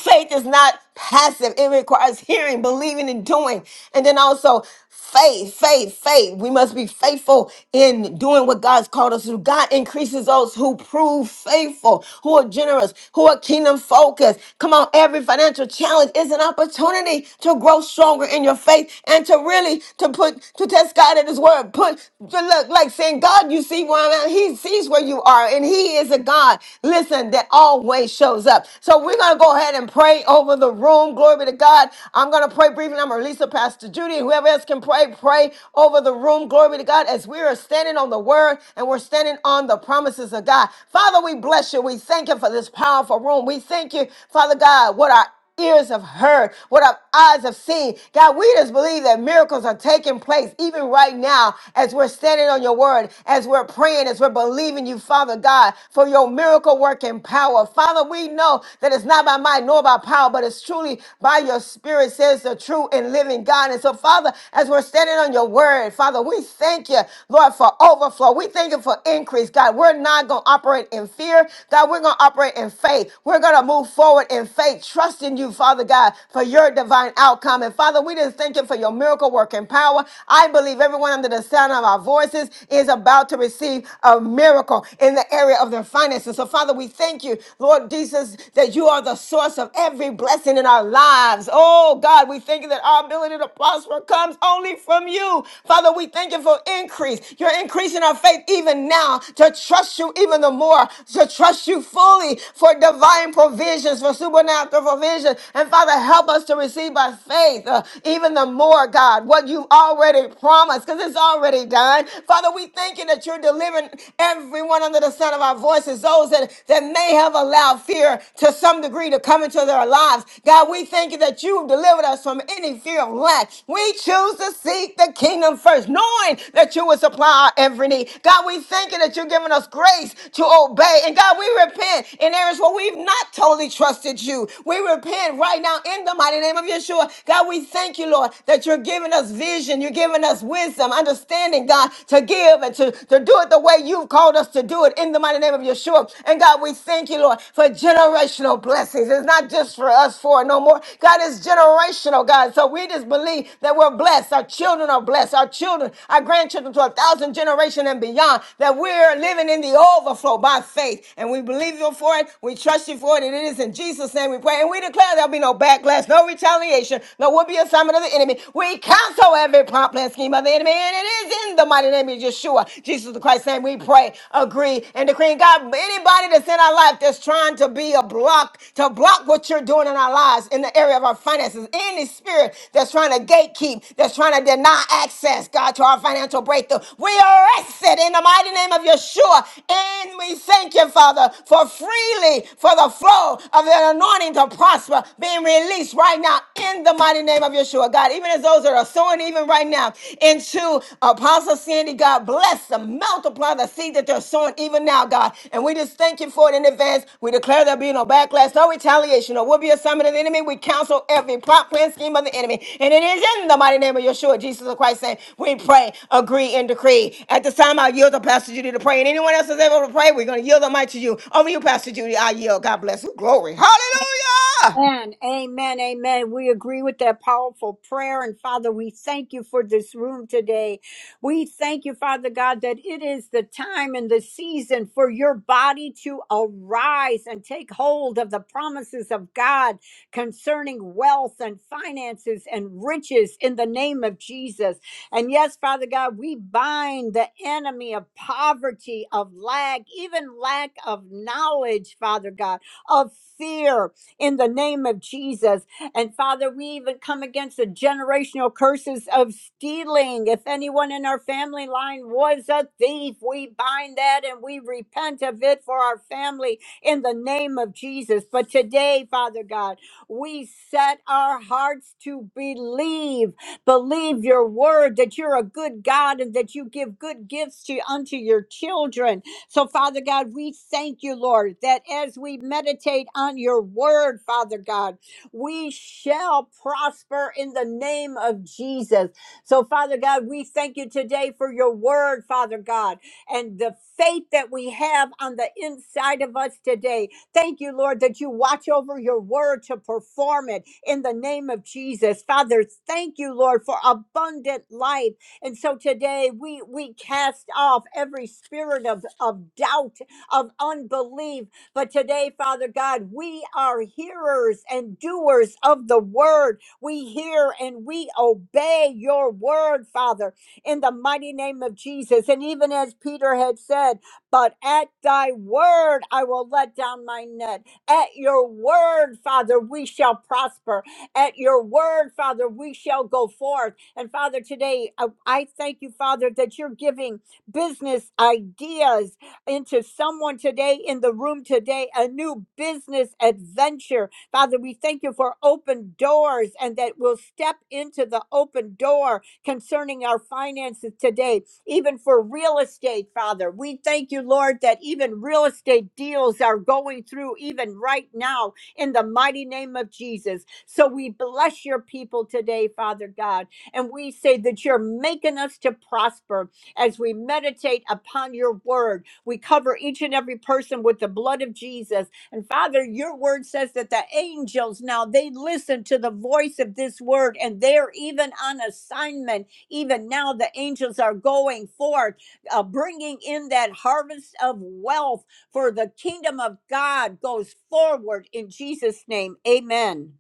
Faith is not passive. It requires hearing, believing, and doing. And then also faith, faith, faith. We must be faithful in doing what God's called us to. do. God increases those who prove faithful, who are generous, who are kingdom focused. Come on, every financial challenge is an opportunity to grow stronger in your faith and to really to put to test God at his word. Put to look like saying, God, you see where I'm at. He sees where you are, and he is a God. Listen, that always always shows up. So we're going to go ahead and pray over the room. Glory be to God. I'm going to pray briefly. I'm going to release it, Pastor Judy. Whoever else can pray, pray over the room. Glory be to God as we are standing on the word and we're standing on the promises of God. Father, we bless you. We thank you for this powerful room. We thank you, Father God, what our ears have heard, what our eyes have seen. God, we just believe that miracles are taking place even right now as we're standing on your word, as we're praying, as we're believing you, Father God, for your miracle working power. Father, we know that it's not by might nor by power, but it's truly by your spirit, says the true and living God. And so, Father, as we're standing on your word, Father, we thank you, Lord, for overflow. We thank you for increase, God. We're not going to operate in fear. God, we're going to operate in faith. We're going to move forward in faith, trusting trusting you, Father God, for your divine outcome. And Father, we just thank you for your miracle working power. I believe everyone under the sound of our voices is about to receive a miracle in the area of their finances. So, Father, we thank you, Lord Jesus, that you are the source of every blessing in our lives. Oh, God, we thank you that our ability to prosper comes only from you. Father, we thank you for increase. You're increasing our faith even now to trust you even the more, to trust you fully for divine provisions, for supernatural provisions provision. And Father, help us to receive by faith uh, even the more, God, what you've already promised, because it's already done. Father, we thank you that you're delivering everyone under the sound of our voices, those that, that may have allowed fear to some degree to come into their lives. God, we thank you that you've delivered us from any fear of lack. We choose to seek the kingdom first, knowing that you will supply our every need. God, we thank you that you're giving us grace to obey. And God, we repent in areas where we've not totally trusted you. We repent repent right now in the mighty name of Yeshua. God, we thank you, Lord, that you're giving us vision. You're giving us wisdom, understanding, God, to give and to, to do it the way you've called us to do it in the mighty name of Yeshua. And God, we thank you, Lord, for generational blessings. It's not just for us four no more. God, it's generational, God. So we just believe that we're blessed. Our children are blessed. Our children, our grandchildren to a thousand generation and beyond. That we're living in the overflow by faith. And we believe you for it. We trust you for it. And it is in Jesus' name we pray. And we declare declare there'll be no backlash, no retaliation, no will be assignment of the enemy. We cancel every plot, plan, scheme of the enemy, and it is in the mighty name of Yeshua, Jesus the Christ's name. We pray, agree, and decree. And God, anybody that's in our life that's trying to be a block, to block what you're doing in our lives in the area of our finances, any spirit that's trying to gatekeep, that's trying to deny access, God, to our financial breakthrough, we arrest it in the mighty name of Yeshua. And we thank you, Father, for freely, for the flow of the anointing to prosper prosper, being released right now in the mighty name of Yeshua. God, even as those that are sowing, even right now, into Apostle Sandy, God, bless them, multiply the seed that they're sowing, even now, God. And we just thank you for it in advance. We declare there'll be no backlash, no retaliation, or will be a summit of the enemy. We counsel every plot, plan, scheme of the enemy. And it is in the mighty name of Yeshua, Jesus of Christ, saying, We pray, agree, and decree. At this time, I yield to Pastor Judy to pray. And anyone else is able to pray, we're going to yield the mic to you. Over to you, Pastor Judy. I yield. God bless you. Glory. Hallelujah.
Amen. Amen. Amen. We agree with that powerful prayer. And Father, we thank you for this room today. We thank you, Father God, that it is the time and the season for your body to arise and take hold of the promises of God concerning wealth and finances and riches in the name of Jesus. And yes, Father God, we bind the enemy of poverty, of lack, even lack of knowledge, Father God, of fear in the name of Jesus. And Father, we even come against the generational curses of stealing. If anyone in our family line was a thief, we bind that and we repent of it for our family in the name of Jesus. But today, Father God, we set our hearts to believe, believe your word that you're a good God and that you give good gifts to unto your children so, Father God, we thank you, Lord, that as we meditate on your word, Father God, we shall prosper in the name of Jesus. So, Father God, we thank you today for your word, Father God, and the faith that we have on the inside of us today. Thank you, Lord, that you watch over your word to perform it in the name of Jesus. Father, thank you, Lord, for abundant life and so today we we cast off every spirit of, of doubt, of unbelief. But today, Father God, we are hearers and doers of the word. We hear and we obey your word, Father, in the mighty name of Jesus. And even as Peter had said, but at thy word I will let down my net. At your word, Father, we shall prosper. At your word, Father, we shall go forth. And Father, today I, I thank you, Father, that you're giving business ideas into someone today in the room today, a new business adventure. Father, we thank you for open doors and that we'll step into the open door concerning our finances today, even for real estate, Father. We thank you, Lord, that even real estate deals are going through even right now in the mighty name of Jesus. So we bless your people today, Father God. And we say that you're making us to prosper as we meditate upon your word. We cover each and every person with the blood of Jesus. And Father, your word says that the angels now they listen to the voice of this word and they're even on assignment. Even now, the angels are going forth, uh, bringing in that harvest of wealth for the kingdom of God goes forward in Jesus' name. Amen.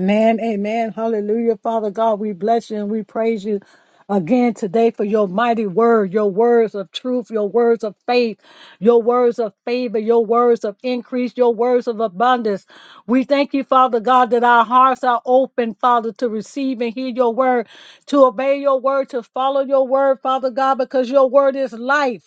Amen, amen. Hallelujah. Father God, we bless you and we praise you again today for your mighty word, your words of truth, your words of faith, your words of favor, your words of increase, your words of abundance. We thank you, Father God, that our hearts are open, Father, to receive and hear your word, to obey your word, to follow your word, Father God, because your word is life.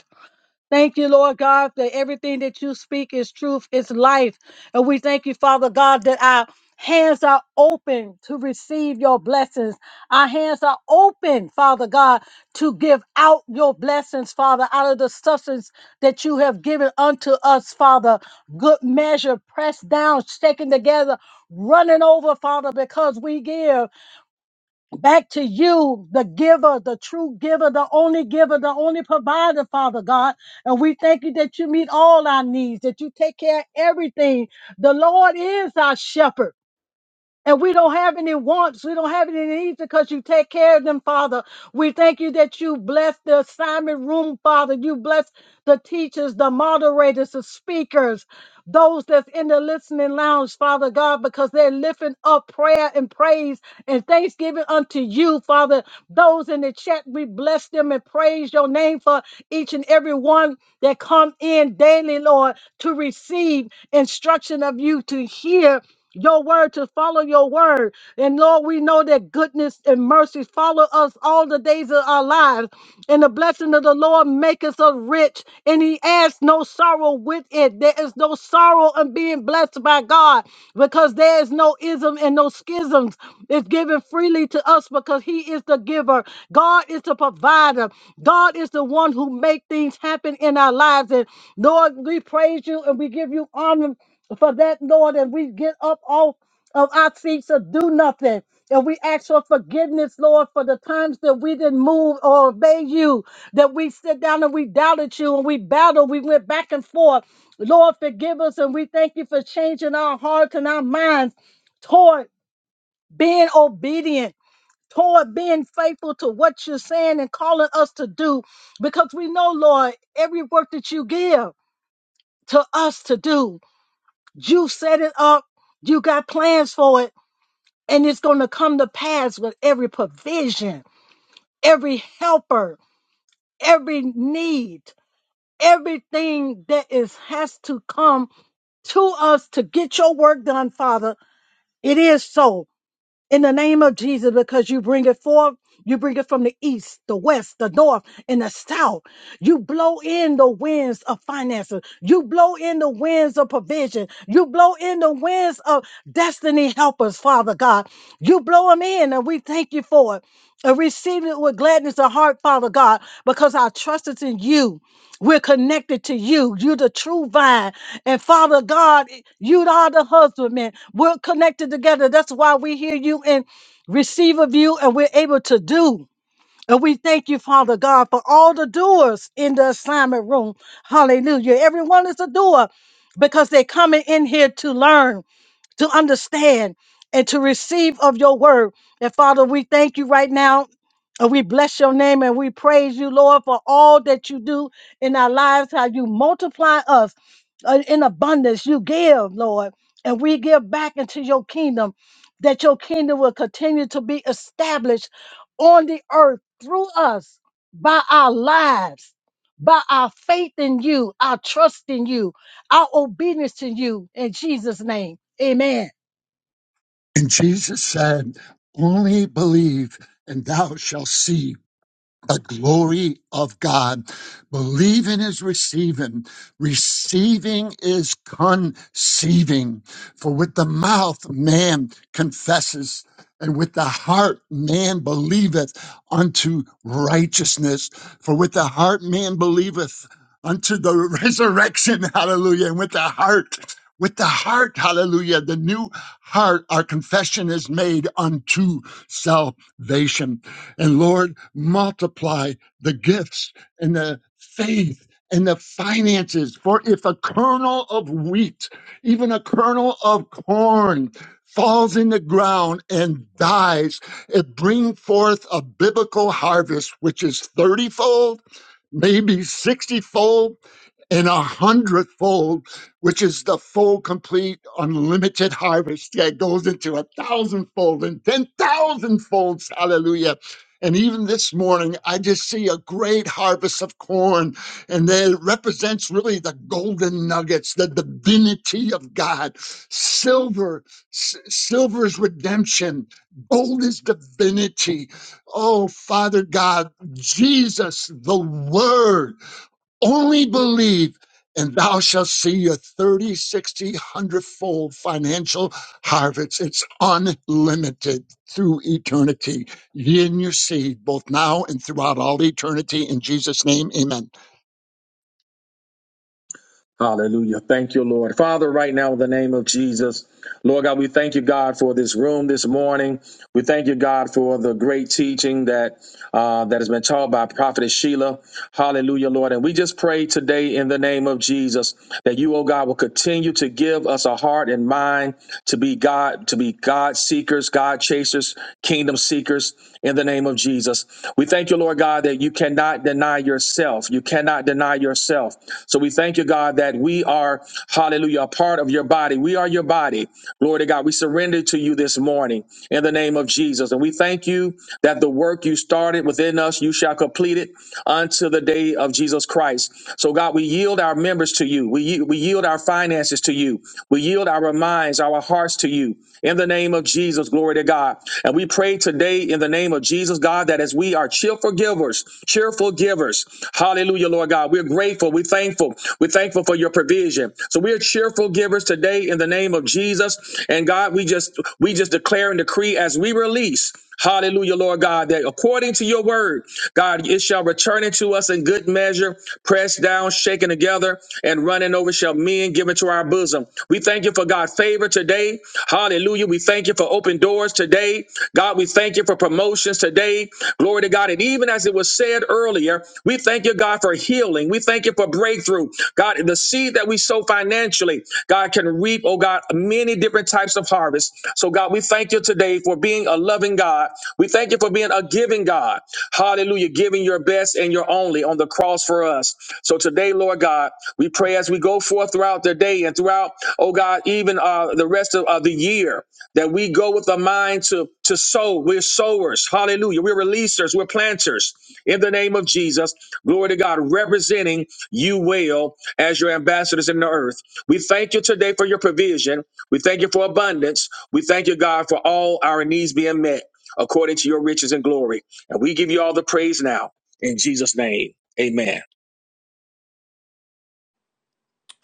Thank you, Lord God, that everything that you speak is truth, is life. And we thank you, Father God, that our hands are open to receive your blessings. Our hands are open, Father God, to give out your blessings, Father, out of the substance that you have given unto us, Father. Good measure, pressed down, shaken together, running over, Father, because we give back to you, the giver, the true giver, the only giver, the only provider, Father God. And we thank you that you meet all our needs, that you take care of everything. The Lord is our shepherd. And we don't have any wants. We don't have any needs because you take care of them, Father. We thank you that you bless the assignment room, Father. You bless the teachers, the moderators, the speakers, those that's in the listening lounge, Father God, because they're lifting up prayer and praise and thanksgiving unto you, Father. Those in the chat, we bless them and praise your name for each and every one that come in daily, Lord, to receive instruction of you, to hear your word, to follow your word. And Lord, we know that goodness and mercy follow us all the days of our lives. And the blessing of the Lord maketh us rich, and he adds no sorrow with it. There is no sorrow in being blessed by God because there is no ism and no schisms. It's given freely to us because he is the giver. God is the provider. God is the one who make things happen in our lives. And Lord, we praise you and we give you honor for that, Lord, and we get up off of our seats to do nothing. And we ask for forgiveness, Lord, for the times that we didn't move or obey you, that we sit down and we doubted you and we battled, we went back and forth. Lord, forgive us and we thank you for changing our hearts and our minds toward being obedient, toward being faithful to what you're saying and calling us to do. Because we know, Lord, every work that you give to us to do. You set it up, you got plans for it, and it's going to come to pass with every provision, every helper, every need, everything that is has to come to us to get your work done, Father. It is so. in the name of Jesus because you bring it forth. You bring it from the east, the west, the north, and the south. You blow in the winds of finances. You blow in the winds of provision. You blow in the winds of destiny helpers, Father God. You blow them in, and we thank you for it. And receive it with gladness of heart, Father God, because our trust is in you. We're connected to you. You're the true vine. And Father God, you are the husbandman. We're connected together. That's why we hear you and receive of you, and we're able to do. And we thank you, Father God, for all the doers in the assignment room. Hallelujah. Everyone is a doer because they're coming in here to learn to understand and to receive of your word. And Father, we thank you right now. And we bless your name and we praise you, Lord, for all that you do in our lives, how you multiply us uh, in abundance. You give, Lord, and we give back into your kingdom, that your kingdom will continue to be established on the earth through us by our lives, by our faith in you, our trust in you our obedience to you in Jesus' name. Amen.
And Jesus said, Only believe, and thou shalt see the glory of God. Believing is receiving. Receiving is conceiving. For with the mouth man confesses, and with the heart man believeth unto righteousness. For with the heart man believeth unto the resurrection. Hallelujah. And with the heart, with the heart, hallelujah, the new heart, our confession is made unto salvation and Lord, multiply the gifts and the faith and the finances. For if a kernel of wheat, even a kernel of corn, falls in the ground and dies, it brings forth a biblical harvest, which is 30 fold, maybe 60 fold in a hundredfold, which is the full, complete, unlimited harvest that goes into a thousandfold and ten thousand folds. Hallelujah. And even this morning, I just see a great harvest of corn, and that it represents really the golden nuggets, the divinity of God. Silver, s- silver is redemption, gold is divinity. Oh, Father God, Jesus, the Word. Only believe and thou shalt see a 30, 60, one hundred fold financial harvest. It's unlimited through eternity. Ye and your seed, both now and throughout all eternity. In Jesus' name, amen.
Hallelujah. Thank you, Lord. Father, right now, in the name of Jesus, Lord God, we thank you, God, for this room this morning. We thank you, God, for the great teaching that uh, that has been taught by Prophetess Sheila. Hallelujah, Lord. And we just pray today in the name of Jesus that you, oh God, will continue to give us a heart and mind to be God, to be God seekers, God chasers, kingdom seekers in the name of Jesus. We thank you, Lord God, that you cannot deny yourself yourself. You cannot deny yourself. So we thank you, God, that we are, hallelujah, a part of your body. We are your body. Glory to God. We surrender to you this morning in the name of Jesus. And we thank you that the work you started within us, you shall complete it unto the day of Jesus Christ. So, God, we yield our members to you. We, ye- we yield our finances to you. We yield our minds, our hearts to you in the name of Jesus. Glory to God. And we pray today in the name of Jesus. Jesus, God, that as we are cheerful givers, cheerful givers, hallelujah, Lord God, we're grateful, we're thankful, we're thankful for your provision. So we're cheerful givers today in the name of Jesus. And God, we just we just declare and decree as we release. Hallelujah, Lord God, that according to your word, God, it shall return unto us in good measure, pressed down, shaken together, and running over shall men give into our bosom. We thank you for God's favor today. Hallelujah. We thank you thank you for open doors today. God, we thank you for promotions today. Glory to God. And even as it was said earlier, we thank you, God, for healing. We thank you for breakthrough. God, the seed that we sow financially, God can reap, oh God, many different types of harvest. So, God, we thank you today for being a loving God. We thank you for being a giving God. Hallelujah. Giving your best and your only on the cross for us. So today, Lord God, we pray as we go forth throughout the day and throughout, oh God, even uh, the rest of uh, the year that we go with a mind to to sow. We're sowers. Hallelujah. We're releasers. We're planters. In the name of Jesus, glory to God, representing you well as your ambassadors in the earth. We thank you today for your provision. We thank you for abundance. We thank you, God, for all our needs being met according to your riches and glory. And we give you all the praise now in Jesus' name. Amen.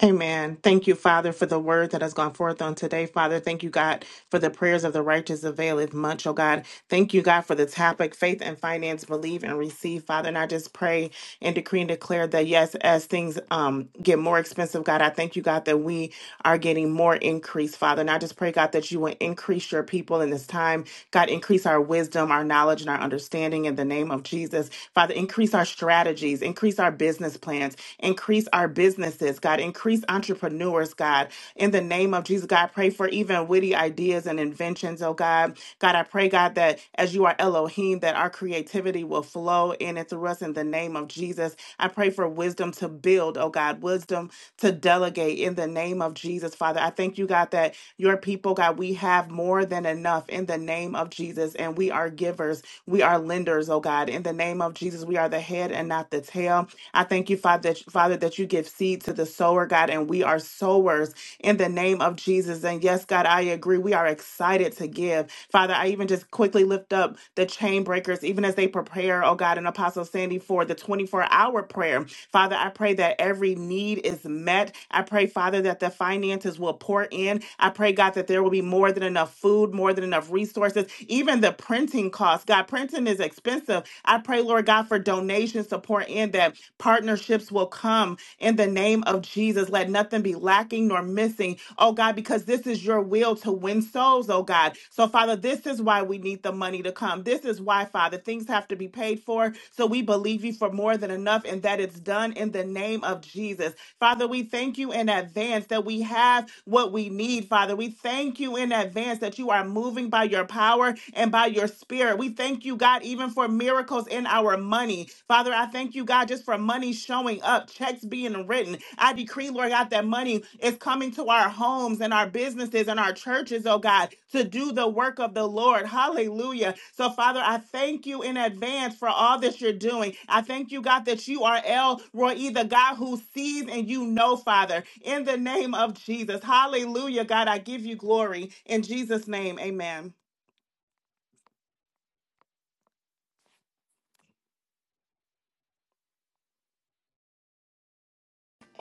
Amen. Thank you, Father, for the word that has gone forth on today. Father, thank you, God, for the prayers of the righteous availeth much, oh God. Thank you, God, for the topic, faith and finance, believe and receive, Father. And I just pray and decree and declare that, yes, as things um, get more expensive, God, I thank you, God, that we are getting more increase, Father. And I just pray, God, that you will increase your people in this time. God, increase our wisdom, our knowledge, and our understanding in the name of Jesus. Father, increase our strategies, increase our business plans, Increase our businesses, God. Increase entrepreneurs, God. In the name of Jesus, God, I pray for even witty ideas and inventions, oh God. God, I pray, God, that as you are Elohim, that our creativity will flow in and through us in the name of Jesus. I pray for wisdom to build, oh God, wisdom to delegate in the name of Jesus, Father. I thank you, God, that your people, God. We have more than enough in the name of Jesus, and we are givers. We are lenders, oh God. In the name of Jesus, we are the head and not the tail. I thank you, Father, that, Father, that you give seed to the sower, God, and we are sowers in the name of Jesus. And yes, God, I agree. We are excited to give. Father, I I even just quickly lift up the chain breakers, even as they prepare, oh God, and Apostle Sandy for the 24 hour prayer. Father, I pray that every need is met. I pray, Father, that the finances will pour in. I pray, God, that there will be more than enough food, more than enough resources, even the printing costs. God, printing is expensive. I pray, Lord God, for donations to pour in, that partnerships will come in the name of Jesus. Let nothing be lacking nor missing, oh God, because this is your will to win souls, oh God. So, Father, this is why we need the money to come. This is why, Father, things have to be paid for. So, we believe you for more than enough and that it's done in the name of Jesus. Father, we thank you in advance that we have what we need, Father. We thank you in advance that you are moving by your power and by your spirit. We thank you, God, even for miracles in our money. Father, I thank you, God, just for money showing up, checks being written. I decree, Lord God, that money is coming to our homes homes and our businesses and our churches, oh God, to do the work of the Lord. Hallelujah. So, Father, I thank you in advance for all that you're doing. I thank you, God, that you are El Roy, the God who sees and you know, Father, in the name of Jesus. Hallelujah, God. I give you glory. In Jesus' name, amen.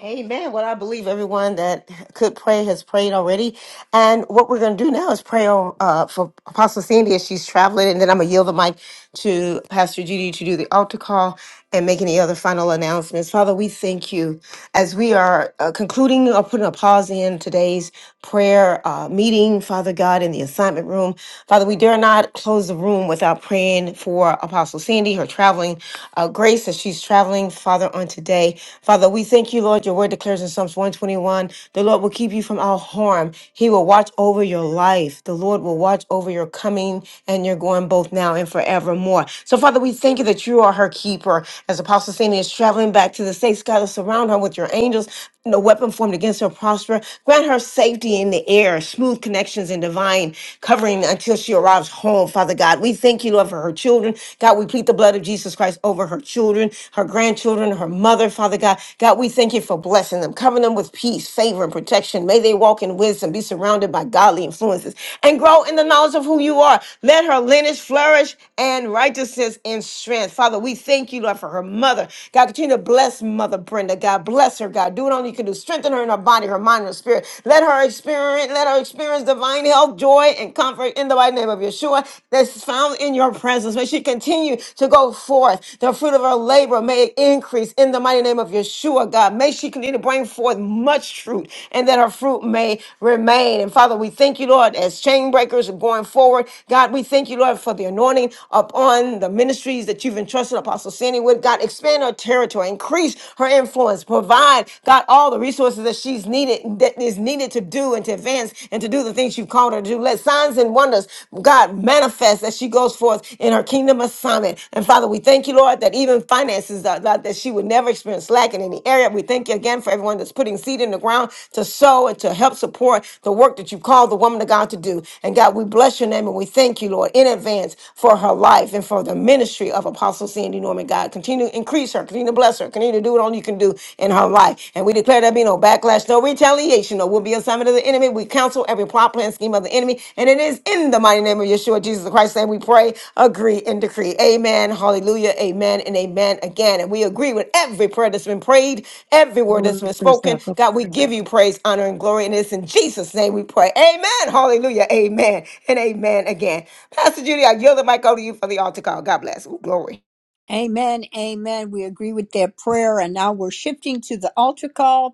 Amen. Well, I believe everyone that could pray has prayed already. And what we're going to do now is pray on, uh, for Apostle Sandy as she's traveling. And then I'm going to yield the mic to Pastor Judy to do the altar call and make any other final announcements. Father, we thank you as we are uh, concluding or putting a pause in today's prayer uh, meeting, Father God, in the assignment room. Father, we dare not close the room without praying for Apostle Sandy, her traveling uh, grace grace as she's traveling, Father, on today. Father, we thank you, Lord. Your word declares in Psalms 121 the Lord will keep you from all harm. He will watch over your life. The Lord will watch over your coming and your going both now and forevermore. So, Father, we thank you that you are her keeper. As Apostle Sandy is traveling back to the States, God, surround her with your angels no weapon formed against her prosper. Grant her safety in the air, smooth connections and divine covering until she arrives home, Father God. We thank you, Lord, for her children. God, we plead the blood of Jesus Christ over her children, her grandchildren, her mother, Father God. God, we thank you for blessing them, covering them with peace, favor, and protection. May they walk in wisdom, be surrounded by godly influences, and grow in the knowledge of who you are. Let her lineage flourish and righteousness and strength. Father, we thank you, Lord, for her mother. God, continue to bless Mother Brenda. Linda, God. Bless her, God. Do it only you can do. Strengthen her in her body, her mind, and her spirit. Let her experience, let her experience divine health, joy, and comfort in the mighty name of Yeshua that's found in your presence. May she continue to go forth. The fruit of her labor may it increase in the mighty name of Yeshua, God. May she continue to bring forth much fruit and that her fruit may remain. And Father, we thank you, Lord, as chain breakers going forward. God, we thank you, Lord, for the anointing upon the ministries that you've entrusted Apostle Sandy with. God, expand her territory her, increase her influence, provide, God, all the resources that she's needed, that is needed to do and to advance and to do the things you've called her to do. Let signs and wonders, God, manifest as she goes forth in her kingdom assignment. And Father, we thank you, Lord, that even finances, uh, God, that she would never experience lack in any area. We thank you again for everyone that's putting seed in the ground to sow and to help support the work that you've called the woman of God to do. And God, we bless your name and we thank you, Lord, in advance for her life and for the ministry of Apostle Sandy Norman. God, continue continue to increase her, continue to bless her, continue to do what only you can do in her life. And we declare there be no backlash, no retaliation, no will be assignment of the enemy. We counsel every plot, plan, scheme of the enemy. And it is in the mighty name of Yeshua, Jesus Christ, and we pray, agree, and decree. Amen. Hallelujah. Amen. And amen again. And we agree with every prayer that's been prayed, every word that's been
Shalom,
spoken. God, we give you praise, honor, and glory. And it's in Jesus' name we pray. Amen. Hallelujah. Amen. And amen again. Pastor Judy, I yield the mic over to you for the altar call. God bless. Ooh, glory.
Amen. Amen. We agree with that prayer. And now we're shifting to the altar call.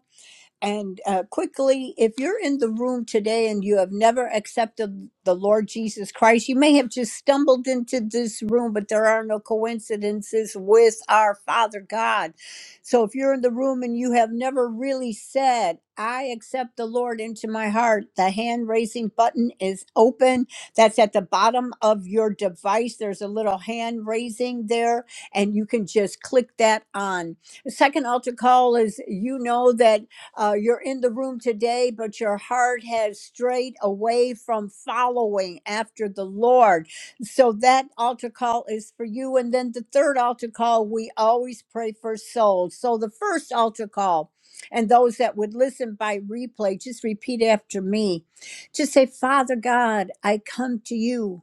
And uh, quickly, if you're in the room today and you have never accepted the Lord Jesus Christ, you may have just stumbled into this room, but there are no coincidences with our Father God. So if you're in the room and you have never really said, I accept the Lord into my heart, the hand raising button is open. That's at the bottom of your device. There's a little hand raising there, and you can just click that on. The second altar call is you know that. Uh, you're in the room today, but your heart has strayed away from following after the Lord. So that altar call is for you. And then the third altar call, we always pray for souls. So the first altar call, and those that would listen by replay, just repeat after me. Just say, Father God, I come to you.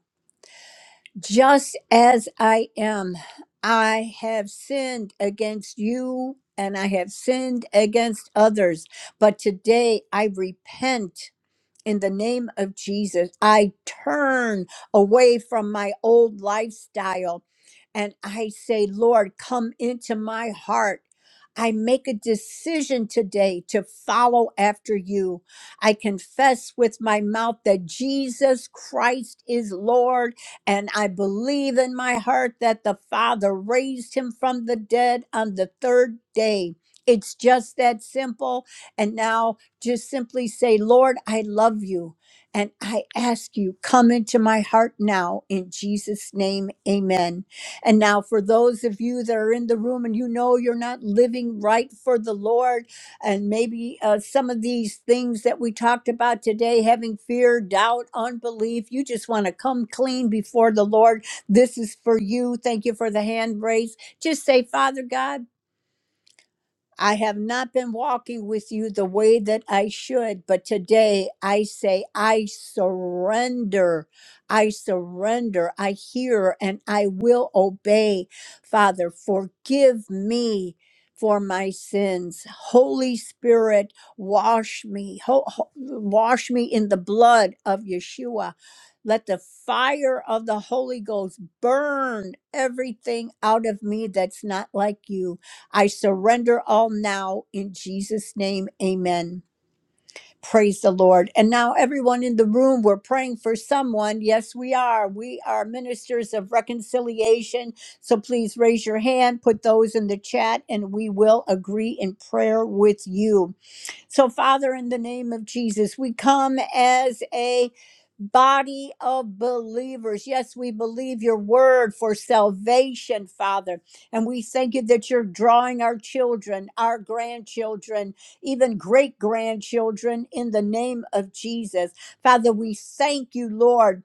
Just as I am, I have sinned against you and I have sinned against others. But today I repent in the name of Jesus, I turn away from my old lifestyle and I say, Lord, come into my heart. I make a decision today to follow after you. I confess with my mouth that Jesus Christ is Lord, and I believe in my heart that the Father raised him from the dead on the third day. It's just that simple. And now just simply say, Lord, I love you. And I ask you, come into my heart now in Jesus' name. Amen. And now, for those of you that are in the room and you know you're not living right for the Lord, and maybe uh, some of these things that we talked about today, having fear, doubt, unbelief, you just want to come clean before the Lord. This is for you. Thank you for the hand raise. Just say, Father God. I have not been walking with you the way that I should, but today I say, I surrender. I surrender. I hear and I will obey. Father, forgive me for my sins. Holy Spirit, wash me. Ho- ho- wash me in the blood of Yeshua. Let the fire of the Holy Ghost burn everything out of me that's not like you. I surrender all now in Jesus' name. Amen. Praise the Lord. And now, everyone in the room, we're praying for someone. Yes, we are. We are ministers of reconciliation. So please raise your hand, put those in the chat, and we will agree in prayer with you. So, Father, in the name of Jesus, we come as a body of believers. Yes, we believe your word for salvation, Father. And we thank you that you're drawing our children, our grandchildren, even great grandchildren in the name of Jesus. Father, we thank you, Lord.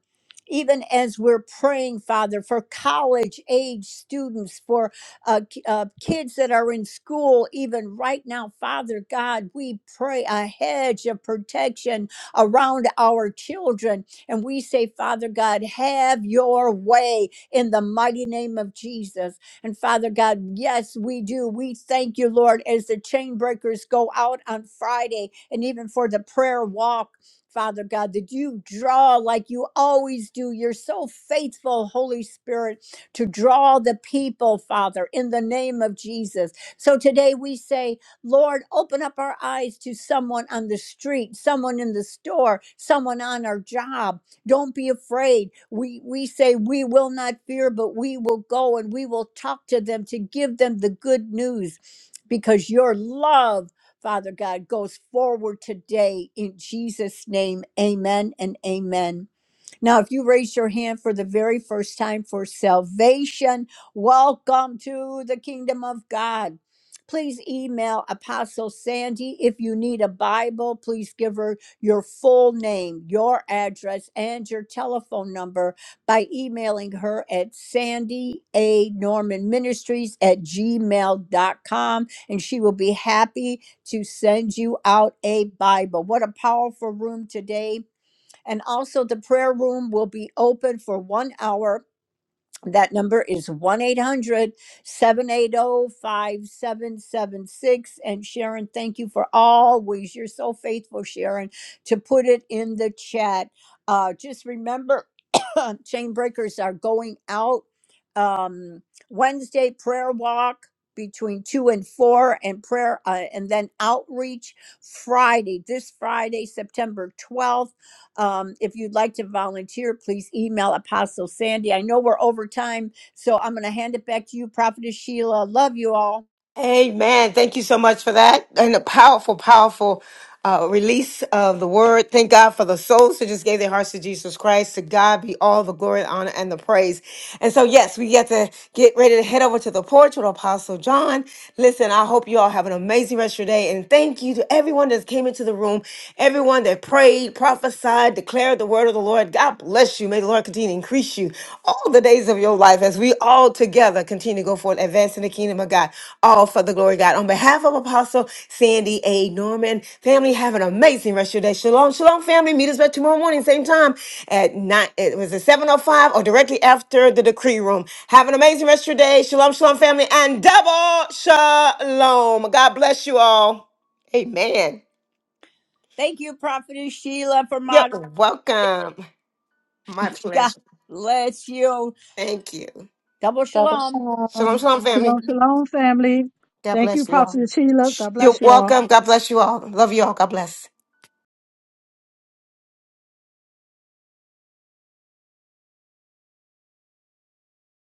Even as we're praying, Father, for college age students, for uh, ki- uh, kids that are in school, even right now, Father God, we pray a hedge of protection around our children. And we say, Father God, have your way in the mighty name of Jesus. And Father God, yes, we do. We thank you, Lord, as the chain breakers go out on Friday and even for the prayer walk. Father God, that you draw like you always do. You're so faithful, Holy Spirit to draw the people, Father, in the name of Jesus. So today we say, Lord, open up our eyes to someone on the street, someone in the store, someone on our job. Don't be afraid. We we say we will not fear, but we will go and we will talk to them to give them the good news because your love Father God goes forward today in Jesus' name. Amen and amen. Now, if you raise your hand for the very first time for salvation, welcome to the kingdom of God. Please email Apostle Sandy if you need a Bible. Please give her your full name, your address, and your telephone number by emailing her at Sandy A. Norman Ministries at gmail dot com, and she will be happy to send you out a Bible. What a powerful room today! And also, the prayer room will be open for one hour. That number is 1 800 780 5776. And Sharon, thank you for always, you're so faithful, Sharon, to put it in the chat. Uh, just remember, chain breakers are going out um, Wednesday prayer walk between 2 and 4 and prayer uh, and then outreach friday this friday september 12th um, if you'd like to volunteer, please email Apostle Sandy. I know we're over time, so I'm going to hand it back to you, Prophetess Sheila. Love you all.
Amen. Thank you so much for that. And a powerful, powerful uh, release of the word. Thank God for the souls who just gave their hearts to Jesus Christ. To God be all the glory, honor, and the praise. And so, yes, we get to get ready to head over to the porch with Apostle John. Listen, I hope you all have an amazing rest of your day. And thank you to everyone that came into the room, everyone that prayed, prophesied, declared the word of the Lord. God bless you. May the Lord continue to increase you all the days of your life as we all together continue to go forward, advancing the kingdom of God, all for the glory of God. On behalf of Apostle Sandy A. Norman, family, have an amazing rest of your day. Shalom, shalom, family. Meet us back tomorrow morning, same time at nine. It was at seven o five or directly after the decree room. Have an amazing rest of your day. Shalom, shalom, family, and double shalom. God bless you all. Amen.
Thank you, Prophetess Sheila, for
You're
my
welcome. My
God
pleasure.
bless you.
Thank you.
Double shalom.
Shalom, shalom, family.
shalom, family.
God
Thank you,
bless you all.
Prophet Sheila. God
You're
bless you all.
welcome. God bless you all. Love you all. God bless.